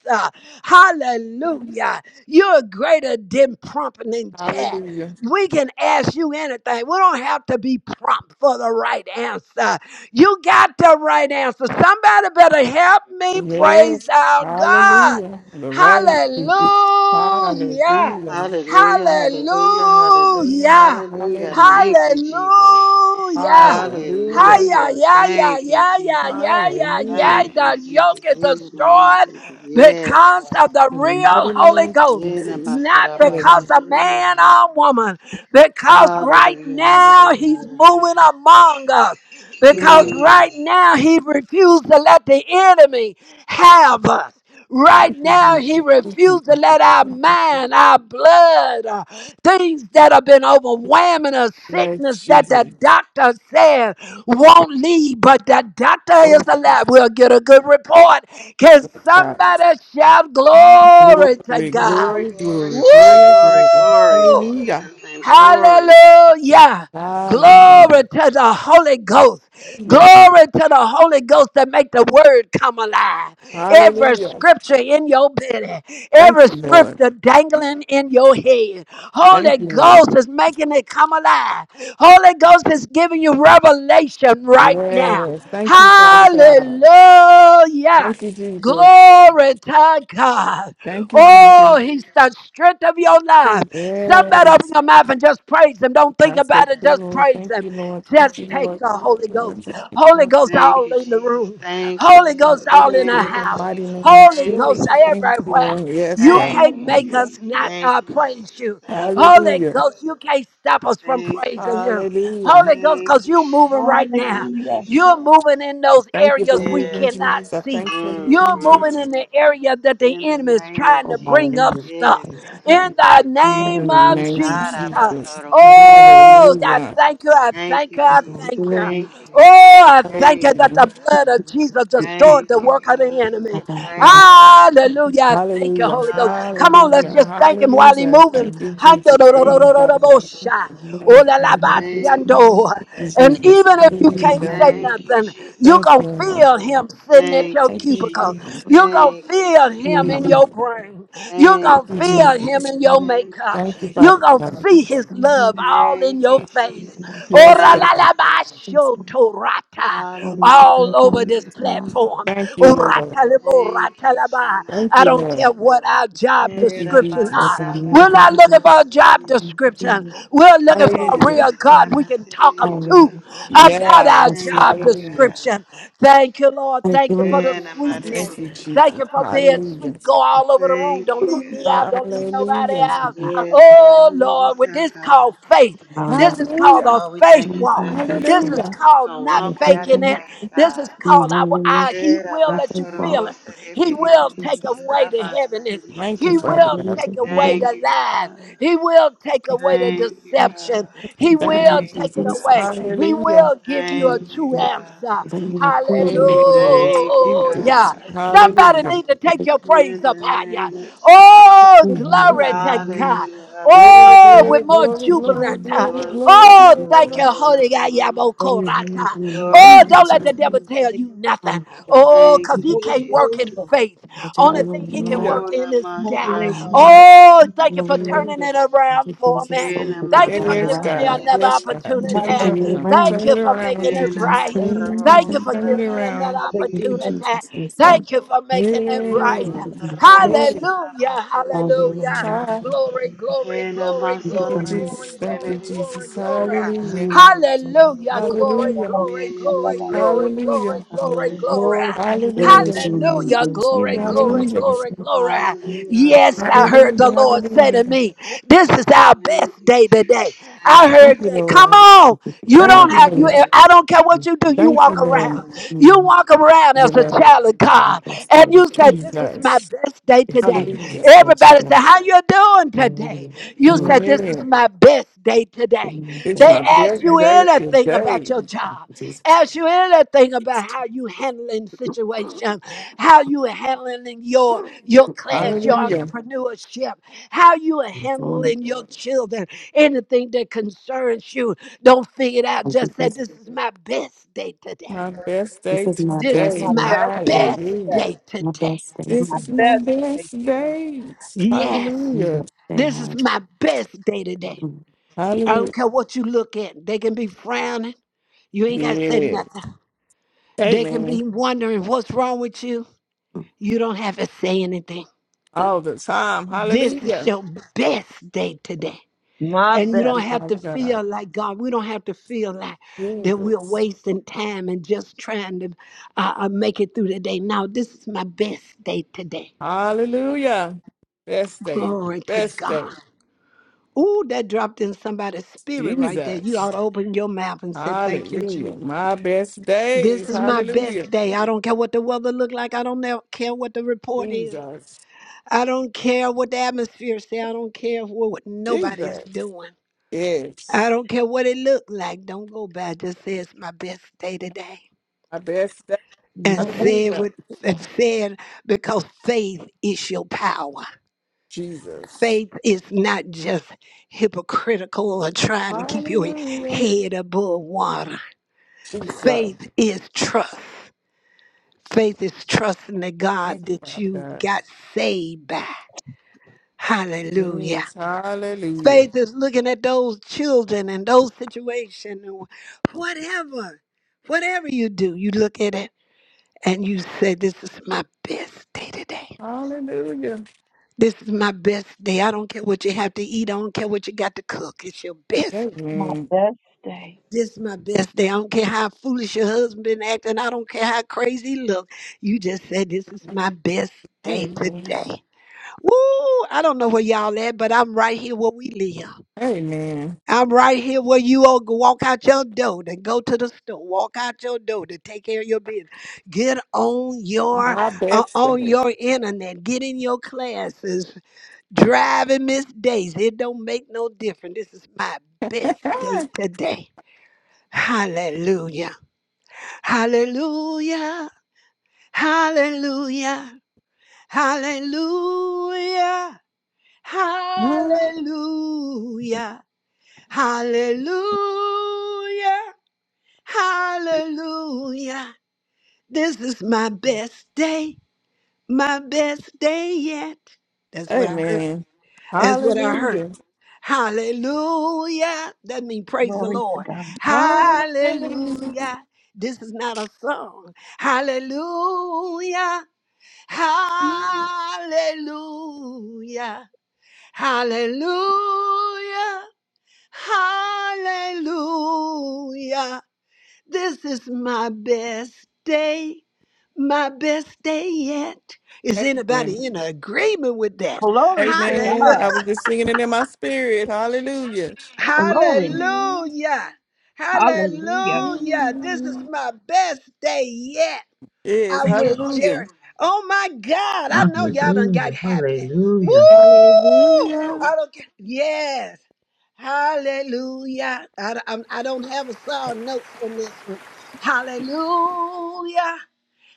[SPEAKER 1] Hallelujah. You're greater than prompting in chat.
[SPEAKER 2] Hallelujah.
[SPEAKER 1] We can ask you anything. We don't have to be prompt for the right answer. You got the right answer. Somebody better help me praise
[SPEAKER 2] Yes.
[SPEAKER 1] our God.
[SPEAKER 2] Hallelujah. The right.
[SPEAKER 1] Hallelujah.
[SPEAKER 2] Hallelujah.
[SPEAKER 5] Hallelujah. Hallelujah. Hallelujah.
[SPEAKER 1] Hallelujah.
[SPEAKER 5] Hallelujah.
[SPEAKER 2] Hallelujah.
[SPEAKER 5] Thank you, Jesus.
[SPEAKER 1] Hallelujah.
[SPEAKER 2] Hallelujah.
[SPEAKER 1] Hiya,
[SPEAKER 5] Hallelujah.
[SPEAKER 1] ya, ya,
[SPEAKER 5] Thank you,
[SPEAKER 1] ya, ya,
[SPEAKER 5] Jesus.
[SPEAKER 1] ya, ya, ya.
[SPEAKER 2] Hallelujah.
[SPEAKER 5] Thank you,
[SPEAKER 1] The yoke
[SPEAKER 5] Jesus.
[SPEAKER 1] is
[SPEAKER 5] In the name of
[SPEAKER 1] destroyed
[SPEAKER 5] Jesus. Yes,
[SPEAKER 1] because
[SPEAKER 5] God.
[SPEAKER 1] of the
[SPEAKER 2] In the
[SPEAKER 1] real
[SPEAKER 2] mighty name
[SPEAKER 1] Holy
[SPEAKER 2] of
[SPEAKER 1] Ghost,
[SPEAKER 5] In the
[SPEAKER 2] Jesus.
[SPEAKER 5] master
[SPEAKER 1] not
[SPEAKER 5] of us.
[SPEAKER 2] Hallelujah.
[SPEAKER 1] because of
[SPEAKER 5] Hallelujah.
[SPEAKER 1] man or woman, because right
[SPEAKER 5] Hallelujah.
[SPEAKER 1] now
[SPEAKER 5] Hallelujah.
[SPEAKER 1] he's
[SPEAKER 5] Hallelujah.
[SPEAKER 1] moving among us. Because
[SPEAKER 2] Jesus.
[SPEAKER 5] Mm.
[SPEAKER 1] right now he refused to let the enemy have us. Right
[SPEAKER 2] Thank you,
[SPEAKER 1] now,
[SPEAKER 2] Jesus.
[SPEAKER 1] he
[SPEAKER 2] Thank you,
[SPEAKER 1] refused to
[SPEAKER 2] Jesus.
[SPEAKER 1] let our
[SPEAKER 2] Thank you.
[SPEAKER 1] mind, our blood, uh, things that have been overwhelming us,
[SPEAKER 2] Yes,
[SPEAKER 1] sickness that the
[SPEAKER 2] Jesus.
[SPEAKER 1] doctor said won't leave, but the doctor is
[SPEAKER 2] Thank
[SPEAKER 1] alive.
[SPEAKER 2] you,
[SPEAKER 1] We'll get a good report. Can
[SPEAKER 2] God.
[SPEAKER 1] somebody shout glory to
[SPEAKER 2] Glory,
[SPEAKER 1] God?
[SPEAKER 5] Glory,
[SPEAKER 2] glory,
[SPEAKER 5] glory,
[SPEAKER 2] glory,
[SPEAKER 1] Woo!
[SPEAKER 5] glory,
[SPEAKER 2] glory,
[SPEAKER 5] glory,
[SPEAKER 2] glory.
[SPEAKER 5] glory. In
[SPEAKER 2] Hallelujah.
[SPEAKER 5] Jesus' name, glory.
[SPEAKER 1] Hallelujah.
[SPEAKER 2] Hallelujah.
[SPEAKER 1] Glory to the Holy Ghost.
[SPEAKER 2] Yes.
[SPEAKER 1] Glory to the Holy Ghost that make the word come alive. Every
[SPEAKER 2] Hallelujah.
[SPEAKER 1] scripture in your belly,
[SPEAKER 2] Thank
[SPEAKER 1] every
[SPEAKER 2] you, Lord.
[SPEAKER 1] scripture dangling in your head.
[SPEAKER 2] Thank
[SPEAKER 1] Holy
[SPEAKER 2] you, Lord.
[SPEAKER 1] Ghost is making it come alive. Holy Ghost is giving you revelation right now.
[SPEAKER 2] Yes. Thank you, Father God.
[SPEAKER 1] Hallelujah.
[SPEAKER 2] Thank you, Jesus.
[SPEAKER 1] Glory to God.
[SPEAKER 2] Thank you, Jesus.
[SPEAKER 1] Oh, he's the strength of your life. Somebody open
[SPEAKER 2] Yes.
[SPEAKER 1] your mouth and just praise him. Don't think
[SPEAKER 2] I
[SPEAKER 1] about
[SPEAKER 2] said,
[SPEAKER 1] it, just
[SPEAKER 2] Lord,
[SPEAKER 1] praise
[SPEAKER 2] thank
[SPEAKER 1] him.
[SPEAKER 2] you, Lord. Thank
[SPEAKER 1] Just
[SPEAKER 2] you,
[SPEAKER 1] take
[SPEAKER 2] Lord.
[SPEAKER 1] the
[SPEAKER 2] Thank
[SPEAKER 1] Holy
[SPEAKER 2] you,
[SPEAKER 1] Ghost.
[SPEAKER 2] Lord. Thank you,
[SPEAKER 1] Holy Ghost
[SPEAKER 2] Lord.
[SPEAKER 5] Thank
[SPEAKER 1] all
[SPEAKER 5] you,
[SPEAKER 1] in the
[SPEAKER 5] Jesus.
[SPEAKER 1] room.
[SPEAKER 5] Thank you,
[SPEAKER 1] Holy Ghost
[SPEAKER 5] Jesus.
[SPEAKER 1] all
[SPEAKER 2] goodness
[SPEAKER 1] in the
[SPEAKER 5] Thank
[SPEAKER 2] in
[SPEAKER 5] you,
[SPEAKER 2] the
[SPEAKER 1] house.
[SPEAKER 5] Jesus.
[SPEAKER 2] mighty name of
[SPEAKER 1] Holy
[SPEAKER 5] Thank
[SPEAKER 2] Jesus.
[SPEAKER 6] Glory
[SPEAKER 5] you,
[SPEAKER 1] Ghost
[SPEAKER 6] to
[SPEAKER 2] Thank
[SPEAKER 6] God.
[SPEAKER 5] Jesus.
[SPEAKER 2] you,
[SPEAKER 1] everywhere.
[SPEAKER 2] Lord. Yes,
[SPEAKER 1] You
[SPEAKER 2] God.
[SPEAKER 5] Thank
[SPEAKER 1] can't
[SPEAKER 5] you,
[SPEAKER 1] make
[SPEAKER 6] Hallelujah.
[SPEAKER 1] us
[SPEAKER 5] Jesus.
[SPEAKER 1] not
[SPEAKER 5] Thank
[SPEAKER 1] uh,
[SPEAKER 5] you,
[SPEAKER 1] praise
[SPEAKER 5] Jesus.
[SPEAKER 1] you.
[SPEAKER 5] Thank you,
[SPEAKER 1] Holy
[SPEAKER 2] Hallelujah.
[SPEAKER 1] Ghost,
[SPEAKER 5] Jesus.
[SPEAKER 1] you can't stop us from
[SPEAKER 5] Thank you,
[SPEAKER 1] praising you.
[SPEAKER 5] Jesus.
[SPEAKER 2] Hallelujah.
[SPEAKER 1] Holy Ghost,
[SPEAKER 5] Thank
[SPEAKER 1] because
[SPEAKER 5] you,
[SPEAKER 1] you're moving
[SPEAKER 5] Jesus.
[SPEAKER 1] right now.
[SPEAKER 5] Thank you,
[SPEAKER 6] Hallelujah.
[SPEAKER 5] Jesus.
[SPEAKER 1] You're moving in those
[SPEAKER 2] Thank you
[SPEAKER 1] areas
[SPEAKER 2] for
[SPEAKER 1] we
[SPEAKER 5] Yes,
[SPEAKER 2] moving,
[SPEAKER 1] cannot
[SPEAKER 2] Jesus. I
[SPEAKER 1] see.
[SPEAKER 2] thank you for
[SPEAKER 5] God.
[SPEAKER 2] moving,
[SPEAKER 1] You're
[SPEAKER 5] hmm
[SPEAKER 1] moving
[SPEAKER 2] Jesus.
[SPEAKER 1] in the area that the
[SPEAKER 5] In the
[SPEAKER 1] enemy is
[SPEAKER 5] name of
[SPEAKER 1] trying to
[SPEAKER 3] Oh,
[SPEAKER 1] bring
[SPEAKER 5] Jesus.
[SPEAKER 1] up
[SPEAKER 3] hallelujah.
[SPEAKER 1] stuff.
[SPEAKER 5] Yes,
[SPEAKER 3] Thank you, Jesus.
[SPEAKER 1] In
[SPEAKER 5] God.
[SPEAKER 1] the
[SPEAKER 5] Mm.
[SPEAKER 3] We love
[SPEAKER 2] In
[SPEAKER 1] name
[SPEAKER 2] the
[SPEAKER 3] you,
[SPEAKER 1] of
[SPEAKER 2] name
[SPEAKER 3] Jesus. I
[SPEAKER 2] of
[SPEAKER 1] Jesus.
[SPEAKER 2] Jesus.
[SPEAKER 5] Arabasoro
[SPEAKER 3] thank
[SPEAKER 5] Hoseri.
[SPEAKER 3] you,
[SPEAKER 1] Oh, I
[SPEAKER 2] Hallelujah.
[SPEAKER 1] thank you. I
[SPEAKER 5] Thank
[SPEAKER 1] thank
[SPEAKER 5] you,
[SPEAKER 1] you. I
[SPEAKER 5] Jesus.
[SPEAKER 1] thank you.
[SPEAKER 3] Lord.
[SPEAKER 5] Thank you,
[SPEAKER 1] Oh, I
[SPEAKER 5] God.
[SPEAKER 1] thank
[SPEAKER 5] Thank
[SPEAKER 1] you
[SPEAKER 5] you,
[SPEAKER 1] that the
[SPEAKER 2] Hallelujah.
[SPEAKER 5] God.
[SPEAKER 1] blood of Jesus destroyed
[SPEAKER 5] Thank
[SPEAKER 1] the
[SPEAKER 5] you,
[SPEAKER 1] work of the
[SPEAKER 5] God.
[SPEAKER 3] I
[SPEAKER 1] enemy.
[SPEAKER 3] thank
[SPEAKER 5] Thank
[SPEAKER 3] you.
[SPEAKER 5] you, God.
[SPEAKER 1] Hallelujah. I Thank you,
[SPEAKER 2] Hallelujah.
[SPEAKER 1] Holy Ghost.
[SPEAKER 5] Hallelujah,
[SPEAKER 1] Come on, let's
[SPEAKER 2] Hallelujah.
[SPEAKER 1] just thank him while
[SPEAKER 5] hallelujah,
[SPEAKER 1] he's
[SPEAKER 2] Hallelujah.
[SPEAKER 5] hallelujah.
[SPEAKER 1] moving.
[SPEAKER 2] Thank you, Jesus. Thank you,
[SPEAKER 5] Thank you,
[SPEAKER 2] Father God.
[SPEAKER 5] Jesus.
[SPEAKER 2] Thank you. Thank you, Father God.
[SPEAKER 5] Thank you,
[SPEAKER 1] Olalabashando.
[SPEAKER 5] Jesus.
[SPEAKER 1] And
[SPEAKER 2] Jesus.
[SPEAKER 1] even if you can't
[SPEAKER 2] Hallelujah.
[SPEAKER 1] say
[SPEAKER 5] Thank you,
[SPEAKER 1] nothing, you're
[SPEAKER 5] Jesus.
[SPEAKER 2] Thank
[SPEAKER 1] going
[SPEAKER 2] you,
[SPEAKER 1] to
[SPEAKER 2] Lord.
[SPEAKER 1] feel him sitting at your
[SPEAKER 5] Thank
[SPEAKER 2] Thank
[SPEAKER 5] you,
[SPEAKER 2] you,
[SPEAKER 1] cubicle.
[SPEAKER 5] Jesus.
[SPEAKER 2] Jesus.
[SPEAKER 1] You're going to
[SPEAKER 5] Thank you,
[SPEAKER 1] feel
[SPEAKER 2] Thank
[SPEAKER 1] him
[SPEAKER 2] you,
[SPEAKER 5] Jesus.
[SPEAKER 1] in your
[SPEAKER 2] Jesus.
[SPEAKER 1] brain. You're
[SPEAKER 5] Thank
[SPEAKER 2] Thank
[SPEAKER 1] going to
[SPEAKER 2] you,
[SPEAKER 5] you,
[SPEAKER 1] feel
[SPEAKER 2] Jesus.
[SPEAKER 1] him
[SPEAKER 5] Jesus.
[SPEAKER 1] in your
[SPEAKER 5] Thank you,
[SPEAKER 1] makeup.
[SPEAKER 2] Thank you,
[SPEAKER 1] You're
[SPEAKER 2] Father
[SPEAKER 5] Jesus.
[SPEAKER 1] going
[SPEAKER 2] God.
[SPEAKER 1] to see his love all in
[SPEAKER 5] Thank
[SPEAKER 1] your
[SPEAKER 5] you,
[SPEAKER 1] face.
[SPEAKER 5] Jesus.
[SPEAKER 2] Yes,
[SPEAKER 5] Thank you,
[SPEAKER 2] God.
[SPEAKER 5] Jesus.
[SPEAKER 1] Oralalabashotorata.
[SPEAKER 3] All
[SPEAKER 5] Hallelujah,
[SPEAKER 1] All over this
[SPEAKER 5] hallelujah,
[SPEAKER 3] these
[SPEAKER 5] hallelujah.
[SPEAKER 1] platform.
[SPEAKER 2] Thank you, Lord.
[SPEAKER 1] Oratalabo,
[SPEAKER 5] Thank you,
[SPEAKER 1] ratalaba.
[SPEAKER 5] Jesus.
[SPEAKER 2] Thank
[SPEAKER 1] I
[SPEAKER 2] you,
[SPEAKER 1] don't care
[SPEAKER 2] Lord.
[SPEAKER 1] what our job
[SPEAKER 2] Thank you,
[SPEAKER 5] Era
[SPEAKER 1] descriptions are
[SPEAKER 2] Jesus.
[SPEAKER 3] open
[SPEAKER 5] basara
[SPEAKER 3] and everything you
[SPEAKER 5] batara
[SPEAKER 1] looking
[SPEAKER 3] do.
[SPEAKER 1] for a job
[SPEAKER 3] I thank
[SPEAKER 5] basuru
[SPEAKER 3] you,
[SPEAKER 1] description.
[SPEAKER 3] Jesus.
[SPEAKER 1] We're looking for
[SPEAKER 5] Ena
[SPEAKER 1] a
[SPEAKER 2] Hallelujah.
[SPEAKER 1] real God
[SPEAKER 5] masara
[SPEAKER 1] we
[SPEAKER 3] Amen.
[SPEAKER 1] can talk up
[SPEAKER 5] pasiriwa.
[SPEAKER 1] to
[SPEAKER 3] Hallelujah.
[SPEAKER 1] about
[SPEAKER 2] Yes.
[SPEAKER 1] our
[SPEAKER 3] Bless you.
[SPEAKER 5] Thank
[SPEAKER 1] job
[SPEAKER 5] you,
[SPEAKER 3] God.
[SPEAKER 2] Hallelujah.
[SPEAKER 5] God.
[SPEAKER 1] description. Thank you, Lord.
[SPEAKER 3] Thank you,
[SPEAKER 1] Thank you for
[SPEAKER 3] Lord.
[SPEAKER 1] the
[SPEAKER 5] Ena
[SPEAKER 2] And
[SPEAKER 1] sweetness.
[SPEAKER 2] Thank you,
[SPEAKER 5] maririwa.
[SPEAKER 1] Thank
[SPEAKER 2] Jesus.
[SPEAKER 1] you for being
[SPEAKER 2] Hallelujah.
[SPEAKER 1] sweet. Go all over the room.
[SPEAKER 5] Thank
[SPEAKER 1] Don't
[SPEAKER 5] you,
[SPEAKER 1] leave me
[SPEAKER 5] God.
[SPEAKER 1] out. Don't leave nobody
[SPEAKER 2] Hallelujah.
[SPEAKER 1] out.
[SPEAKER 5] Yes, God,
[SPEAKER 1] Oh,
[SPEAKER 5] don't leave
[SPEAKER 1] Lord,
[SPEAKER 5] us
[SPEAKER 1] with this
[SPEAKER 5] out, God.
[SPEAKER 1] called faith.
[SPEAKER 3] Hallelujah.
[SPEAKER 1] This is called
[SPEAKER 2] Hallelujah.
[SPEAKER 1] a
[SPEAKER 5] Oh, we
[SPEAKER 1] faith
[SPEAKER 5] thank you
[SPEAKER 3] Thank
[SPEAKER 5] for
[SPEAKER 1] walk.
[SPEAKER 5] this
[SPEAKER 3] God, Your
[SPEAKER 5] faith,
[SPEAKER 1] This
[SPEAKER 3] son.
[SPEAKER 1] is
[SPEAKER 2] Hallelujah.
[SPEAKER 5] God. We're
[SPEAKER 1] called
[SPEAKER 5] going to
[SPEAKER 3] This
[SPEAKER 1] not
[SPEAKER 3] is a
[SPEAKER 5] walk it out in
[SPEAKER 1] faking
[SPEAKER 3] faithful
[SPEAKER 1] it.
[SPEAKER 5] faith,
[SPEAKER 1] This is
[SPEAKER 5] God.
[SPEAKER 3] and
[SPEAKER 1] called I,
[SPEAKER 3] hallelujah.
[SPEAKER 1] I, He
[SPEAKER 5] Era
[SPEAKER 1] will
[SPEAKER 3] My
[SPEAKER 1] let
[SPEAKER 3] faith
[SPEAKER 1] you
[SPEAKER 5] basara
[SPEAKER 3] walk
[SPEAKER 1] feel it.
[SPEAKER 5] basara
[SPEAKER 1] He will
[SPEAKER 3] with
[SPEAKER 1] take
[SPEAKER 5] biririwa.
[SPEAKER 3] Jesus.
[SPEAKER 1] away
[SPEAKER 5] Shara
[SPEAKER 1] the
[SPEAKER 5] basara
[SPEAKER 1] heaviness.
[SPEAKER 2] Thank you,
[SPEAKER 1] He
[SPEAKER 5] biririwa.
[SPEAKER 2] Father
[SPEAKER 1] will
[SPEAKER 3] Hallelujah.
[SPEAKER 2] God.
[SPEAKER 1] take
[SPEAKER 3] Take me
[SPEAKER 1] away
[SPEAKER 3] there.
[SPEAKER 5] Thank
[SPEAKER 1] the
[SPEAKER 5] you,
[SPEAKER 1] lies.
[SPEAKER 5] God.
[SPEAKER 1] He will take
[SPEAKER 3] Take
[SPEAKER 1] away the
[SPEAKER 3] from
[SPEAKER 5] Thank you,
[SPEAKER 3] me.
[SPEAKER 5] God.
[SPEAKER 1] deception. He
[SPEAKER 3] Take from
[SPEAKER 2] Thank
[SPEAKER 1] will
[SPEAKER 2] you,
[SPEAKER 5] Thank
[SPEAKER 3] me.
[SPEAKER 1] take
[SPEAKER 5] you,
[SPEAKER 1] it
[SPEAKER 2] Jesus.
[SPEAKER 3] Jesus,
[SPEAKER 5] God.
[SPEAKER 3] that's
[SPEAKER 1] away.
[SPEAKER 3] true.
[SPEAKER 1] He
[SPEAKER 2] Hallelujah.
[SPEAKER 1] will give you a
[SPEAKER 5] Thank you,
[SPEAKER 1] true
[SPEAKER 3] Hallelujah.
[SPEAKER 5] God.
[SPEAKER 1] answer.
[SPEAKER 3] Let me have prayer in me.
[SPEAKER 2] Yes,
[SPEAKER 5] Thank you,
[SPEAKER 2] Jesus.
[SPEAKER 1] Hallelujah.
[SPEAKER 5] God.
[SPEAKER 1] Somebody
[SPEAKER 2] Hallelujah.
[SPEAKER 1] need to take your
[SPEAKER 5] In
[SPEAKER 1] praise
[SPEAKER 5] the
[SPEAKER 1] up higher.
[SPEAKER 5] name of Jesus.
[SPEAKER 1] Oh,
[SPEAKER 2] Hallelujah.
[SPEAKER 1] glory to God.
[SPEAKER 5] Hallelujah,
[SPEAKER 2] Glory,
[SPEAKER 5] hallelujah,
[SPEAKER 1] Oh,
[SPEAKER 2] glory,
[SPEAKER 1] with
[SPEAKER 5] hallelujah.
[SPEAKER 1] more
[SPEAKER 2] glory, glory,
[SPEAKER 1] jubilant. uh,
[SPEAKER 2] glory,
[SPEAKER 5] Glory,
[SPEAKER 2] glory,
[SPEAKER 5] glory,
[SPEAKER 1] Oh,
[SPEAKER 2] glory,
[SPEAKER 5] glory,
[SPEAKER 1] thank
[SPEAKER 2] glory.
[SPEAKER 1] you,
[SPEAKER 3] Hallelujah.
[SPEAKER 5] glory,
[SPEAKER 1] Holy God,
[SPEAKER 5] glory.
[SPEAKER 3] Every hand
[SPEAKER 1] Yabokorata.
[SPEAKER 3] from emerging
[SPEAKER 5] Glory
[SPEAKER 1] Oh,
[SPEAKER 2] Thank
[SPEAKER 5] to
[SPEAKER 2] you,
[SPEAKER 1] don't let the
[SPEAKER 3] blessings
[SPEAKER 2] Jesus.
[SPEAKER 5] God.
[SPEAKER 1] devil
[SPEAKER 5] Mm.
[SPEAKER 1] tell
[SPEAKER 6] Hallelujah.
[SPEAKER 1] you nothing.
[SPEAKER 3] um,
[SPEAKER 1] Oh,
[SPEAKER 5] Thank
[SPEAKER 1] because
[SPEAKER 5] you,
[SPEAKER 1] he
[SPEAKER 6] Glory,
[SPEAKER 1] can't work
[SPEAKER 6] glory,
[SPEAKER 1] in
[SPEAKER 6] glory.
[SPEAKER 5] Jesus.
[SPEAKER 1] faith.
[SPEAKER 3] whatever
[SPEAKER 1] Only
[SPEAKER 3] you're
[SPEAKER 1] thing
[SPEAKER 3] in the
[SPEAKER 1] he can
[SPEAKER 3] line,
[SPEAKER 2] Hallelujah.
[SPEAKER 1] work
[SPEAKER 5] Oh,
[SPEAKER 1] in is doubt.
[SPEAKER 5] namasaraba
[SPEAKER 3] hallelujah.
[SPEAKER 6] Hallelujah.
[SPEAKER 1] Oh, thank you
[SPEAKER 5] sarari.
[SPEAKER 1] for turning
[SPEAKER 2] Hallelujah.
[SPEAKER 1] it
[SPEAKER 3] Thank
[SPEAKER 1] around
[SPEAKER 3] you,
[SPEAKER 1] for
[SPEAKER 3] Jesus.
[SPEAKER 1] me.
[SPEAKER 5] Eh,
[SPEAKER 3] So thank you for
[SPEAKER 1] Thank you
[SPEAKER 3] turning
[SPEAKER 1] for
[SPEAKER 3] it
[SPEAKER 2] Yes,
[SPEAKER 5] namasaraba
[SPEAKER 1] giving
[SPEAKER 3] around.
[SPEAKER 1] me
[SPEAKER 2] God.
[SPEAKER 1] another
[SPEAKER 2] Yes,
[SPEAKER 5] sarari.
[SPEAKER 2] God.
[SPEAKER 3] Thank you
[SPEAKER 1] opportunity.
[SPEAKER 3] for
[SPEAKER 2] Turn it
[SPEAKER 6] Mando
[SPEAKER 3] turning it
[SPEAKER 6] de
[SPEAKER 2] around.
[SPEAKER 1] Thank
[SPEAKER 3] around.
[SPEAKER 2] Turn
[SPEAKER 1] you
[SPEAKER 2] it
[SPEAKER 1] for
[SPEAKER 2] around,
[SPEAKER 1] making
[SPEAKER 5] Eh,
[SPEAKER 1] it
[SPEAKER 3] Thank you for
[SPEAKER 2] Jesus.
[SPEAKER 1] right.
[SPEAKER 2] Thank
[SPEAKER 3] turning
[SPEAKER 2] you,
[SPEAKER 3] it around.
[SPEAKER 1] Thank
[SPEAKER 5] namatarabo
[SPEAKER 2] Jesus.
[SPEAKER 3] Turn
[SPEAKER 1] you for
[SPEAKER 3] it
[SPEAKER 2] Turn it
[SPEAKER 1] giving
[SPEAKER 3] around.
[SPEAKER 5] saraba
[SPEAKER 1] me another
[SPEAKER 2] around.
[SPEAKER 3] Thank
[SPEAKER 5] sarari.
[SPEAKER 3] you,
[SPEAKER 6] Hallelujah.
[SPEAKER 1] opportunity.
[SPEAKER 3] Jesus. Yes, Lord.
[SPEAKER 1] Thank you for making it
[SPEAKER 5] Mm,
[SPEAKER 1] right.
[SPEAKER 3] Thank
[SPEAKER 2] Yay.
[SPEAKER 3] you, thank you, thank
[SPEAKER 6] Yes,
[SPEAKER 5] namatarabo
[SPEAKER 3] you.
[SPEAKER 2] Hey.
[SPEAKER 5] saraba
[SPEAKER 1] Hallelujah.
[SPEAKER 5] sarari.
[SPEAKER 1] Hallelujah.
[SPEAKER 3] Hallelujah.
[SPEAKER 2] Try.
[SPEAKER 1] Glory, glory,
[SPEAKER 5] Eh,
[SPEAKER 1] glory,
[SPEAKER 3] Thank
[SPEAKER 2] Thank
[SPEAKER 3] you
[SPEAKER 2] you,
[SPEAKER 3] for
[SPEAKER 1] glory,
[SPEAKER 3] making it
[SPEAKER 5] namasarebe
[SPEAKER 2] Jesus.
[SPEAKER 1] glory,
[SPEAKER 3] around.
[SPEAKER 2] Thank you,
[SPEAKER 1] glory,
[SPEAKER 5] sarari.
[SPEAKER 1] glory,
[SPEAKER 2] Jesus.
[SPEAKER 5] Eh,
[SPEAKER 1] glory.
[SPEAKER 2] Hallelujah.
[SPEAKER 3] Hallelujah.
[SPEAKER 5] namasarebe sarari.
[SPEAKER 1] Hallelujah.
[SPEAKER 3] Thank
[SPEAKER 6] Lord.
[SPEAKER 3] you.
[SPEAKER 1] Glory,
[SPEAKER 2] Hallelujah.
[SPEAKER 1] glory,
[SPEAKER 5] Many,
[SPEAKER 1] glory,
[SPEAKER 5] many,
[SPEAKER 1] glory,
[SPEAKER 5] many,
[SPEAKER 2] Hallelujah.
[SPEAKER 1] glory, glory,
[SPEAKER 3] Hallelujah.
[SPEAKER 5] Karabasadi.
[SPEAKER 1] glory.
[SPEAKER 6] Oh, honey,
[SPEAKER 3] Glory
[SPEAKER 2] Hallelujah.
[SPEAKER 3] to you, Lord.
[SPEAKER 1] Hallelujah.
[SPEAKER 5] Mm.
[SPEAKER 3] Glory to you,
[SPEAKER 1] Glory,
[SPEAKER 3] Lord. Glory
[SPEAKER 1] glory,
[SPEAKER 3] to
[SPEAKER 2] Hallelujah.
[SPEAKER 1] glory, glory.
[SPEAKER 3] you.
[SPEAKER 5] Hallelujah, hallelujah,
[SPEAKER 1] Yes, I
[SPEAKER 3] Lord.
[SPEAKER 1] heard
[SPEAKER 2] Hallelujah.
[SPEAKER 1] the
[SPEAKER 5] hallelujah.
[SPEAKER 1] Lord say to
[SPEAKER 2] Hallelujah.
[SPEAKER 1] me, This is our
[SPEAKER 5] hallelujah. Thank
[SPEAKER 1] best
[SPEAKER 5] you,
[SPEAKER 1] day
[SPEAKER 5] Jesus.
[SPEAKER 1] today.
[SPEAKER 5] Thank
[SPEAKER 1] I
[SPEAKER 5] you,
[SPEAKER 2] Thank
[SPEAKER 1] heard
[SPEAKER 2] you,
[SPEAKER 1] that.
[SPEAKER 5] Jesus.
[SPEAKER 1] Come
[SPEAKER 2] Lord.
[SPEAKER 1] on. You
[SPEAKER 2] Thank
[SPEAKER 1] don't
[SPEAKER 2] you,
[SPEAKER 1] have
[SPEAKER 3] Hallelujah.
[SPEAKER 1] you
[SPEAKER 2] Lord.
[SPEAKER 1] I don't care what you do, you
[SPEAKER 2] Thank you,
[SPEAKER 1] walk
[SPEAKER 2] Lord. Thank
[SPEAKER 1] around.
[SPEAKER 3] Mm.
[SPEAKER 1] You walk around
[SPEAKER 2] you,
[SPEAKER 3] of
[SPEAKER 1] as a
[SPEAKER 2] Lord.
[SPEAKER 1] child of
[SPEAKER 3] my
[SPEAKER 1] God.
[SPEAKER 3] first
[SPEAKER 1] And you say, This is my
[SPEAKER 2] Jesus.
[SPEAKER 1] best day
[SPEAKER 3] is
[SPEAKER 1] today.
[SPEAKER 3] moving and
[SPEAKER 2] Hallelujah.
[SPEAKER 3] stay to
[SPEAKER 1] Everybody said,
[SPEAKER 3] them.
[SPEAKER 1] How you doing today?
[SPEAKER 3] Hallelujah.
[SPEAKER 1] You
[SPEAKER 3] Amen.
[SPEAKER 1] said, This is
[SPEAKER 2] Amen.
[SPEAKER 1] my best day today.
[SPEAKER 3] Amen.
[SPEAKER 2] It's
[SPEAKER 3] Thank
[SPEAKER 1] They
[SPEAKER 2] my
[SPEAKER 1] ask
[SPEAKER 2] best
[SPEAKER 1] you
[SPEAKER 2] day
[SPEAKER 1] anything about
[SPEAKER 2] today.
[SPEAKER 1] your
[SPEAKER 3] you,
[SPEAKER 1] job.
[SPEAKER 3] Jesus.
[SPEAKER 1] Ask you anything about
[SPEAKER 3] It's
[SPEAKER 1] how you handling situation, how you handling your your class, your
[SPEAKER 2] Hallelujah.
[SPEAKER 3] and
[SPEAKER 1] entrepreneurship, how you are
[SPEAKER 3] so on.
[SPEAKER 1] handling your children, anything that concerns you. Don't figure it out.
[SPEAKER 3] Thank you,
[SPEAKER 1] Just say,
[SPEAKER 3] Jesus.
[SPEAKER 1] "This is my best day today.
[SPEAKER 2] My best
[SPEAKER 3] This
[SPEAKER 2] day
[SPEAKER 3] is my
[SPEAKER 1] This is
[SPEAKER 3] best
[SPEAKER 6] my
[SPEAKER 2] today.
[SPEAKER 3] day
[SPEAKER 1] my
[SPEAKER 6] best
[SPEAKER 3] today.
[SPEAKER 6] day
[SPEAKER 1] best
[SPEAKER 6] today.
[SPEAKER 2] Hallelujah.
[SPEAKER 1] day
[SPEAKER 3] My
[SPEAKER 1] today."
[SPEAKER 3] best day
[SPEAKER 2] This
[SPEAKER 6] My
[SPEAKER 2] is
[SPEAKER 3] today.
[SPEAKER 2] my
[SPEAKER 6] best day
[SPEAKER 2] best
[SPEAKER 6] today.
[SPEAKER 2] day.
[SPEAKER 1] Yes,
[SPEAKER 3] My best
[SPEAKER 2] Hallelujah.
[SPEAKER 3] day.
[SPEAKER 1] this is
[SPEAKER 3] Hallelujah.
[SPEAKER 1] my best day today. I
[SPEAKER 2] Hallelujah.
[SPEAKER 1] don't care what you look at. They can be frowning. You ain't got to say
[SPEAKER 2] Yes.
[SPEAKER 1] nothing. They can
[SPEAKER 2] Amen.
[SPEAKER 1] be wondering what's wrong with you. You don't have to say anything.
[SPEAKER 2] All the time.
[SPEAKER 1] This is
[SPEAKER 2] Hallelujah.
[SPEAKER 1] your best day today.
[SPEAKER 6] My
[SPEAKER 1] And you
[SPEAKER 2] Thank
[SPEAKER 6] best.
[SPEAKER 1] don't
[SPEAKER 2] you,
[SPEAKER 1] have to
[SPEAKER 2] Father God.
[SPEAKER 1] feel like God, we don't have to feel like that we're
[SPEAKER 2] Jesus.
[SPEAKER 1] wasting time and just trying to uh, uh, make it through the day. Now, this is my best day today.
[SPEAKER 2] Hallelujah. Best day.
[SPEAKER 1] Glory to
[SPEAKER 2] Best day.
[SPEAKER 1] God. Ooh, that dropped in somebody's spirit right there. You
[SPEAKER 2] Jesus.
[SPEAKER 1] ought to open your mouth and say, Thank you,
[SPEAKER 2] Hallelujah.
[SPEAKER 1] Jesus.
[SPEAKER 2] My best
[SPEAKER 1] This
[SPEAKER 2] days.
[SPEAKER 1] is my
[SPEAKER 2] Hallelujah.
[SPEAKER 1] best day. I don't care what the weather look like. I don't know- care what the report is.
[SPEAKER 2] Jesus.
[SPEAKER 1] I don't care what the atmosphere say. I don't care what, what nobody's
[SPEAKER 2] Jesus.
[SPEAKER 1] doing. I
[SPEAKER 2] Yes.
[SPEAKER 1] don't care what it look like. Don't go by. Just say it's my best day today.
[SPEAKER 2] My best day.
[SPEAKER 1] And
[SPEAKER 6] My best
[SPEAKER 1] say it
[SPEAKER 2] Hallelujah.
[SPEAKER 1] with
[SPEAKER 6] day.
[SPEAKER 1] and say it because faith is your power.
[SPEAKER 2] Jesus.
[SPEAKER 1] Faith is not just hypocritical or trying to keep your
[SPEAKER 2] Hallelujah.
[SPEAKER 1] head above water.
[SPEAKER 2] Jesus.
[SPEAKER 1] Faith is trust. Faith is trusting the
[SPEAKER 2] Thank
[SPEAKER 1] God
[SPEAKER 2] you,
[SPEAKER 1] that
[SPEAKER 2] Father
[SPEAKER 1] you
[SPEAKER 2] God.
[SPEAKER 1] got saved by. Hallelujah.
[SPEAKER 2] Yes. Hallelujah.
[SPEAKER 1] Faith is looking at those children and those situations and whatever. Whatever you do, you look at it and you say, This is my best day today.
[SPEAKER 2] Hallelujah.
[SPEAKER 1] This is my best day. I don't care what you have to eat. I don't care what you got to cook. It's your best.
[SPEAKER 6] My
[SPEAKER 2] Amen.
[SPEAKER 6] best day.
[SPEAKER 1] This is my best day. I don't care how foolish your husband been acting. I don't care how crazy he look. You just said this is my best day
[SPEAKER 2] Amen.
[SPEAKER 1] today. Woo! I don't know where y'all at, but I'm right here where we live.
[SPEAKER 2] Amen.
[SPEAKER 1] I'm right here where you all go walk out your door and go to the store. Walk out your door to take care of your business. Get on your
[SPEAKER 2] My
[SPEAKER 1] uh,
[SPEAKER 2] best
[SPEAKER 1] on
[SPEAKER 2] day.
[SPEAKER 1] your internet. Get in your classes. Driving Miss Daisy. It don't make no difference. This is my best day today. Hallelujah. Hallelujah. Hallelujah. Hallelujah.
[SPEAKER 2] Hallelujah.
[SPEAKER 1] Hallelujah. Hallelujah. Hallelujah. This is my best day, my best day yet. That's what I heard.
[SPEAKER 2] Amen.
[SPEAKER 1] That's what I heard.
[SPEAKER 2] Hallelujah.
[SPEAKER 1] Hallelujah. That means praise the
[SPEAKER 6] Glory to
[SPEAKER 1] Lord.
[SPEAKER 6] God.
[SPEAKER 2] Hallelujah.
[SPEAKER 1] Hallelujah. This is not a song. Hallelujah. Hallelujah. Hallelujah. Hallelujah. This is my best day. my best day yet. Is
[SPEAKER 2] Amen.
[SPEAKER 1] anybody in agreement with that?
[SPEAKER 6] Glory to
[SPEAKER 1] Hallelujah.
[SPEAKER 2] Amen. I
[SPEAKER 6] God.
[SPEAKER 2] was just singing it in my spirit. Hallelujah.
[SPEAKER 6] Glory.
[SPEAKER 1] Hallelujah.
[SPEAKER 6] Hallelujah.
[SPEAKER 1] Hallelujah. This is my best day yet.
[SPEAKER 2] Yes.
[SPEAKER 1] I
[SPEAKER 7] Thank you,
[SPEAKER 1] wish
[SPEAKER 2] Hallelujah.
[SPEAKER 1] Jerry. Oh my God. I
[SPEAKER 7] Lord.
[SPEAKER 1] know y'all done got
[SPEAKER 7] Hallelujah.
[SPEAKER 1] happy.
[SPEAKER 7] Hallelujah.
[SPEAKER 1] Woo!
[SPEAKER 2] Hallelujah.
[SPEAKER 1] I don't care. Yes. Hallelujah. I, I, I don't have a song notes on this one. Hallelujah.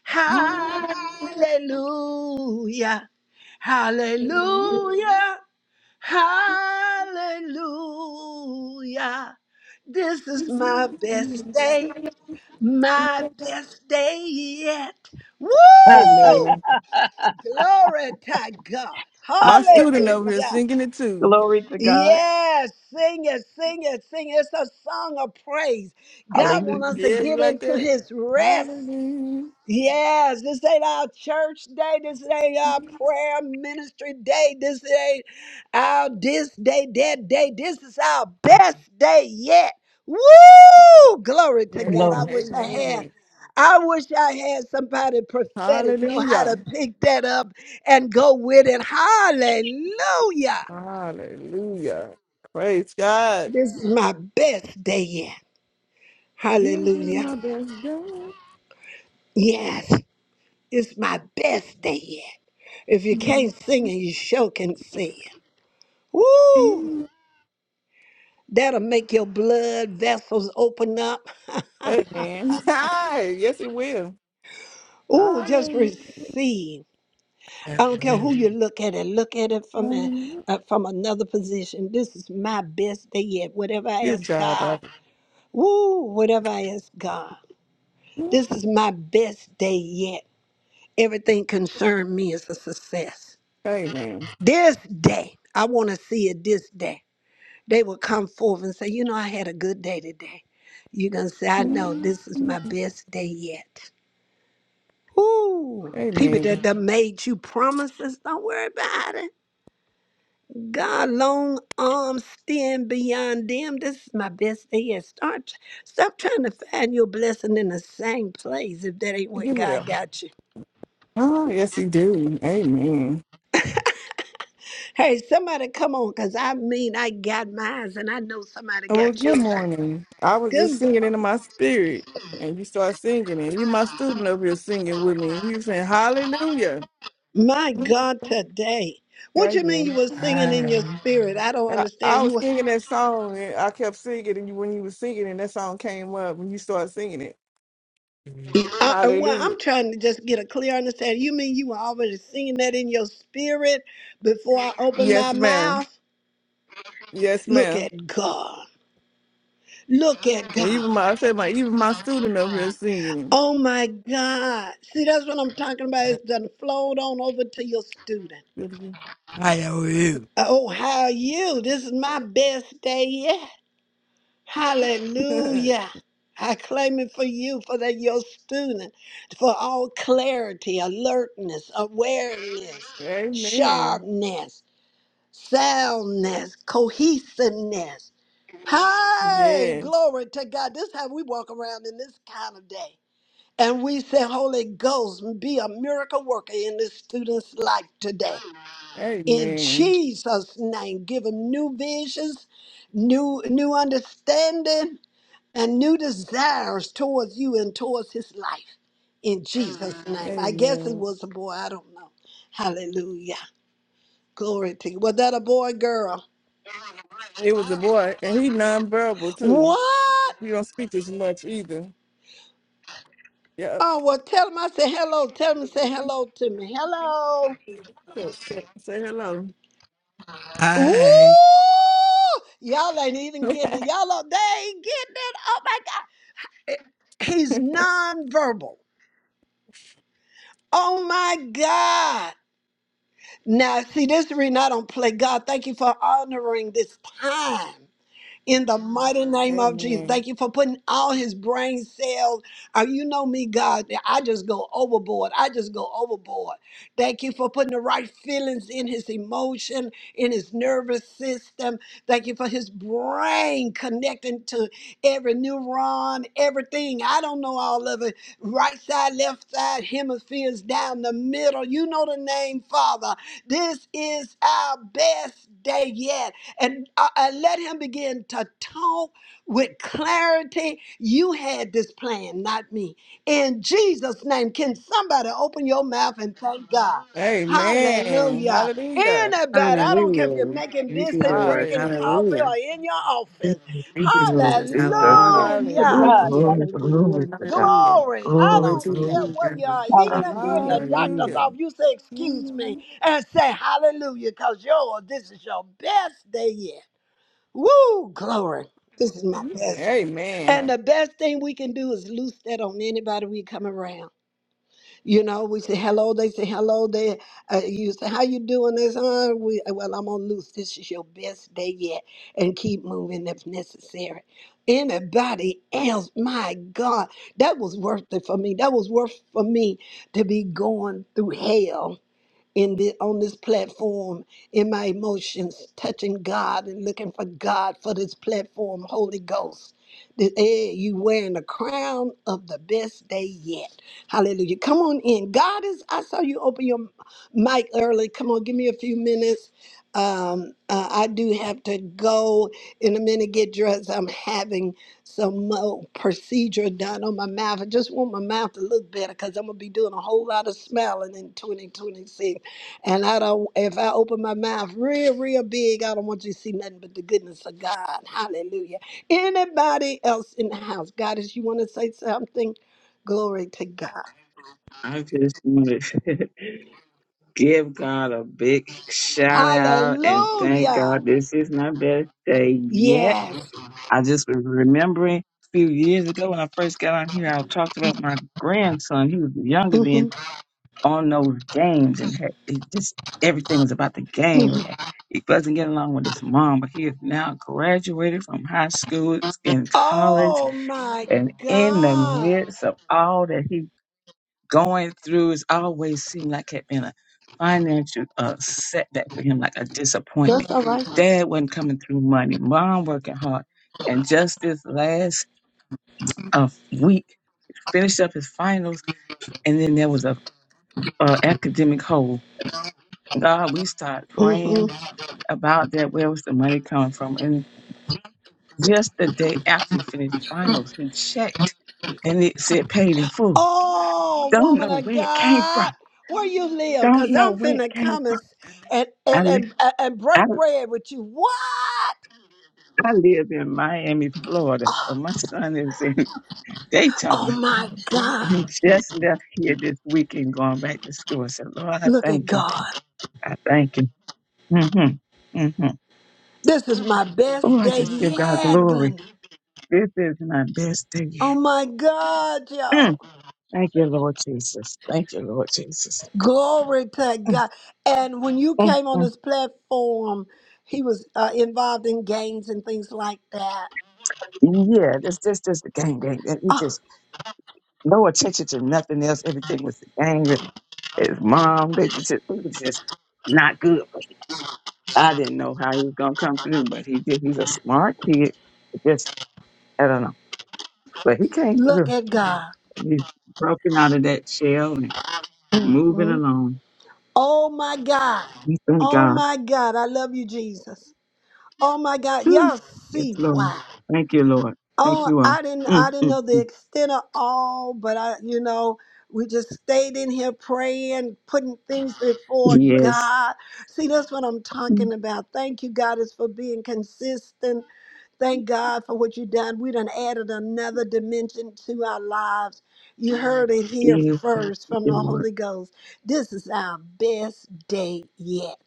[SPEAKER 1] Hallelujah.
[SPEAKER 2] Hey
[SPEAKER 1] Hallelujah. Hallelujah. This is my best day. My best day yet. Woo!
[SPEAKER 2] man,
[SPEAKER 1] Glory to God.
[SPEAKER 2] my student over
[SPEAKER 6] Hallelujah.
[SPEAKER 2] here
[SPEAKER 1] Hallelujah.
[SPEAKER 2] singing it too.
[SPEAKER 6] Glory to God.
[SPEAKER 1] Yes, sing it, sing it, sing it. It's a song of praise. God
[SPEAKER 6] Hallelujah.
[SPEAKER 1] wants us to
[SPEAKER 2] Yeah, you
[SPEAKER 1] get
[SPEAKER 2] like
[SPEAKER 1] into
[SPEAKER 2] that?
[SPEAKER 1] his rest.
[SPEAKER 2] Hallelujah.
[SPEAKER 1] Yes, this ain't our church day. This ain't our prayer ministry day. This ain't our this day, that day. This is our best day yet. Woo! Glory
[SPEAKER 2] Yeah,
[SPEAKER 1] to God. I
[SPEAKER 6] Glory.
[SPEAKER 1] wish I had.
[SPEAKER 2] amen.
[SPEAKER 1] I wish I had somebody prophetic know how
[SPEAKER 2] Hallelujah.
[SPEAKER 1] to pick that up and go with it. Hallelujah.
[SPEAKER 2] Hallelujah. Praise God.
[SPEAKER 1] This is my best day yet.
[SPEAKER 2] This is my
[SPEAKER 1] Hallelujah.
[SPEAKER 2] best day.
[SPEAKER 1] Yes, it's my best day yet. If you can't sing and you sure can see. Woo! That'll make your blood vessels open up.
[SPEAKER 2] Amen. Hi. Yes, it will.
[SPEAKER 1] Ooh, just
[SPEAKER 2] Hallelujah.
[SPEAKER 1] receive. I don't care
[SPEAKER 2] Hallelujah.
[SPEAKER 1] who you look at it. Look at it from a, uh, from another position. This is my best day yet. Whatever I ask
[SPEAKER 2] Good job,
[SPEAKER 1] God,
[SPEAKER 2] Bible.
[SPEAKER 1] woo, whatever I ask God, this is my best day yet. Everything concerning me is a success.
[SPEAKER 2] Amen.
[SPEAKER 1] This day, I want to see it. This day. they would come forth and say, You know, I had a good day today. You're going to say, I know this is my best day yet. Ooh, people
[SPEAKER 2] Amen.
[SPEAKER 1] that done made you promises, don't worry about it. God, long arms stand beyond them. This is my best day yet. Start, stop trying to find your blessing in the same place if that ain't what
[SPEAKER 2] You
[SPEAKER 1] God
[SPEAKER 2] will.
[SPEAKER 1] got you.
[SPEAKER 2] Oh, yes, you do. Amen.
[SPEAKER 1] Hey, somebody come on, because I mean, I got mine and I know somebody
[SPEAKER 2] Well,
[SPEAKER 1] got
[SPEAKER 2] good
[SPEAKER 1] yours.
[SPEAKER 2] morning. I was
[SPEAKER 1] Good
[SPEAKER 2] just singing into
[SPEAKER 1] morning.
[SPEAKER 2] my spirit, and you start singing, and you, my student over here, singing with me, and you saying, Hallelujah.
[SPEAKER 1] My
[SPEAKER 2] Mm,
[SPEAKER 1] God, today. What you mean you
[SPEAKER 2] Amen.
[SPEAKER 1] were singing in your
[SPEAKER 2] Amen.
[SPEAKER 1] spirit? I don't
[SPEAKER 2] I, I
[SPEAKER 1] understand. You
[SPEAKER 2] was
[SPEAKER 1] were,
[SPEAKER 2] singing that song, and I kept singing, and you, when you were singing, and that song came up, and you started singing it. Mhm.
[SPEAKER 1] uh, uh, well,
[SPEAKER 2] Hallelujah.
[SPEAKER 1] I'm trying to just get a clear understanding. You mean you were already singing that in your spirit before I opened
[SPEAKER 2] Yes,
[SPEAKER 1] my
[SPEAKER 2] ma'am.
[SPEAKER 1] mouth?
[SPEAKER 2] Yes,
[SPEAKER 1] Look
[SPEAKER 2] ma'am.
[SPEAKER 1] at God. Look at
[SPEAKER 2] And even
[SPEAKER 1] God.
[SPEAKER 2] my, I said, my, even my student over here singing
[SPEAKER 1] Oh my God. See, that's what I'm talking about. It's done flowed on over to your student.
[SPEAKER 2] it. Hallelujah.
[SPEAKER 1] Uh, Oh, how are you? This is my best day yet. Hallelujah. I claim it for you, for that your student, for all clarity, alertness, awareness,
[SPEAKER 2] Amen.
[SPEAKER 1] sharpness, soundness, cohesiveness. Hey,
[SPEAKER 2] Yes.
[SPEAKER 1] glory to God. This is how we walk around in this kind of day. And we say, Holy Ghost, be a miracle worker in this student's life today in
[SPEAKER 2] Amen.
[SPEAKER 1] Jesus' name. Give him new visions, new new understanding and new desires towards you and towards his life in Jesus' name. I guess it
[SPEAKER 2] Amen.
[SPEAKER 1] was a boy, I don't know. Hallelujah. Glory to you. Was that a boy, or girl?
[SPEAKER 2] It was a boy, and he nonverbal too.
[SPEAKER 1] What?
[SPEAKER 2] He don't speak as much either. Yep.
[SPEAKER 1] Oh, well, tell him I said hello. Tell him to say hello to me. Hello.
[SPEAKER 2] Say say- say hello. Hi.
[SPEAKER 1] Ooh, y'all ain't even getting it. Y'all, are- they ain't getting it. Oh my God. He's nonverbal. Oh my God. Now, see, this is the reason I don't play God. Thank you for honoring this time in the mighty name of Jesus.
[SPEAKER 2] Amen.
[SPEAKER 1] Thank you for putting all his brain cells. Uh, you know me, God. I just go overboard. I just go overboard. Thank you for putting the right feelings in his emotion, in his nervous system. Thank you for his brain connecting to every neuron, everything. I don't know all of it. Right side, left side, hemispheres down the middle. You know the name, Father. This is our best day yet and uh, uh, let him begin to talk with clarity. You had this plan, not me. In Jesus' name, can somebody open your mouth and thank God?
[SPEAKER 2] Amen.
[SPEAKER 1] Hallelujah.
[SPEAKER 2] Hallelujah.
[SPEAKER 1] Anybody, I don't care if you're
[SPEAKER 3] Hallelujah.
[SPEAKER 1] making
[SPEAKER 3] Thank you,
[SPEAKER 1] biscuit,
[SPEAKER 3] Lord.
[SPEAKER 1] drinking
[SPEAKER 2] Hallelujah.
[SPEAKER 1] coffee,
[SPEAKER 3] Hallelujah.
[SPEAKER 1] or in your office.
[SPEAKER 7] Thank
[SPEAKER 3] Thank you,
[SPEAKER 7] you, Lord
[SPEAKER 3] Jesus.
[SPEAKER 7] Jesus.
[SPEAKER 3] Hallelujah.
[SPEAKER 6] Glory to
[SPEAKER 7] Oh,
[SPEAKER 1] Hallelujah.
[SPEAKER 6] God.
[SPEAKER 2] Hallelujah.
[SPEAKER 7] glory,
[SPEAKER 6] Hallelujah.
[SPEAKER 3] Hallelujah.
[SPEAKER 7] glory to God.
[SPEAKER 3] Hallelujah.
[SPEAKER 1] Glory. I
[SPEAKER 3] Glory
[SPEAKER 7] Glory,
[SPEAKER 3] to
[SPEAKER 1] don't
[SPEAKER 3] your
[SPEAKER 7] glory.
[SPEAKER 1] care
[SPEAKER 7] to
[SPEAKER 3] name,
[SPEAKER 1] where you
[SPEAKER 3] God.
[SPEAKER 1] are. Even
[SPEAKER 7] God!
[SPEAKER 1] if you're in
[SPEAKER 6] Hallelujah.
[SPEAKER 1] the
[SPEAKER 3] Hallelujah.
[SPEAKER 1] doctor's
[SPEAKER 2] Hallelujah.
[SPEAKER 1] office, you say, Excuse me,
[SPEAKER 2] Mhm.
[SPEAKER 1] and say, Hallelujah, because yours, this is your best day yet. Woo, glory. This is my best. And
[SPEAKER 2] Amen.
[SPEAKER 1] the best thing we can do is loose that on anybody we come around. You know, we say hello, they say hello. They, uh, you say, how you doing this? Uh, we, uh, well, I'm on loose. This is your best day yet. And keep moving if necessary. Anybody else, my God, that was worth it for me. That was worth for me to be going through hell in the on this platform in my emotions touching god and looking for god for this platform holy ghost that hey, you wearing the crown of the best day yet hallelujah come on in god is i saw you open your mic early come on give me a few minutes um uh, i do have to go in a minute get dressed i'm having some more procedure done on my mouth i just want my mouth to look better because i'm gonna be doing a whole lot of smiling in 2026 and I don't, if I open my mouth real, real big, I don't want you to see nothing but the goodness of God. Hallelujah. Anybody else in the house? Goddess, you want to say something? Glory to God.
[SPEAKER 7] I just want to give God a big shout out and thank
[SPEAKER 1] Hallelujah.
[SPEAKER 7] God this is my best day yet.
[SPEAKER 1] Yes.
[SPEAKER 7] I just was remembering a few years ago when I first got out here, I talked about my grandson. He was younger then
[SPEAKER 1] Mhm,
[SPEAKER 7] on those games and had, he just everything was about the game.
[SPEAKER 1] mhm.
[SPEAKER 7] And he wasn't getting along with his mom, but he is now graduated from high school, is in college,
[SPEAKER 1] Oh my
[SPEAKER 7] and in the
[SPEAKER 1] God.
[SPEAKER 7] midst of all that he going through, it's always seemed like it had been a financial uh, setback for him, like a disappointment.
[SPEAKER 1] That's all right.
[SPEAKER 7] Dad wasn't coming through money, mom working hard. And just this last uh, week, finished up his finals, and then there was a uh, academic hole God, we start praying
[SPEAKER 1] Mhm.
[SPEAKER 7] about that. Where was the money coming from? And just the day after he finished finals, he checked and it said paid in full.
[SPEAKER 1] Oh,
[SPEAKER 7] Don't
[SPEAKER 1] woman
[SPEAKER 7] know
[SPEAKER 1] of
[SPEAKER 7] where it came
[SPEAKER 1] God,
[SPEAKER 7] from.
[SPEAKER 1] where you live?
[SPEAKER 7] Don't
[SPEAKER 1] Because
[SPEAKER 7] know
[SPEAKER 1] I'm
[SPEAKER 7] where it
[SPEAKER 1] finna
[SPEAKER 7] came
[SPEAKER 1] come
[SPEAKER 7] from.
[SPEAKER 1] and, and,
[SPEAKER 7] I,
[SPEAKER 1] and,
[SPEAKER 7] li-
[SPEAKER 1] and, and
[SPEAKER 7] I,
[SPEAKER 1] break bread with you. What?
[SPEAKER 7] I live in Miami, Florida, but my son is in
[SPEAKER 1] Oh
[SPEAKER 7] Daytona.
[SPEAKER 1] my
[SPEAKER 7] And he
[SPEAKER 1] God.
[SPEAKER 7] just left here this weekend going back to school. I said, Lord, I
[SPEAKER 1] Look at
[SPEAKER 7] thank you.
[SPEAKER 1] God.
[SPEAKER 7] I thank you. Mm-hmm. Mm-hmm.
[SPEAKER 1] This is my best
[SPEAKER 7] Oh, I
[SPEAKER 1] day
[SPEAKER 7] just give God
[SPEAKER 1] yet,
[SPEAKER 7] glory.
[SPEAKER 1] Glenda.
[SPEAKER 7] This is my best day
[SPEAKER 1] Oh
[SPEAKER 7] yet.
[SPEAKER 1] my God,
[SPEAKER 7] Mm.
[SPEAKER 1] y'all.
[SPEAKER 7] Thank you, Lord Jesus. Thank you, Lord Jesus.
[SPEAKER 1] Glory to
[SPEAKER 7] Mm,
[SPEAKER 1] God. And when you
[SPEAKER 7] mm,
[SPEAKER 1] came on
[SPEAKER 7] mm.
[SPEAKER 1] this platform, he was uh, involved in games and things like that.
[SPEAKER 7] yeah, this this just the gang gang. And He
[SPEAKER 1] Oh,
[SPEAKER 7] just no attention to nothing else. Everything was the gang. His mom, they just it was just not good. I didn't know how he was gonna come through, but he did. He's a smart kid. Just I don't know, but he came
[SPEAKER 1] look
[SPEAKER 7] through.
[SPEAKER 1] at God.
[SPEAKER 7] And He's broken out of that shell and moving
[SPEAKER 1] Mhm.
[SPEAKER 7] along.
[SPEAKER 1] Oh my God.
[SPEAKER 7] We thank
[SPEAKER 1] Oh
[SPEAKER 7] God.
[SPEAKER 1] my God. I love you, Jesus. Oh my God.
[SPEAKER 7] Whew.
[SPEAKER 1] Y'all
[SPEAKER 7] Yes,
[SPEAKER 1] see
[SPEAKER 7] Lord.
[SPEAKER 1] why.
[SPEAKER 7] Thank you, Lord. Thank
[SPEAKER 1] Oh,
[SPEAKER 7] you all.
[SPEAKER 1] I didn't
[SPEAKER 7] Mm,
[SPEAKER 1] I didn't
[SPEAKER 7] mm.
[SPEAKER 1] know the extent of all, but I you know, we just stayed in here praying, putting things before
[SPEAKER 7] Yes.
[SPEAKER 1] God. See, that's what I'm talking about. Thank you, God, is for being consistent. Thank God for what you done. We done added another dimension to our lives. You heard it here
[SPEAKER 7] You've
[SPEAKER 1] first from
[SPEAKER 7] the
[SPEAKER 1] the
[SPEAKER 7] Lord.
[SPEAKER 1] Holy Ghost. This is our best day yet.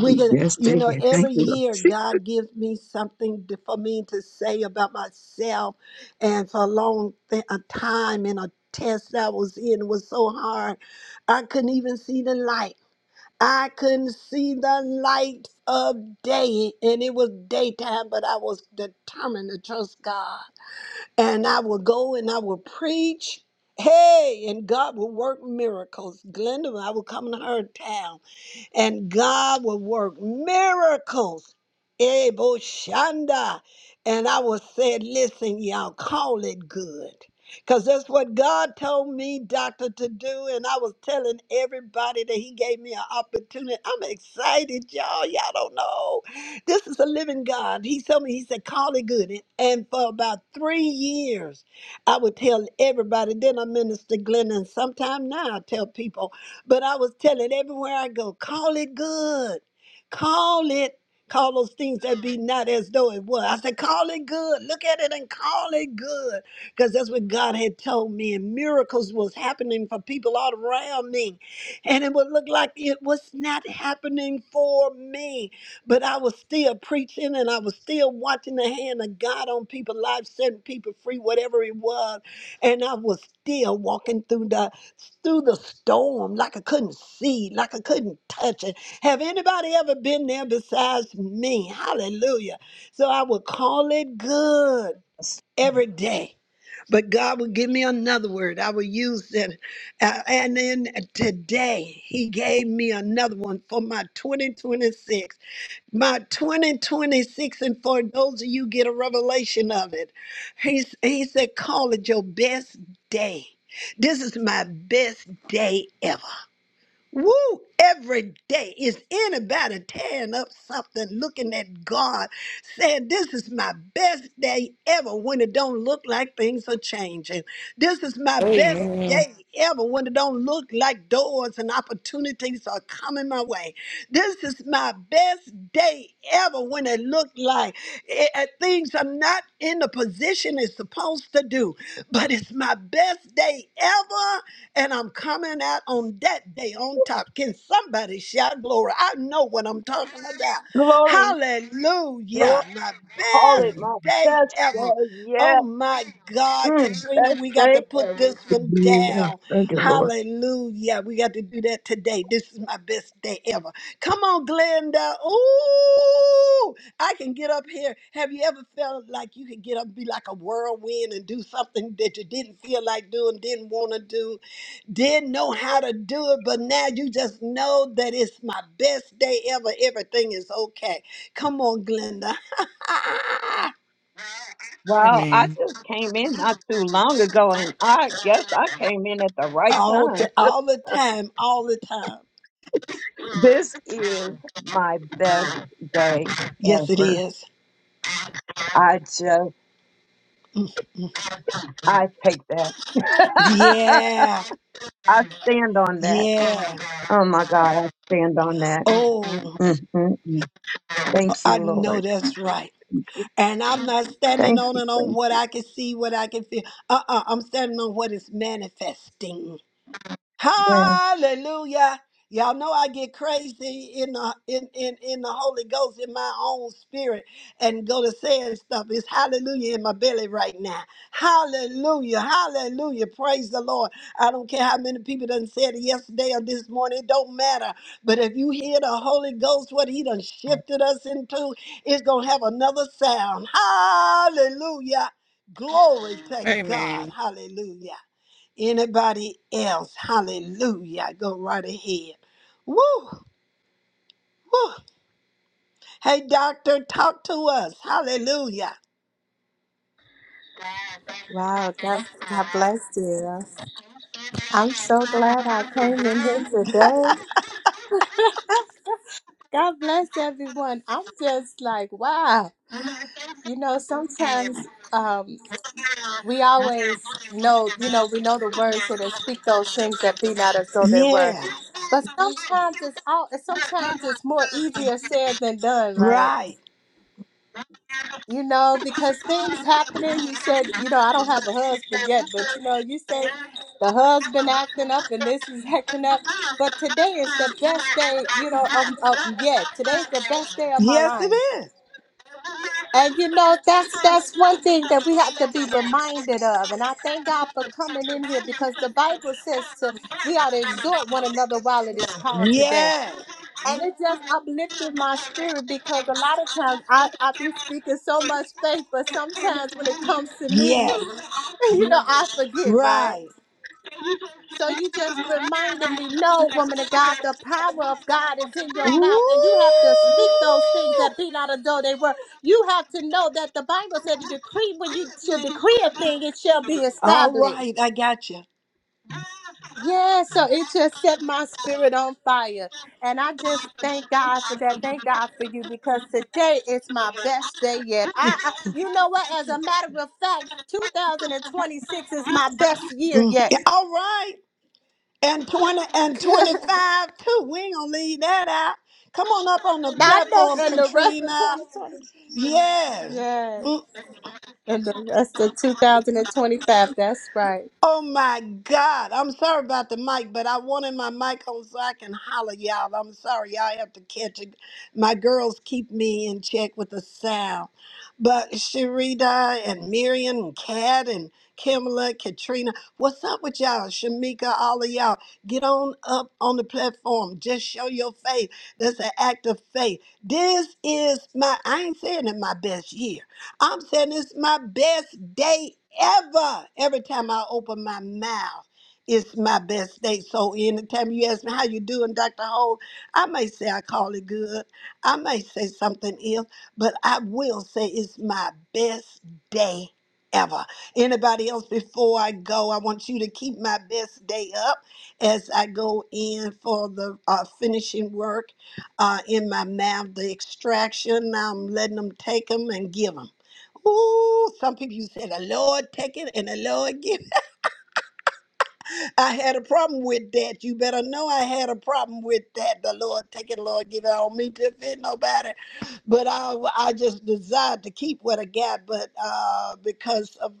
[SPEAKER 1] We can,
[SPEAKER 7] Yes,
[SPEAKER 1] you
[SPEAKER 7] they
[SPEAKER 1] know,
[SPEAKER 7] did. Thank
[SPEAKER 1] every
[SPEAKER 7] you, Lord.
[SPEAKER 1] year God gives me something to, for me to say about myself, and for a long th- a time in a test I was in was so hard, I couldn't even see the light. I couldn't see the light of day, and it was daytime, but I was determined to trust God, and I would go and I would preach. Hey, and God would work miracles. Glenda, I would come to her town and God will work miracles. Ebo Shanda. And I was said, listen, y'all, call it good. Because that's what God told me, doctor, to do. And I was telling everybody that He gave me an opportunity. I'm excited, y'all. Y'all don't know. This is a living God. He told me, He said, call it good. And and for about three years, I would tell everybody. Then I ministered, Glenn, and sometime now I tell people, but I was telling everywhere I go, call it good. Call it, call those things that be not as though it was. I said, call it good. Look at it and call it good. Because that's what God had told me. And miracles was happening for people all around me. And it would look like it was not happening for me. But I was still preaching and I was still watching the hand of God on people's lives, setting people free, whatever it was and I was still walking through the through the storm like I couldn't see, like I couldn't touch it. Have anybody ever been there besides me? Hallelujah. So I would call it good every day. But God would give me another word. I would use it. Uh, and then today, He gave me another one for my 2026 by 2026 and for those of you get a revelation of it he, he said call it your best day this is my best day ever Woo! Every day is anybody tearing up something, looking at God saying, This is my best day ever when it don't look like things are changing. This is my best
[SPEAKER 2] Amen.
[SPEAKER 1] day ever when it don't look like doors and opportunities are coming my way. This is my best day ever when it looked like eh, eh, things are not in the position it's supposed to do. But it's my best day ever, and I'm coming out on that day on top. Can somebody shout glory? I know what I'm talking about.
[SPEAKER 6] Glory.
[SPEAKER 2] Glory.
[SPEAKER 1] Hallelujah. My
[SPEAKER 6] Call it
[SPEAKER 1] best
[SPEAKER 6] my
[SPEAKER 1] day
[SPEAKER 6] best
[SPEAKER 1] ever.
[SPEAKER 6] day yet.
[SPEAKER 1] Oh my God,
[SPEAKER 6] Mm,
[SPEAKER 1] Katrina,
[SPEAKER 6] best
[SPEAKER 1] we got to
[SPEAKER 6] day
[SPEAKER 1] put this
[SPEAKER 6] ever.
[SPEAKER 1] one
[SPEAKER 7] Hallelujah.
[SPEAKER 1] down.
[SPEAKER 7] Thank you, Lord.
[SPEAKER 1] Hallelujah. We got to do that today. This is my best day ever. Come on, Glenda. Ooh, I can get up here. Have you ever felt like you could get up, be like a whirlwind and do something that you didn't feel like doing, didn't want to do? didn't know how to do it, but now you just know that it's my best day ever. Everything is okay. Come on, Glenda.
[SPEAKER 6] Wow. I
[SPEAKER 2] Amen.
[SPEAKER 6] just came in not too long ago and I guess I came in at the right
[SPEAKER 1] all, t-
[SPEAKER 6] time.
[SPEAKER 1] all the time, all the time.
[SPEAKER 6] this is my best day
[SPEAKER 1] Yes, it
[SPEAKER 6] ever.
[SPEAKER 1] is.
[SPEAKER 6] I just,
[SPEAKER 1] Mm,
[SPEAKER 6] I take that.
[SPEAKER 1] Yeah,
[SPEAKER 6] I stand on that.
[SPEAKER 1] yeah.
[SPEAKER 6] Oh my God. I stand on that.
[SPEAKER 1] Oh,
[SPEAKER 6] mm mm mm. Thank
[SPEAKER 1] I
[SPEAKER 6] you,
[SPEAKER 1] know
[SPEAKER 6] Lord.
[SPEAKER 1] that's right.
[SPEAKER 6] Thank you.
[SPEAKER 1] And I'm not standing
[SPEAKER 6] Thank
[SPEAKER 1] on
[SPEAKER 6] you.
[SPEAKER 1] and on what I can see, what I can feel. Uh-uh, I'm standing on what is manifesting.
[SPEAKER 6] Yes.
[SPEAKER 1] Hallelujah. Y'all know I get crazy in the in, in, in the Holy Ghost in my own spirit and go to saying stuff. It's hallelujah in my belly right now. Hallelujah. Hallelujah. Praise the Lord. I don't care how many people done said it yesterday or this morning. It don't matter. But if you hear the Holy Ghost, what he done shifted us into, it's gonna have another sound. Hallelujah. Glory to
[SPEAKER 2] Amen.
[SPEAKER 1] God. Hallelujah. Anybody else? Hallelujah. Go right ahead. Woo, woo. Hey, doctor, talk to us. Hallelujah.
[SPEAKER 8] Wow, God, God bless you. I'm so glad I came in here today. God bless everyone. I'm just like, wow. You know, sometimes um, we always know, you know, we know the word said and speak those things that be not as though they were.
[SPEAKER 1] Yeah.
[SPEAKER 8] But sometimes it's all. Sometimes it's more easier said than done, right?
[SPEAKER 1] Right.
[SPEAKER 8] you know, because things happening. You said, you know, I don't have a husband yet, but you know, you said the husband acting up and this is acting up. But today is the best day, you know, of, of yet. Today's the best day of my
[SPEAKER 1] Yes, it
[SPEAKER 8] life.
[SPEAKER 1] is.
[SPEAKER 8] And you know, that's that's one thing that we have to be reminded of. And I thank God for coming in here because the Bible says to we ought to exhort one another while it is called today.
[SPEAKER 1] Yes.
[SPEAKER 8] And it just uplifted my spirit because a lot of times I, I be speaking so much faith, but sometimes when it comes to me,
[SPEAKER 1] Yes.
[SPEAKER 8] you know, I forget, right?
[SPEAKER 1] Right.
[SPEAKER 8] So you just reminded me, no, woman of God, the power of God is in your
[SPEAKER 1] Woo!
[SPEAKER 8] mouth, and you have to speak those things that be not as though they were. You have to know that the Bible said to decree when you should decree a thing, it shall be
[SPEAKER 1] All right,
[SPEAKER 8] established.
[SPEAKER 1] I got you.
[SPEAKER 8] Yes, so it just set my spirit on fire. And I just thank God for that. Thank God for you because today is my best day yet. I, I you know what? As a matter of fact, 2026 is my best year
[SPEAKER 1] Mm,
[SPEAKER 8] yet.
[SPEAKER 1] yeah, All right. and 20 and 25 too. We ain't gonna leave that out. Come on up on the
[SPEAKER 8] Now I know
[SPEAKER 1] platform,
[SPEAKER 8] and the rest of
[SPEAKER 1] Katrina.
[SPEAKER 8] 2020.
[SPEAKER 1] Yes.
[SPEAKER 8] Yes. And the rest of 2025. That's right.
[SPEAKER 1] Oh my God. I'm sorry about the mic, but I wanted my mic on so I can holler y'all. I'm sorry. Y'all have to catch it. My girls keep me in check with the sound. But Sharida and Miriam and Kat and Kimala, Katrina, what's up with y'all? Shamika, all of y'all. Get on up on the platform. Just show your faith. That's an act of faith. This is my, I ain't saying it my best year. I'm saying it's my best day ever. Every time I open my mouth, it's my best day. So anytime you ask me how you doing, Dr. Hole, I may say I call it good. I may say something else, but I will say it's my best day ever. Anybody else before I go, I want you to keep my best day up as I go in for the uh, finishing work uh, in my mouth, the extraction. I'm letting them take them and give 'em. Ooh, some people you say the Lord take it and the Lord give I had a problem with that. You better know I had a problem with that. The Lord take it, Lord, give it on me to fit nobody. But I, I just desired to keep what I got, but uh, because of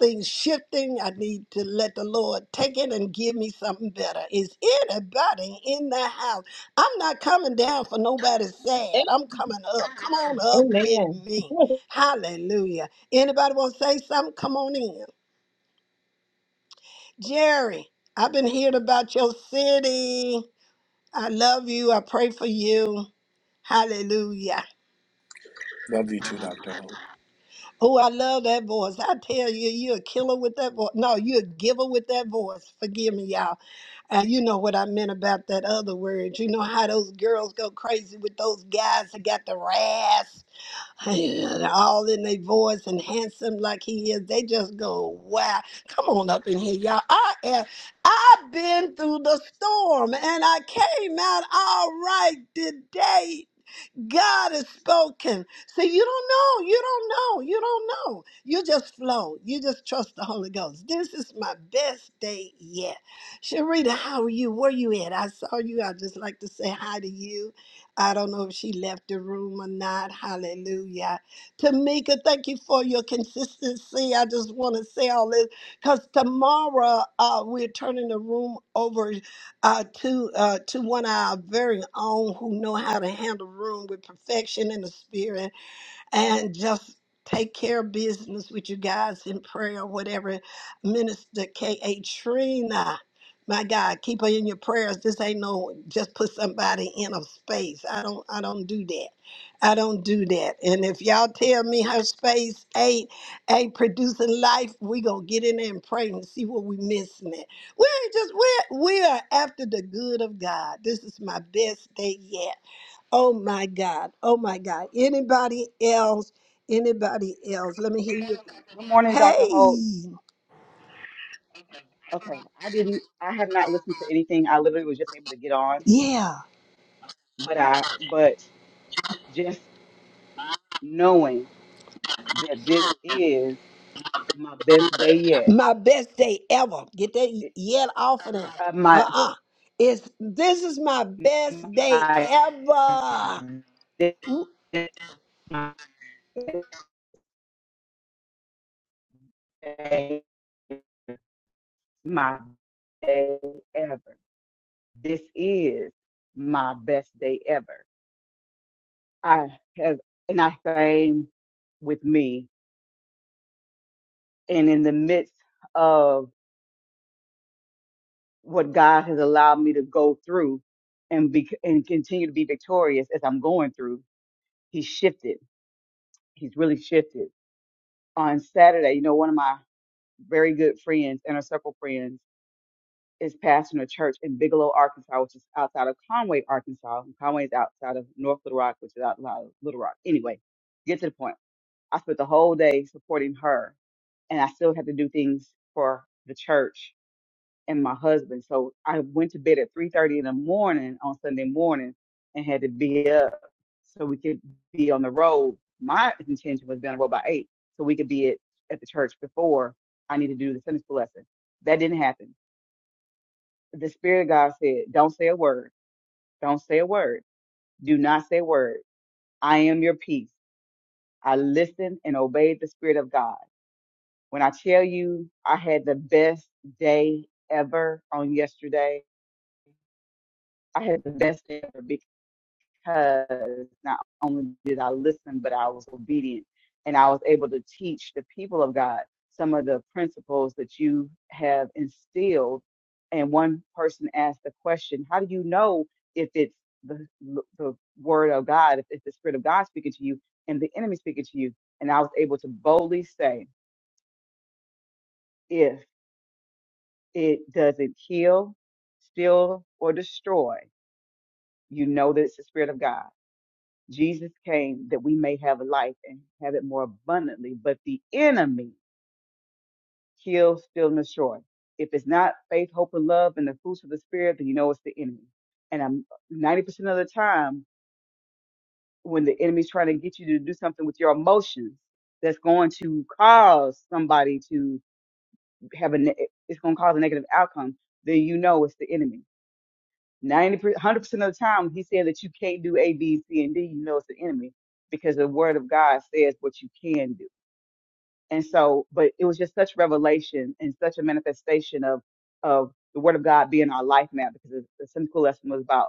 [SPEAKER 1] things shifting, I need to let the Lord take it and give me something better. Is anybody in the house? I'm not coming down for nobody sad. I'm coming up. Come on up with
[SPEAKER 6] Amen.
[SPEAKER 1] me. Hallelujah. Anybody want to say something? Come on in. Jerry, I've been hearing about your city. I love you. I pray for you. Hallelujah.
[SPEAKER 9] Love you too, Dr. Ho.
[SPEAKER 1] Oh, I love that voice. I tell you, you're a killer with that voice. No, you're a giver with that voice. Forgive me, y'all. And you know what I meant about that other word. You know how those girls go crazy with those guys that got the rasp. They're all in their voice and handsome like he is. They just go, wow. Come on up in here, y'all. I am, I've been through the storm and I came out all right today. God has spoken. So you don't know. You don't know. You don't know. You just flow. You just trust the Holy Ghost. This is my best day yet. Sharita, how are you? Where you at? I saw you. I just like to say hi to you. I don't know if she left the room or not. Hallelujah. Tamika, thank you for your consistency. I just want to say all this because tomorrow uh, we're turning the room over uh, to uh, to one of our very own who know how to handle room with perfection in the spirit and just take care of business with you guys in prayer, whatever. Minister K.A. Trina, my God, keep her in your prayers. This ain't no just put somebody in a space. I don't I don't do that. I don't do that. And if y'all tell me her space ain't ain't producing life, we gonna get in there and pray and see what we missing it. we ain't just we're we are after the good of God. This is my best day yet. Oh my God. Oh my God. Anybody else? Anybody else? Let me hear you.
[SPEAKER 10] Good morning, Dr. Holt.
[SPEAKER 1] Hey.
[SPEAKER 10] Okay, I didn't, I have not listened to anything. I literally was just able to get on,
[SPEAKER 1] Yeah.
[SPEAKER 10] but I, but just knowing that this is my best day yet,
[SPEAKER 1] My best day ever. Get that
[SPEAKER 10] it,
[SPEAKER 1] yet off of there.
[SPEAKER 10] uh, my,
[SPEAKER 1] Uh-uh. It's this is my best day
[SPEAKER 10] my, my
[SPEAKER 1] ever.
[SPEAKER 10] day, my day ever. This is my best day ever. I have, and I came with me, and in the midst of. what God has allowed me to go through and be and continue to be victorious as I'm going through. He's shifted. He's really shifted. On Saturday, you know, one of my very good friends, inner circle friends, is pastoring a church in Bigelow, Arkansas, which is outside of Conway, Arkansas. And Conway is outside of North Little Rock, which is outside of Little Rock. Anyway, get to the point. I spent the whole day supporting her, and I still had to do things for the church and my husband. So I went to bed at 3:30 in the morning on Sunday morning and had to be up so we could be on the road. My intention was being on the road by eight, so we could be at, at the church before I need to do the Sunday school lesson. That didn't happen. The Spirit of God said, Don't say a word. Don't say a word. Do not say a word. I am your peace. I listened and obeyed the Spirit of God. When I tell you I had the best day ever on yesterday, I had the best day ever because. because not only did I listen, but I was obedient and I was able to teach the people of God some of the principles that you have instilled. And one person asked the question, How do you know if it's the, the word of God, if it's the spirit of God speaking to you and the enemy speaking to you? And I was able to boldly say, If it doesn't kill, steal, or destroy, you know that it's the spirit of God Jesus came that we may have life and have it more abundantly, but the enemy kills, steals, and destroys. If it's not faith, hope, and love, and the fruits of the spirit, then you know it's the enemy. And I'm 90% of the time when the enemy's trying to get you to do something with your emotions, that's going to cause somebody to have a, ne- it's going to cause a negative outcome, then you know it's the enemy. 90, one hundred percent of the time, when he said that you can't do A, B, C, and D, you know it's the enemy because the word of God says what you can do. And so, but it was just such revelation and such a manifestation of of the word of God being our life now because the the Sunday school lesson was about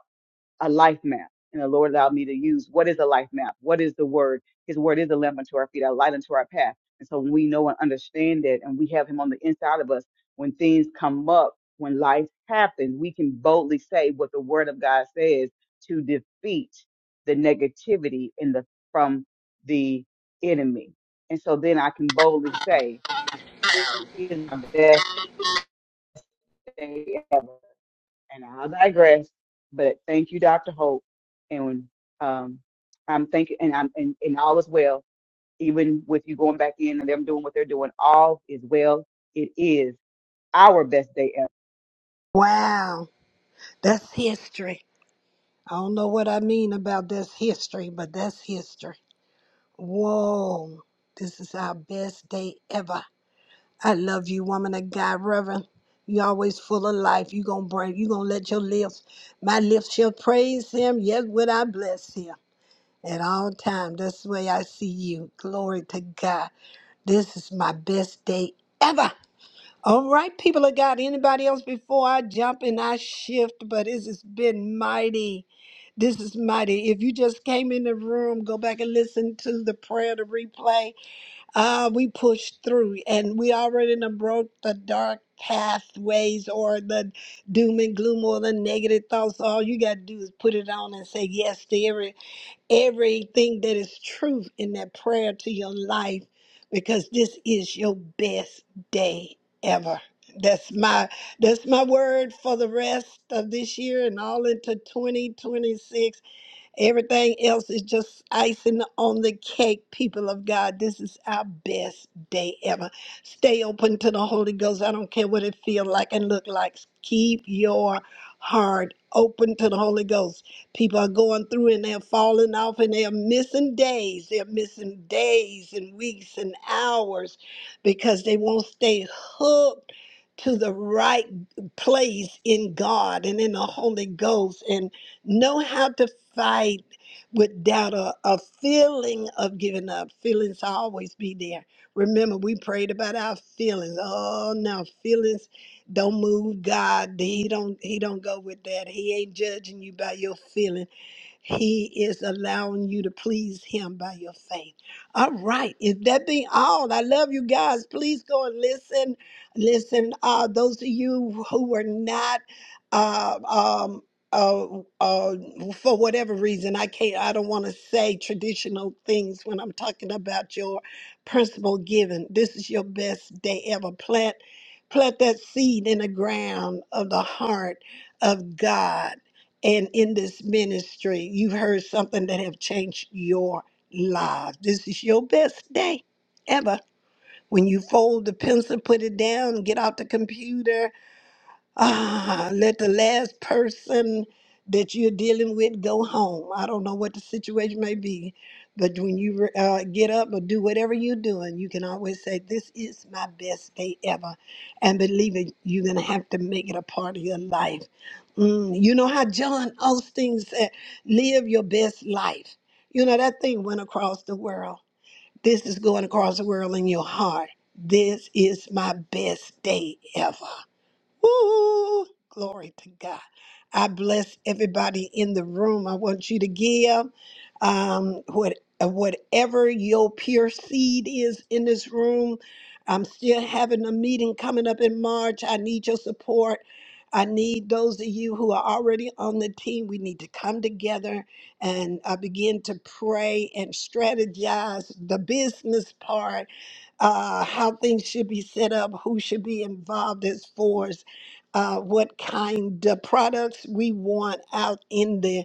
[SPEAKER 10] a life map. And the Lord allowed me to use what is a life map? What is the word? His word is a lamp unto our feet, a light unto our path. And so when we know and understand that and we have him on the inside of us, when things come up, when life happens, we can boldly say what the word of God says to defeat the negativity in the from the enemy. And so then I can boldly say, This is my best day ever and I'll digress. But thank you, Dr. Hope, and um, I'm thinking, and I'm and, and all is well. Even with you going back in and them doing what they're doing, all is well. It is our best day
[SPEAKER 1] Wow. That's history. I don't know what I mean about that's history, but that's history. Whoa. This is our best day ever. I love you, woman of God, Reverend. You always full of life. You gonna bring. You gonna let your lips, my lips shall praise Him. Yes, would I bless Him at all time. That's the way I see you. Glory to God. This is my best day ever. All right, people of God. Anybody else before I jump and I shift? But this has been mighty. This is mighty. If you just came in the room, go back and listen to the prayer, the replay. Ah, we push through and we already done broke the dark pathways or the doom and gloom or the negative thoughts. All you gotta do is put it on and say yes to every everything that is truth in that prayer to your life because this is your best day ever. That's my that's my word for the rest of this year and all into 2026 Everything else is just icing on the cake, people of God. This is our best day ever. Stay open to the Holy Ghost. I don't care what it feels like and look like. Keep your heart open to the Holy Ghost. People are going through and they're falling off and they're missing days. They're missing days and weeks and hours because they won't stay hooked to the right place in God and in the Holy Ghost. and. Know how to fight without a, a feeling of giving up. Feelings always be there. Remember, we prayed about our feelings. Oh no, feelings don't move God. He don't he don't go with that. He ain't judging you by your feelings. He is allowing you to please Him by your faith. All right. If that be all, I love you guys. Please go and listen. Listen, uh, those of you who were not, uh, um, uh, uh, for whatever reason, I can't, I don't want to say traditional things when I'm talking about your principal giving. This is your best day ever. Plant, plant that seed in the ground of the heart of God and in this ministry you've heard something that have changed your life this is your best day ever when you fold the pencil put it down get out the computer Ah, let the last person that you're dealing with go home. I don't know what the situation may be, but when you uh, get up or do whatever you're doing, you can always say, This is my best day ever. And believe it, you're going to have to make it a part of your life. Mm, you know how John Austin said, Live your best life. You know, that thing went across the world. This is going across the world in your heart. This is my best day ever. Woo! Glory to God. I bless everybody in the room. I want you to give um, what, uh, whatever your pure seed is in this room. I'm still having a meeting coming up in March. I need your support. I need those of you who are already on the team. We need to come together and uh, begin to pray and strategize the business part uh, how things should be set up, who should be involved as far as uh, what kind of products we want out in the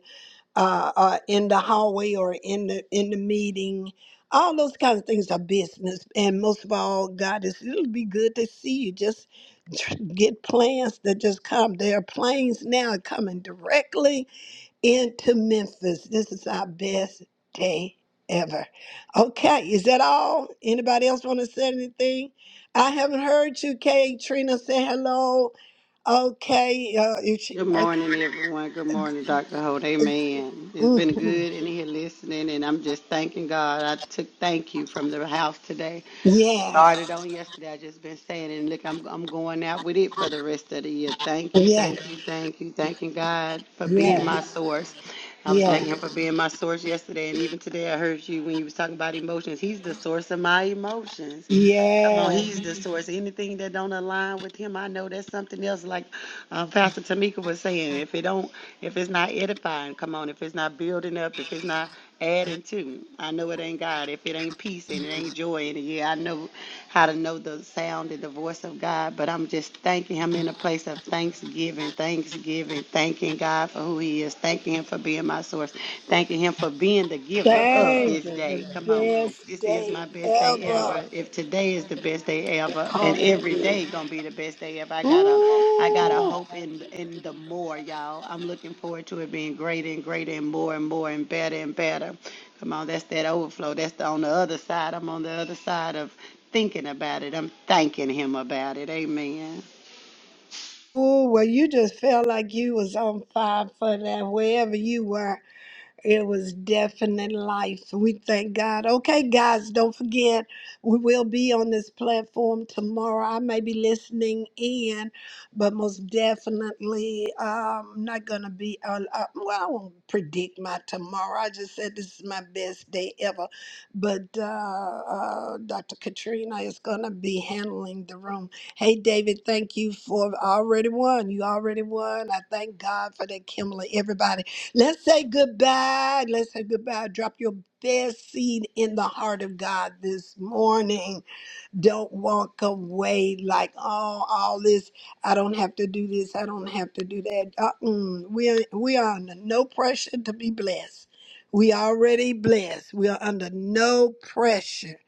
[SPEAKER 1] uh, uh, in the hallway or in the in the meeting. All those kinds of things are business, and most of all, God is it'll be good to see you. Just tr- get plans that just come. There are planes now coming directly into Memphis. This is our best day ever. Okay, is that all? Anybody else want to say anything? I haven't heard you, Kay. Trina, say hello. Okay, uh, if she,
[SPEAKER 5] Good
[SPEAKER 1] okay.
[SPEAKER 5] morning, everyone. Good morning, Dr. Holt. Amen. It's been
[SPEAKER 1] Mhm.
[SPEAKER 5] good in here listening, and I'm just thanking God. I took thank you from the house today. Started
[SPEAKER 1] Yes,
[SPEAKER 5] on yesterday. I just been saying, and look, I'm I'm going out with it for the rest of the year. Thank you, thank
[SPEAKER 1] yes,
[SPEAKER 5] you, thank you, thanking God for being my
[SPEAKER 1] yes,
[SPEAKER 5] source. I was thanking
[SPEAKER 1] yes,
[SPEAKER 5] Him for being my source yesterday, and even today I heard you when you was talking about emotions. He's the source of my emotions. Come on,
[SPEAKER 1] yes.
[SPEAKER 5] he's the source. Anything that don't align with him, I know that's something else. Like uh, Pastor Tamika was saying, if it don't, if it's not edifying, come on, if it's not building up, if it's not adding to, I know it ain't God. If it ain't peace and it ain't joy in it, yeah, I know how to know the sound and the voice of God. But I'm just thanking Him in a place of thanksgiving, thanksgiving, thanking God for who He is, thanking Him for being my source, thanking Him for being the giver of
[SPEAKER 1] Thank
[SPEAKER 5] this
[SPEAKER 1] you.
[SPEAKER 5] day.
[SPEAKER 1] The
[SPEAKER 5] Come on.
[SPEAKER 1] best
[SPEAKER 5] This is my
[SPEAKER 1] day
[SPEAKER 5] best day ever.
[SPEAKER 1] ever.
[SPEAKER 5] If today is the best day ever, and
[SPEAKER 1] Call it
[SPEAKER 5] every
[SPEAKER 1] good.
[SPEAKER 5] day gonna be the best day ever, I gotta, I gotta
[SPEAKER 1] Ooh.
[SPEAKER 5] hope in in the more, y'all. I'm looking forward to it being greater and greater and more and more and better and better. Come on, that's that overflow. That's the, on the other side. I'm on the other side of thinking about it. I'm thanking him about it. Amen.
[SPEAKER 1] Ooh, well, you just felt like you was on fire for that, wherever you were. It was definite life. We thank God. Okay, guys, don't forget, we will be on this platform tomorrow. I may be listening in, but most definitely, um, I'm not going to be, uh, uh, well, I won't predict my tomorrow. I just said this is my best day ever. But uh, uh, Dr. Katrina is going to be handling the room. Hey, David, thank you for already won. You already won. I thank God for that, Kimberly. Everybody. Let's say goodbye. Let's say goodbye. Drop your best seed in the heart of God this morning. Don't walk away like, oh, all this. I don't have to do this. I don't have to do that. Uh-uh. We, are, we are under no pressure to be blessed. We already blessed. We are under no pressure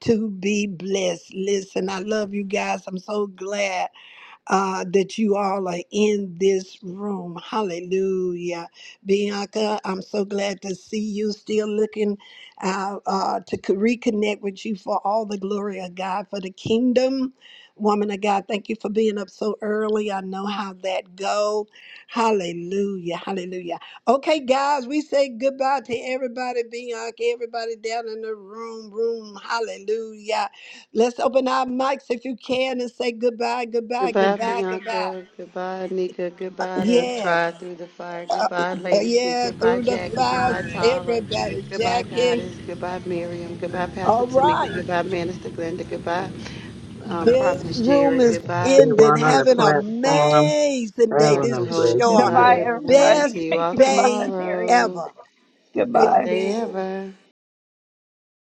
[SPEAKER 1] to be blessed. Listen, I love you guys. I'm so glad uh, that you all are in this room. Hallelujah. Bianca, I'm so glad to see you still looking uh, uh, to co- reconnect with you for all the glory of God for the kingdom. Woman of God, thank you for being up so early. I know how that go. Hallelujah. Hallelujah. Okay, guys, we say goodbye to everybody, Bianca, everybody down in the room, room. Hallelujah. Let's open our mics if you can and say goodbye, goodbye,
[SPEAKER 5] Goodbye,
[SPEAKER 1] goodbye, goodbye.
[SPEAKER 5] Bianca. Goodbye, Nika. Goodbye to
[SPEAKER 1] Yes.
[SPEAKER 5] try Through the Fire. Goodbye,
[SPEAKER 1] Uh,
[SPEAKER 5] Lady T.
[SPEAKER 1] yeah,
[SPEAKER 5] Goodbye,
[SPEAKER 1] through the
[SPEAKER 5] Jackie. Goodbye,
[SPEAKER 1] fires,
[SPEAKER 11] I
[SPEAKER 5] Tara.
[SPEAKER 11] reject,
[SPEAKER 1] everybody,
[SPEAKER 11] I
[SPEAKER 5] Goodbye,
[SPEAKER 11] like,
[SPEAKER 1] Jackie.
[SPEAKER 5] Goddess. Goodbye, Miriam.
[SPEAKER 11] I,
[SPEAKER 5] Goodbye, Pastor
[SPEAKER 1] All
[SPEAKER 5] Tamika.
[SPEAKER 11] I
[SPEAKER 1] right.
[SPEAKER 5] Goodbye,
[SPEAKER 11] continue
[SPEAKER 5] Minister
[SPEAKER 11] to give
[SPEAKER 5] Glenda. Goodbye,
[SPEAKER 11] up.
[SPEAKER 5] um,
[SPEAKER 11] your
[SPEAKER 1] This
[SPEAKER 5] Prophetess
[SPEAKER 11] values
[SPEAKER 1] room
[SPEAKER 5] Jerry.
[SPEAKER 1] is
[SPEAKER 5] Goodbye,
[SPEAKER 1] ending.
[SPEAKER 7] Everyone on the
[SPEAKER 1] Have an
[SPEAKER 5] Apostle
[SPEAKER 7] platform,
[SPEAKER 1] amazing day. This
[SPEAKER 5] Dr.
[SPEAKER 7] traveling
[SPEAKER 1] is
[SPEAKER 5] Hope.
[SPEAKER 1] your
[SPEAKER 5] Goodbye,
[SPEAKER 7] blessings.
[SPEAKER 6] Goodbye,
[SPEAKER 5] everyone.
[SPEAKER 6] everybody.
[SPEAKER 1] best
[SPEAKER 5] See you all
[SPEAKER 6] Goodbye,
[SPEAKER 1] day
[SPEAKER 6] Mary.
[SPEAKER 5] tomorrow.
[SPEAKER 1] ever.
[SPEAKER 5] the
[SPEAKER 6] Goodbye.
[SPEAKER 5] best day
[SPEAKER 1] Amen.
[SPEAKER 5] ever.